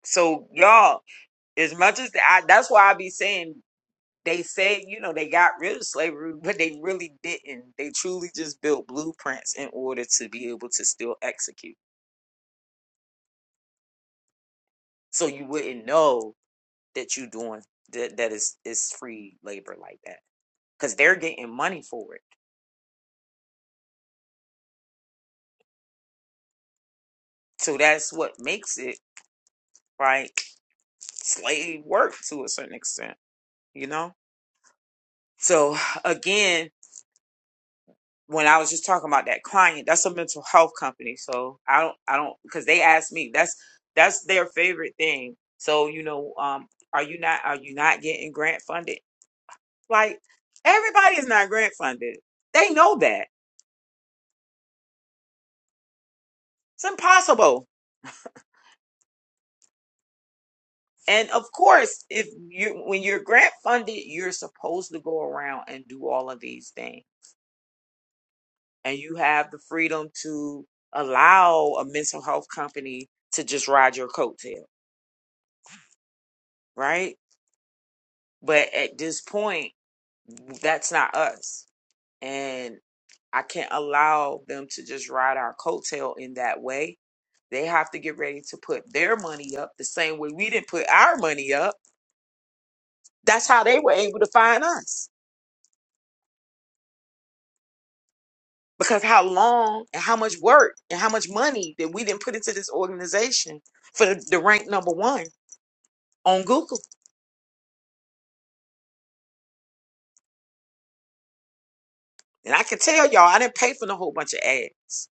Speaker 5: So y'all, as much as I, that's why I be saying they said, you know, they got rid of slavery, but they really didn't. They truly just built blueprints in order to be able to still execute. So you wouldn't know that you doing that that is is free labor like that because they're getting money for it. So that's what makes it right slave work to a certain extent, you know. So again, when I was just talking about that client, that's a mental health company. So I don't, I don't, because they asked me. That's that's their favorite thing. So you know, um, are you not are you not getting grant funded? Like everybody is not grant funded. They know that it's impossible. And of course, if you when you're grant funded, you're supposed to go around and do all of these things, and you have the freedom to allow a mental health company to just ride your coattail, right? But at this point, that's not us. And I can't allow them to just ride our coattail in that way. They have to get ready to put their money up the same way we didn't put our money up. That's how they were able to find us. Because how long and how much work and how much money that we didn't put into this organization for the, the rank number one on Google. And I can tell y'all, I didn't pay for a whole bunch of ads.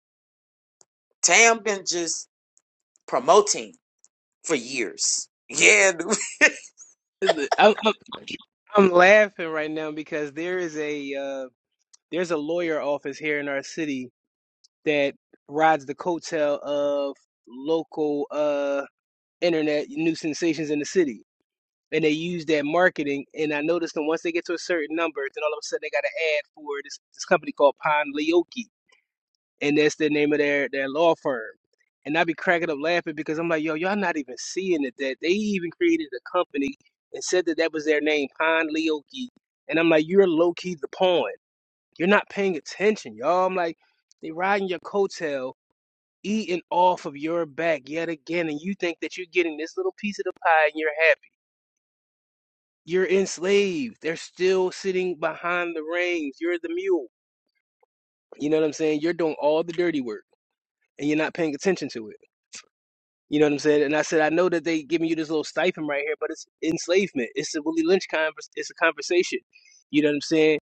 Speaker 5: Tam been just promoting for years. Yeah,
Speaker 7: I'm, I'm, I'm laughing right now because there is a uh, there's a lawyer office here in our city that rides the coattail of local uh, internet new sensations in the city, and they use that marketing. And I noticed that once they get to a certain number, then all of a sudden they got an ad for this this company called Pond Leoki. and that's the name of their their law firm. And I be cracking up laughing because I'm like, yo, y'all not even seeing it that they even created a company and said that that was their name, Pond Leoki. And I'm like, you're low key the pawn. You're not paying attention, y'all. I'm like, they riding your coattail, eating off of your back yet again, and you think that you're getting this little piece of the pie and you're happy. You're enslaved. They're still sitting behind the reins. You're the mule. You know what I'm saying? You're doing all the dirty work and you're not paying attention to it. You know what I'm saying? And I said, I know that they giving you this little stipend right here, but it's enslavement. It's a Willie Lynch convers. It's a conversation. You know what I'm saying?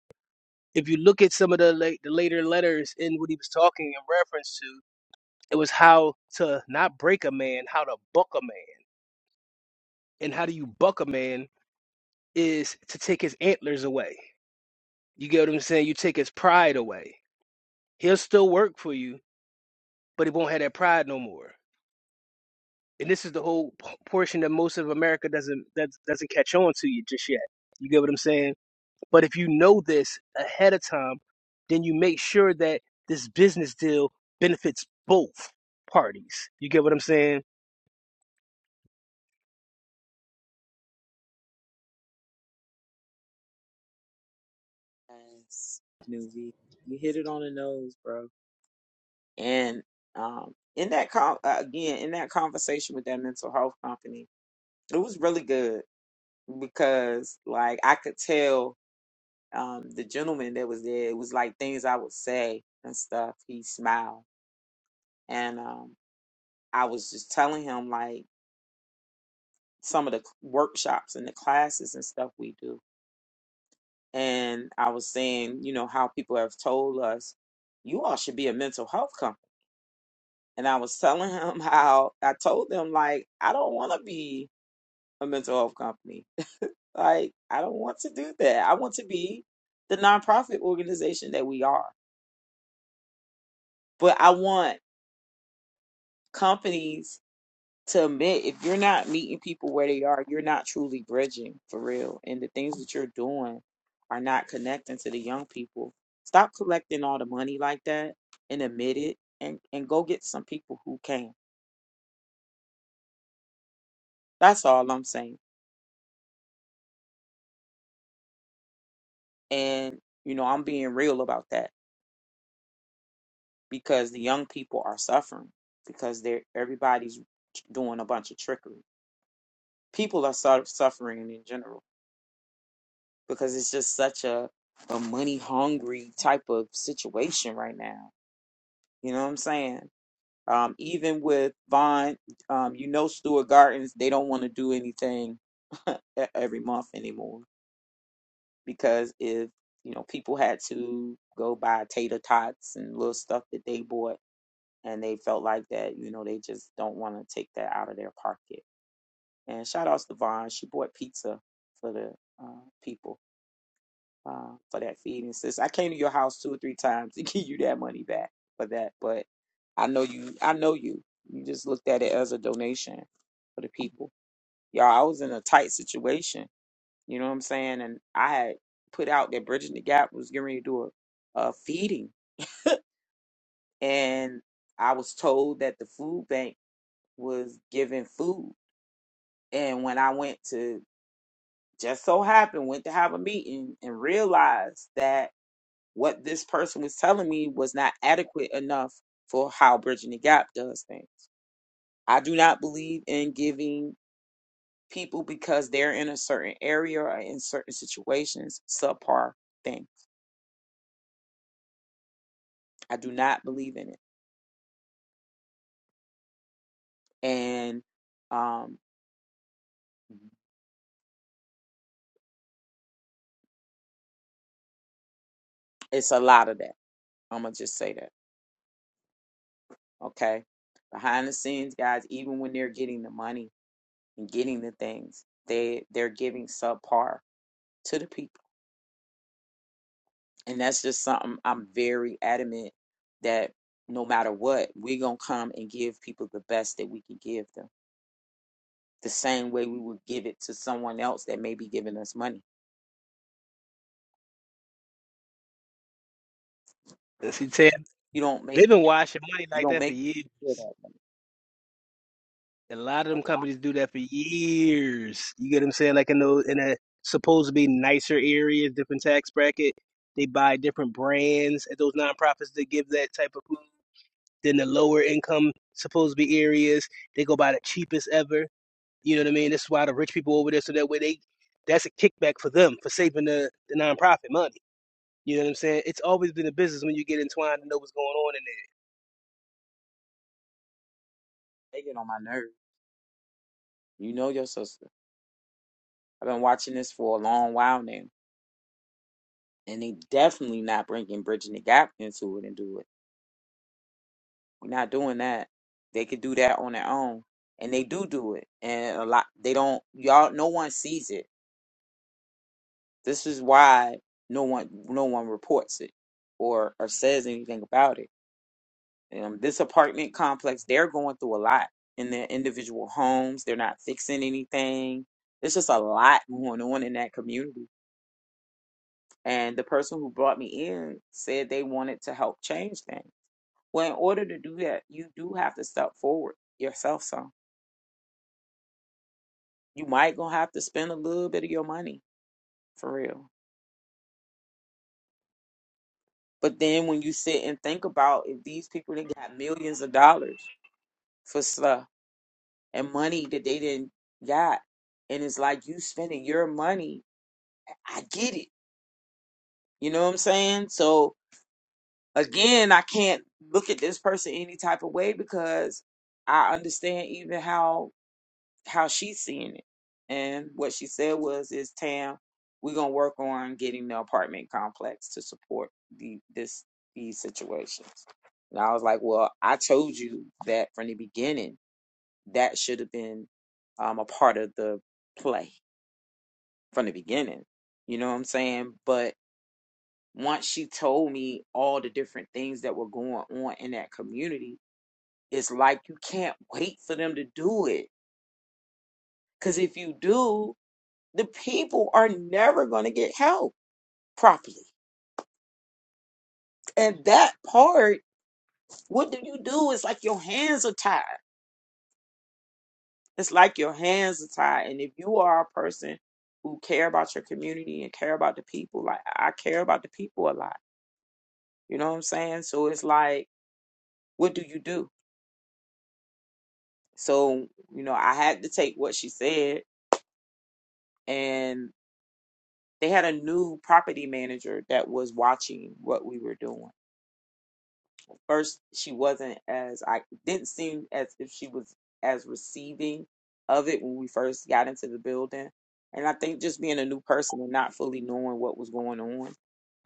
Speaker 7: If you look at some of the late, the later letters in what he was talking in reference to, it was how to not break a man, how to buck a man, and how do you buck a man is to take his antlers away. You get what I'm saying? You take his pride away. He'll still work for you, but he won't have that pride no more. and this is the whole p- portion that most of America doesn't that doesn't catch on to you just yet. You get what I'm saying? But if you know this ahead of time, then you make sure that this business deal benefits both parties. You get what I'm saying?
Speaker 5: Yes, Nuvi, you hit it on the nose, bro. And um, in that con- uh, again, in that conversation with that mental health company, it was really good because, like, I could tell um, the gentleman that was there. It was like things I would say and stuff. He smiled, and um, I was just telling him like some of the workshops and the classes and stuff we do. And I was saying, you know, how people have told us, you all should be a mental health company and I was telling him [laughs] how I told them like I don't want to be a mental health company. Like I don't want to do that. I want to be the nonprofit organization that we are. But I want companies to admit if you're not meeting people where they are, you're not truly bridging for real. And the things that you're doing are not connecting to the young people. Stop collecting all the money like that and admit it and, and go get some people who can. That's all I'm saying And, you know, I'm being real about that because the young people are suffering because they're everybody's doing a bunch of trickery. People are su- suffering in general because it's just such a, a money hungry type of situation right now. You know what I'm saying? Um, even with Vaughn, um, you know, Stuart Gardens, they don't want to do anything [laughs] e- every month anymore because if you know people had to go buy tater tots and little stuff that they bought and they felt like that you know they just don't want to take that out of their pocket and shout outs to Vaughn. she bought pizza for the uh, people uh, for that feed and sis i came to your house two or three times to [laughs] give you that money back for that but i know you i know you you just looked at it as a donation for the people y'all i was in a tight situation you know what i'm saying and i had put out that bridging the gap was getting ready to do a, a feeding and i was told that the food bank was giving food. And when I went to just so happened, went to have a meeting and realized that what this person was telling me was not adequate enough for how Bridging the Gap does things. I do not believe in giving people because they're in a certain area or in certain situations subpar thing. I do not believe in it. And um it's a lot of that. I'm gonna just say that. Okay. Behind the scenes, guys, even when they're getting the money getting the things they they're giving subpar to the people and that's just something i'm very adamant that no matter what we're gonna come and give people the best that we can give them the same way we would give it to someone else that may be giving us money
Speaker 7: And see, Ted,
Speaker 5: you don't make
Speaker 7: they've been washing money
Speaker 5: you
Speaker 7: like
Speaker 5: don't
Speaker 7: that for
Speaker 5: make
Speaker 7: years.
Speaker 5: [laughs] do
Speaker 7: A lot of
Speaker 5: that.
Speaker 7: them companies do that for years. You get what I'm saying? Like in those in a supposed to be nicer areas, different tax bracket. They buy different brands at those nonprofits that give that type of food than the lower income supposed to be areas. They go by the cheapest ever. You know what I mean? This is why the rich people over there, so that way they that's a kickback for them for saving the, the nonprofit money. You know what I'm saying? It's always been a business when you get entwined and know what's going on in
Speaker 5: they get on my nerves you know your sister i've been watching this for a long while now and they definitely not bringing bridging the gap into it and do it We're not doing that. They could do that on their own, and they do do it. And a lot they don't. Y'all, no one sees it. This is why no one no one reports it or or says anything about it. Um, this apartment complex, they're going through a lot in their individual homes. They're not fixing anything. There's just a lot going on in that community. And the person who brought me in said they wanted to help change things. Well, in order to do that, you do have to step forward yourself, son you might gonna have to spend a little bit of your money for real. But then when you sit and think about if these people that got millions of dollars for stuff and money that they didn't got, and it's like you spending your money, I get it. You know what I'm saying? So again, I can't look at this person any type of way because I understand even how how she's seeing it. And what she said was, "Is Tam, we're gonna work on getting the apartment complex to support the this these situations." And I was like, "Well, I told you that from the beginning. That should have been um, a part of the play from the beginning. You know what I'm saying? But once she told me all the different things that were going on in that community, it's like you can't wait for them to do it. Because if you do, the people are never going to get help properly. And that part, what do you do? It's like your hands are tied. It's like your hands are tied. And if you are a person who care about your community and care about the people, like I care about the people a lot. You know what I'm saying? So it's like, what do you do? So, you know, I had to take what she said and they had a new property manager that was watching what we were doing first she wasn't as I didn't seem as if she was as receiving of it when we first got into the building. And I think just being a new person and not fully knowing what was going on.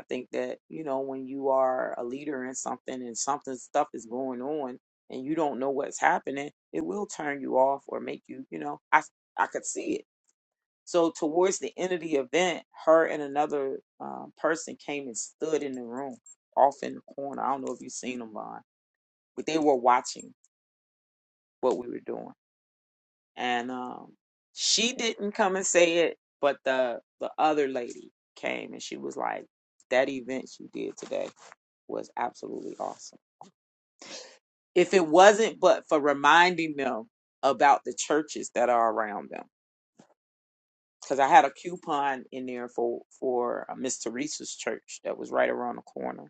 Speaker 5: I think that, you know, when you are a leader in something and something stuff is going on and you don't know what's happening, it will turn you off or make you, you know, I I could see it. So towards the end of the event, her and another uh, person came and stood in the room off in the corner. I don't know if you've seen them, Von but they were watching what we were doing. And um, she didn't come and say it, but the the other lady came and she was like, "That event you did today was absolutely awesome. If it wasn't but for reminding them about the churches that are around them, because I had a coupon in there for for uh, Miss Teresa's church that was right around the corner,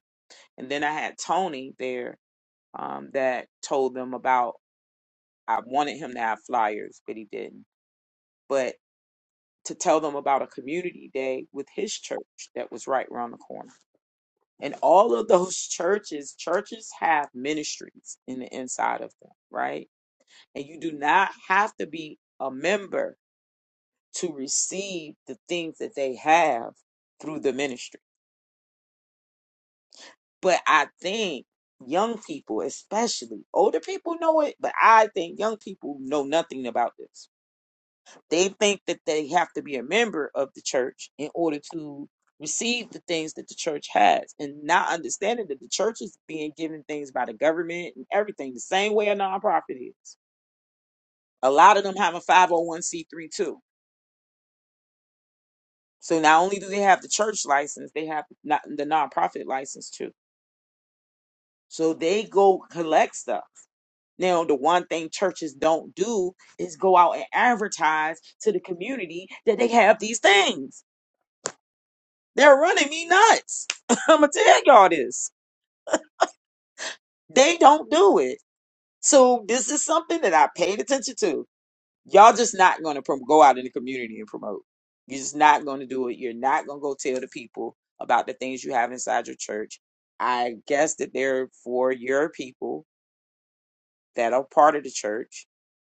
Speaker 5: and then I had Tony there um, that told them about. I wanted him to have flyers, but he didn't. but to tell them about a community day with his church that was right around the corner. And all of those [laughs] churches, churches have ministries in the inside of them, right? And you do not have to be a member to receive the things that they have through the ministry. But I think young people, especially older people know it, but I think young people know nothing about this They think that they have to be a member of the church in order to receive the things that the church has, and not understanding that the church is being given things by the government and everything the same way a nonprofit is. A lot of them have a 501c3 too. So not only do they have the church license, they have not the nonprofit license too. So they go collect stuff. Now, the one thing churches don't do is go out and advertise to the community that they have these things They're running me nuts. [laughs] I'm gonna tell y'all this. They don't do it. So this is something that I paid attention to. Y'all just not gonna prom- go out in the community and promote. You're just not gonna do it. You're not gonna go tell the people about the things you have inside your church. I guess that they're for your people that are part of the church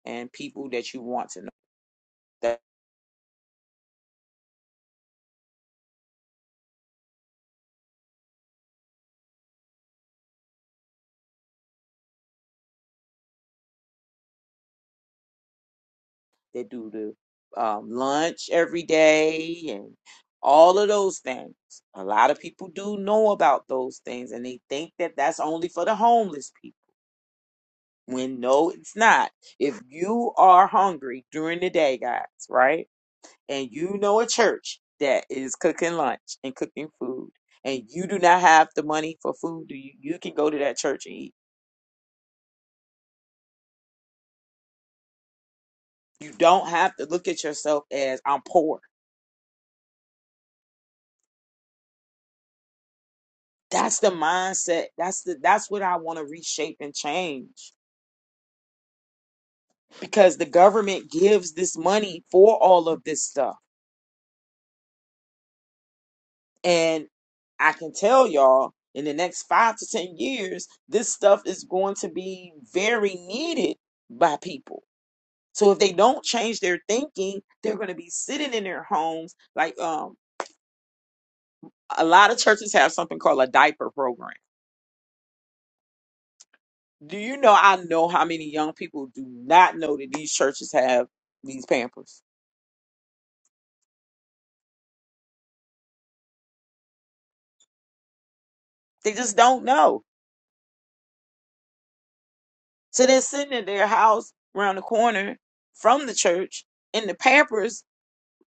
Speaker 5: and people that you want to know. They do the um, lunch every day and all of those things. A lot of people do know about those things and they think that that's only for the homeless people. When no, it's not. If you are hungry during the day, guys, right? And you know a church that is cooking lunch and cooking food and you do not have the money for food, you, you can go to that church and eat. You don't have to look at yourself as I'm poor that's the mindset that's the that's what i want to reshape and change because the government gives this money for all of this stuff and i can tell y'all in the next five to ten years this stuff is going to be very needed by people so if they don't change their thinking they're going to be sitting in their homes like um a lot of churches have something called a diaper program do you know i know how many young people do not know that these churches have these pampers They just don't know. So they're sitting at their house around the corner from the church, and the Pampers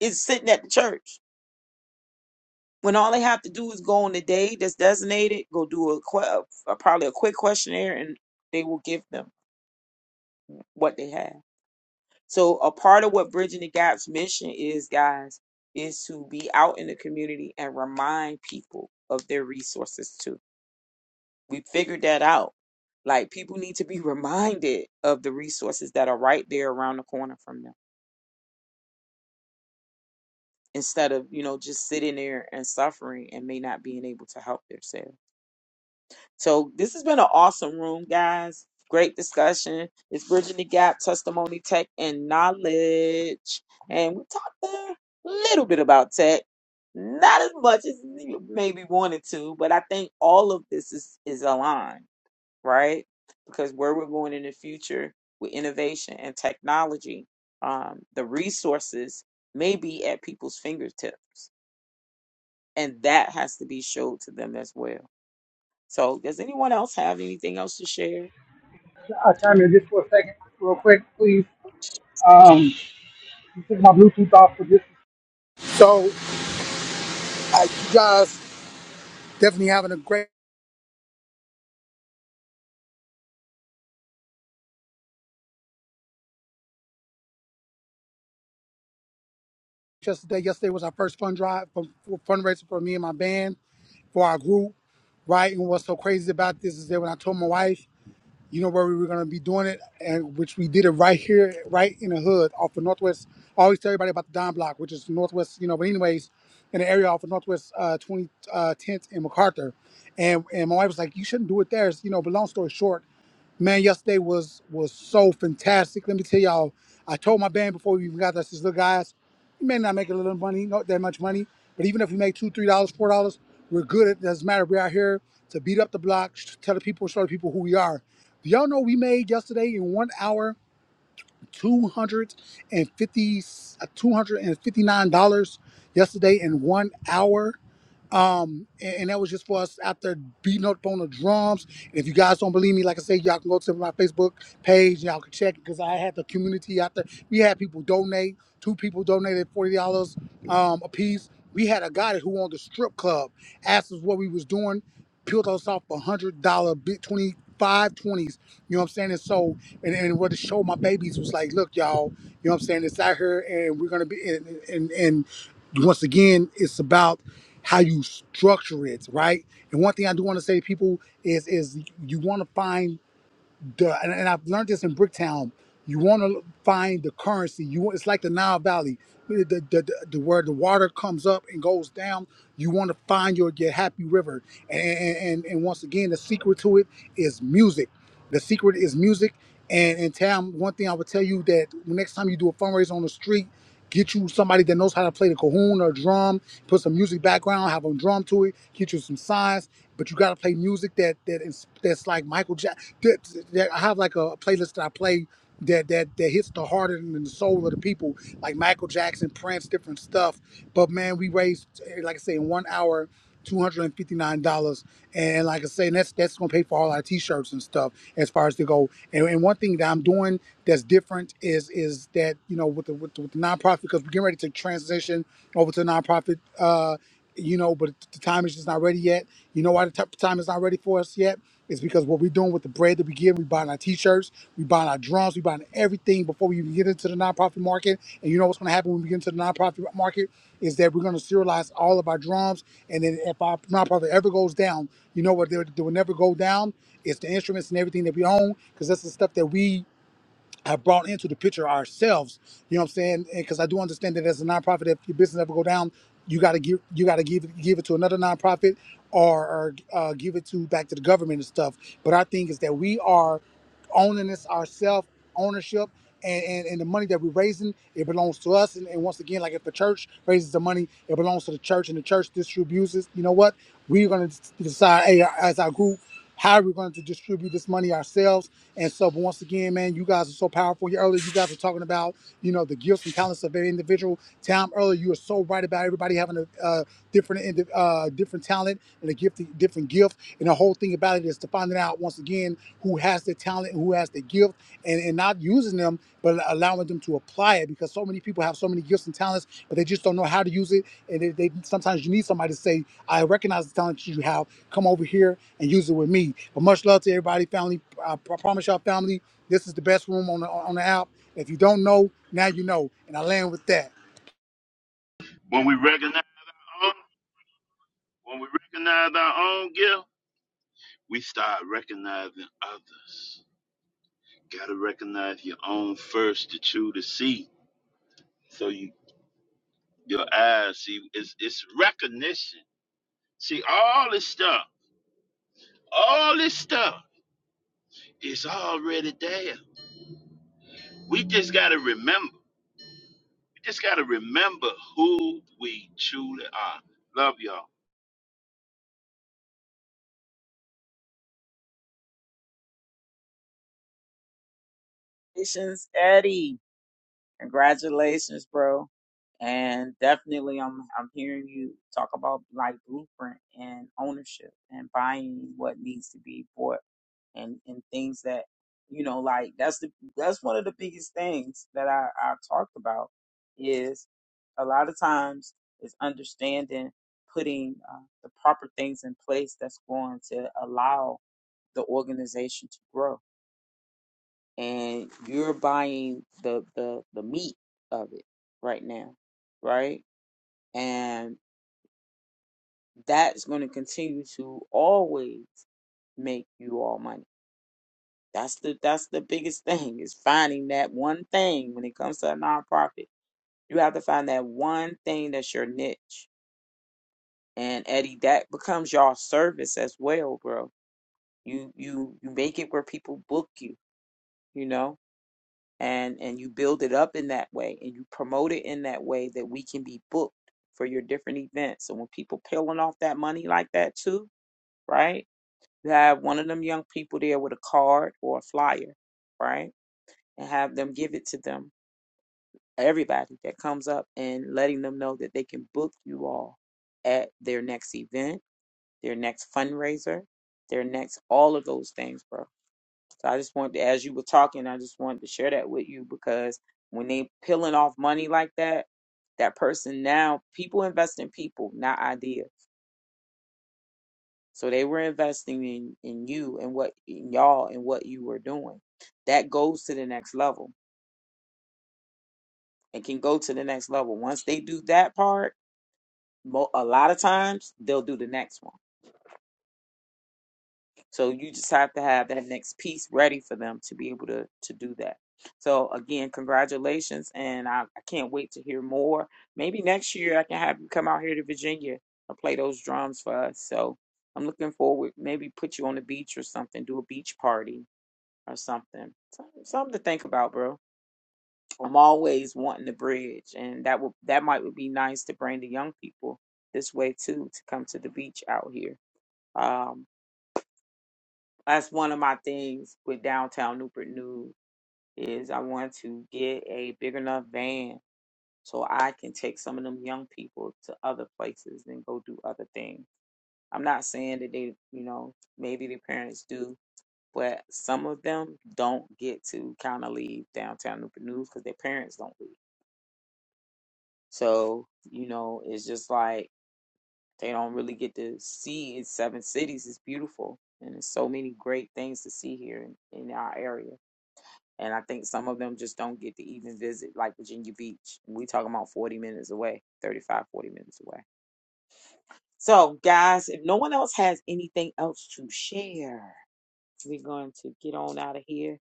Speaker 5: is sitting at the church. When all they have to do is go on the day that's designated, go do a, que- a probably a quick questionnaire, and they will give them what they have. So a part of what Bridging the Gap's mission is, guys, is to be out in the community and remind people of their resources too We figured that out. Like people need to be [laughs] reminded of the resources that are right there around the corner from them instead of, you know, just sitting there and suffering and may not being able to help themselves. So this has been an awesome room, guys. Great discussion. It's bridging the gap, testimony, tech, and knowledge. And we talked a little bit about tech. Not as much as you maybe wanted to, but I think all of this is, is aligned right? Because where we're going in the future with innovation and technology, um, the resources may be at people's fingertips, and that has to be showed to them as well. So, does anyone else have anything else to share
Speaker 9: I'll chime
Speaker 5: today?
Speaker 9: in just for a second, real quick, please. Um, took my Bluetooth off for just so uh, you guys definitely having a great yesterday. Yesterday was our first fund drive for, for fundraiser for me and my band for our group, right? And what's so crazy about this is that when I told my wife. you know where we were gonna be doing it, and which we did it right here, right in the hood, off the Northwest. I always tell everybody about the Don Block, which is Northwest, you know. But anyways, in the area off of Northwest uh, 20 uh, 10th and MacArthur, and and my wife was like, you shouldn't do it there, It's, you know. But long story short, man, yesterday was was so fantastic. Let me tell y'all, I told my band before we even got there, I says, look guys, we may not make a little money, not that much money, but even if we make two, three dollars, four dollars, we're good. It doesn't matter. We're out here to beat up the block, sh- tell the people, show the people who we are. Do y'all know we made yesterday in one hour two hundred and fifty uh, two hundred and fifty nine dollars yesterday in one hour? Um, and, and that was just for us out there beating up on the drums. And if you guys don't believe me, like I said, y'all can go to my Facebook page. Y'all can check because I had the community out there. We had people donate. Two people donated forty dollars um, a piece. We had a guy who owned a strip club asked us what we was doing, peeled us off a hundred dollar bit twenty five twenties. You know what I'm saying? And so, and, and what to show my babies was like, look, y'all. You know what I'm saying? It's out here, and we're gonna be and and. and once again, it's about how you structure it, right? And one thing I do want to say to people is is you want to find the and, and I've learned this in Bricktown. You want to find the currency. You want it's like the Nile Valley, the, the, the, the where the water comes up and goes down. You want to find your your happy river. And and, and and once again, the secret to it is music. The secret is music. And and Tam, one thing I would tell you that next time you do a fundraiser on the street Get you somebody that knows how to play the cajon or drum. Put some music background, have them drum to it. Get you some signs, but you gotta play music that that is that's like Michael Jackson. That, that I have like a playlist that I play that that that hits the heart and the soul of the people, like Michael Jackson, Prince, different stuff. But man, we raised eh, like I say in one hour two hundred and fifty nine dollars, and like I say, and that's that's gonna pay for all our t shirts and stuff as far as to go. And, and one thing that I'm doing that's different is is that you know with the with the, with the nonprofit because we're getting ready to transition over to nonprofit. Uh, you know, but the time is just not ready yet. You know why the t- time is not ready for us yet? is because what we're doing with the bread that we give, we buying our t-shirts, we buying our drums, we buying everything before we even get into the nonprofit market. And you know what's going to happen when we get into the nonprofit market is that we're going to serialize all of our drums. And then if our nonprofit ever goes down, you know what? They, they will never go down. It's the instruments and everything that we own because that's the stuff that we have brought into the picture ourselves. You know what I'm saying? Because I do understand that as a nonprofit, if your business ever go down, you gotta give you gotta give it- give it to another nonprofit or, or uh, give it to back to the government and stuff. But our thing is that we are owning this ourselves, ownership. And, and, and the money that we're raising, it belongs to us. And, and once again, like if the church raises the money, it belongs to the church, and the church distributes it. You know what? We're going to decide, hey, as our group, how we are going to distribute this money ourselves? And so, but once again, man, you guys are so powerful. Here earlier, you guys were talking about, you know, the gifts and talents of every individual. Tom, earlier, you were so right about everybody having a uh, different, indi- uh, different talent and a gift, different gift. And the whole thing about it is to finding out once again who has the talent and who has the gift, and and not using them, but allowing them to apply it because so many people have so many gifts and talents, but they just don't know how to use it. And they, they sometimes you need somebody to say, I recognize the talent you have. Come over here and use it with me. But much love to everybody, family. I pr- promise y'all, family, this is the best room on the, on the app. If you don't know, now you know. And I land with that.
Speaker 4: When we recognize our own, when we recognize our own gift, we start recognizing others. Gotta recognize your own first to chew to see. so you Your eyes, see, it's it's recognition. See, all this stuff, all this stuff is already there. We just gotta remember. We just gotta remember who we truly are. Love y'all.
Speaker 5: Congratulations, Eddie. Congratulations, bro. And definitely, I'm I'm hearing you talk about like blueprint and ownership and buying what needs to be bought and and things that you know like that's the that's one of the biggest things that I I talked about is a lot of times is understanding putting uh, the proper things in place that's going to allow the organization to grow and you're buying the the the meat of it right now right and that's going to continue to always make you all money That's the that's the biggest [laughs] thing is finding that one thing when it comes to a nonprofit. You have to find that one thing that's your niche. And Eddie, that becomes your service as well, bro. You you you make it where people book you, you know, and and you build it up in that way and you promote it in that way that we can be booked for your different events. And when people peeling off that money like that too, right? You have one of them young people there with a card or a flyer, right? And have them give it to them everybody that comes up and letting them know that they can book you all at their next event, their next fundraiser, their next all of those things, bro. So I just wanted to, as you were talking, I just wanted to share that with you because when they peeling off money like that, that person now people invest in people, not ideas. So they were investing in in you and what in y'all and what you were doing. That goes to the next level and can go to the next level. Once they do that part mo- a lot of times they'll do the next one. So you just have to have that next piece ready for them to be able to to do that. So again, congratulations, and I, I can't wait to hear more. Maybe next year I can have you come out here to Virginia and play those drums for us. So I'm looking forward. Maybe put you on the beach or something. Do a beach party or something. Something something to think about, bro. I'm always wanting the bridge, and that would that might would be nice to bring the young people this way too to come to the beach out here Um, that's one of my things with downtown Newport News is I want to get a big enough van so I can take some of them young people to other places and go do other things. I'm not saying that they, you know, maybe their parents do, but some of them don't get to kind of leave downtown Newport News because their parents don't leave. So, you know, it's just like they don't really get to see it's seven cities. It's beautiful. And there's so many great things to see here in, in our area. And I think some of them just don't get to even visit, like Virginia Beach. We talking about 40 minutes away, 35, 40 minutes away. So, guys, if no one else has anything else to share, we're going to get on out of here.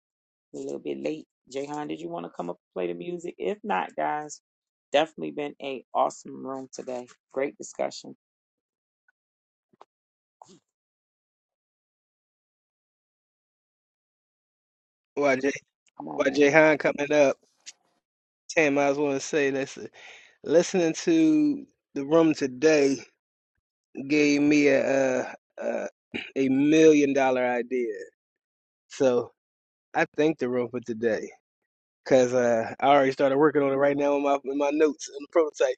Speaker 5: We're a little bit late. Jayhan, did you want to come up and play the music? If not, guys, definitely been a awesome room today. Great discussion.
Speaker 7: there. Why Jay
Speaker 5: Come
Speaker 7: why
Speaker 5: on.
Speaker 7: Jay Hahn coming up, Tam, I just wanna say listen listening to the room today gave me a uh, uh, a million dollar idea. So I thank the room for today. Cause uh, I already started working on it right now in my in my notes and the prototype.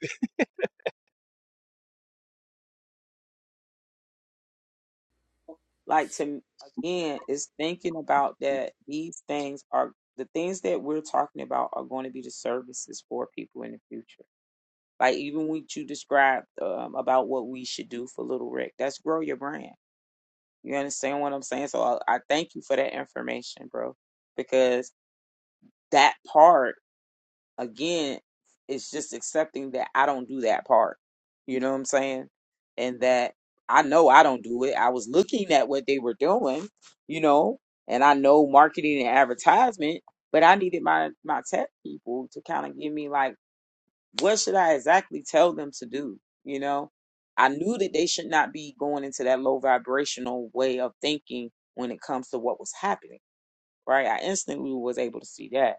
Speaker 5: like to again is thinking about that these things are the things that we're talking about are going to be the services for people in the future like even what you described um, about what we should do for little rick that's grow your brand you understand what i'm saying so i, I thank you for that information bro because that part again, it's just accepting that I don't do that part. You know what I'm saying? And that I know I don't do it. I was looking at what they were doing, you know, and I know marketing and advertisement, but I needed my my tech people to kind of give me like, what should I exactly tell them to do? You know, I knew that they should not be going into that low vibrational way of thinking when it comes to what was happening. Right? I instantly was able to see that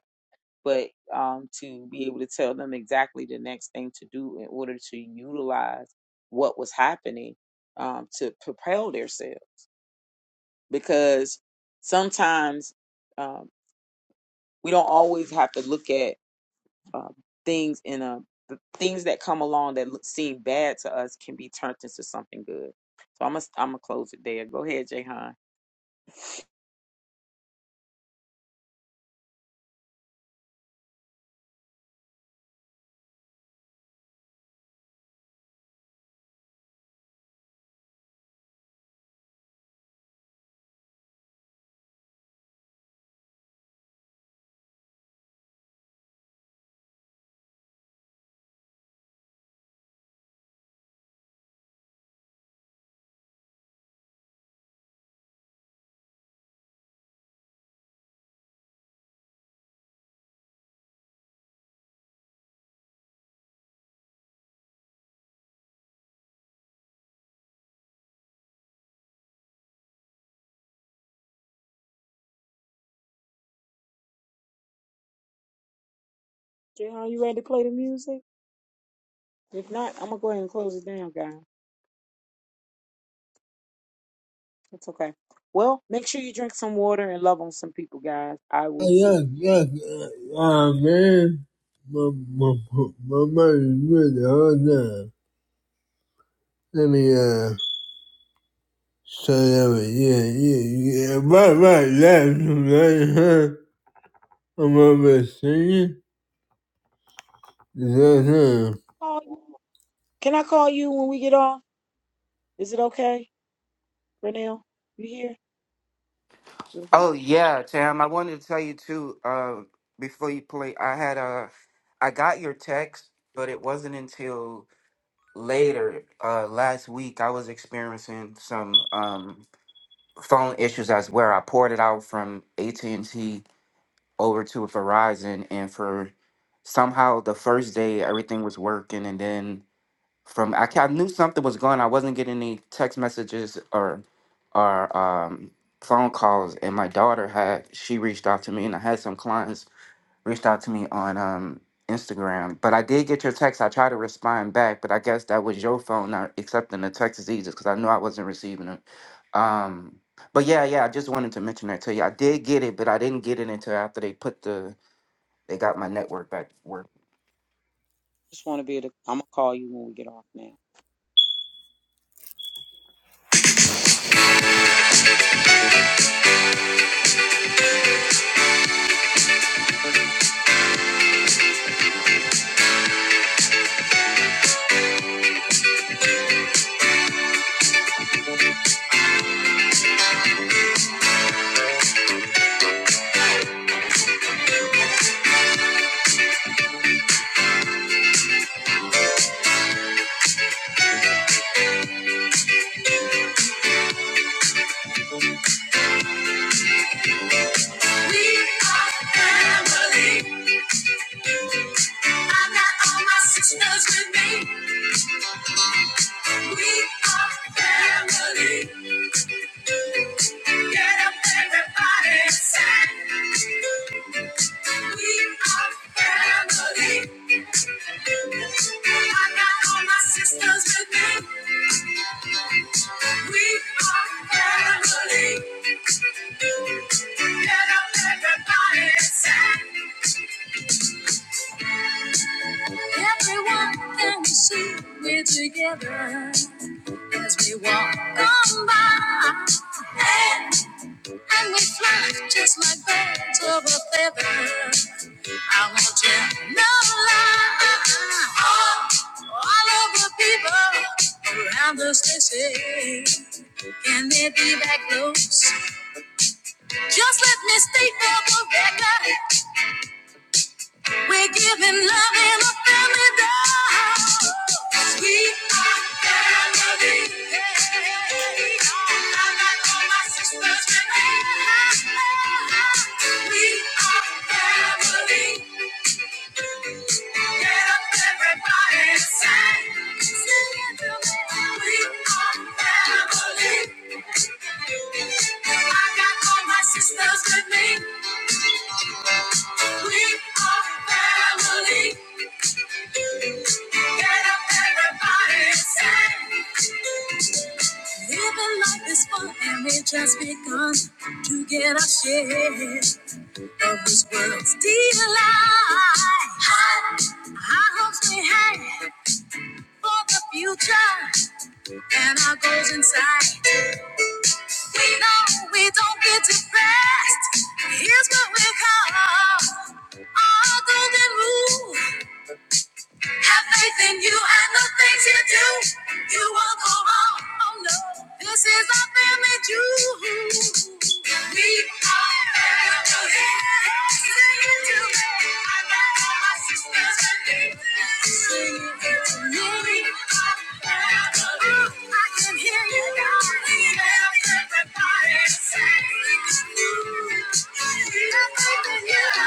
Speaker 5: but um, to be able to tell them exactly the next thing to do in order to utilize what was happening um, to propel themselves. Because sometimes um, we don't always have to look at um, things in a the things that come along that look, seem bad to us can be turned into something good. So I'm gonna I'm gonna close it there. Go ahead, Jayhan. Jayhan, you ready to play the music? If not, I'm gonna go ahead and close it down, guys. It's okay. Well, make sure you drink some water and love on some people, guys. I
Speaker 1: Oh,
Speaker 5: will
Speaker 1: Yeah,
Speaker 5: see.
Speaker 1: yeah, uh, uh, man. My, my, my mind is really hard now. Let me, uh, start over. Yeah, yeah, yeah. Right, right, left, right, huh? I'm over singing. Is that huh?
Speaker 5: Call you. Can I call you when we get off? Is it okay, Renelle? You here? Real quick.
Speaker 8: Oh yeah, Tam, I wanted to tell you too. Uh, before you play, I had a, I got your text, but it wasn't until later uh last week I was experiencing some um phone issues as well. I ported out from AT and T over to Verizon, and for somehow the first day everything was working, and then from I, ca- I knew something was going. on. I wasn't getting any text messages or or um, phone calls, and my daughter had she reached out to me, and I had some clients reached out to me on um, Instagram. But I did get your text. I tried to respond back, but I guess that was your phone not accepting the text as easy because I knew I wasn't receiving it. Um, but yeah, yeah, I just wanted to mention that to you. I did get it, but I didn't get it until after they put the they got my network back working.
Speaker 5: Just want to be. Able to, I'm gonna call you when we get off now.
Speaker 1: Family. I got all my sisters with me. We are family. Get up, everybody, and sing. We are family. I got all my sisters with me. We are family. Get up, everybody, and sing. Everyone can we see, we're together as we walk on by. And, and we fly just like birds of a feather. I won't tell no lie. All, all of the people around the station. Can they be back low? Just let me state for the record. We give my man a family down. 'Cause we are family. I got all my sisters with me. We are family. Get up, everybody, and sing. Sing it to me. We are family. I got all my sisters with me. We are family. Get up, everybody, and sing. It's begun that I share this world's desire. High hopes we had for the future, and our goals inside. We know we don't get it best. Here's what we call our golden rule. Have faith in you and the things you do. You won't go wrong. Oh no. This is our family too. We are family. Sing it to me. I got all my sisters and me. Sing it to me. We are family. I can hear you darling. Everybody sing. We have faith in you.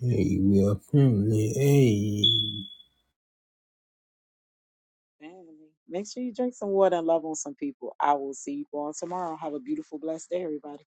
Speaker 1: Hey, we are family. Hey.
Speaker 5: Family, Make sure you drink some water and love on some people. I will see you all tomorrow. Have a beautiful, blessed day, everybody.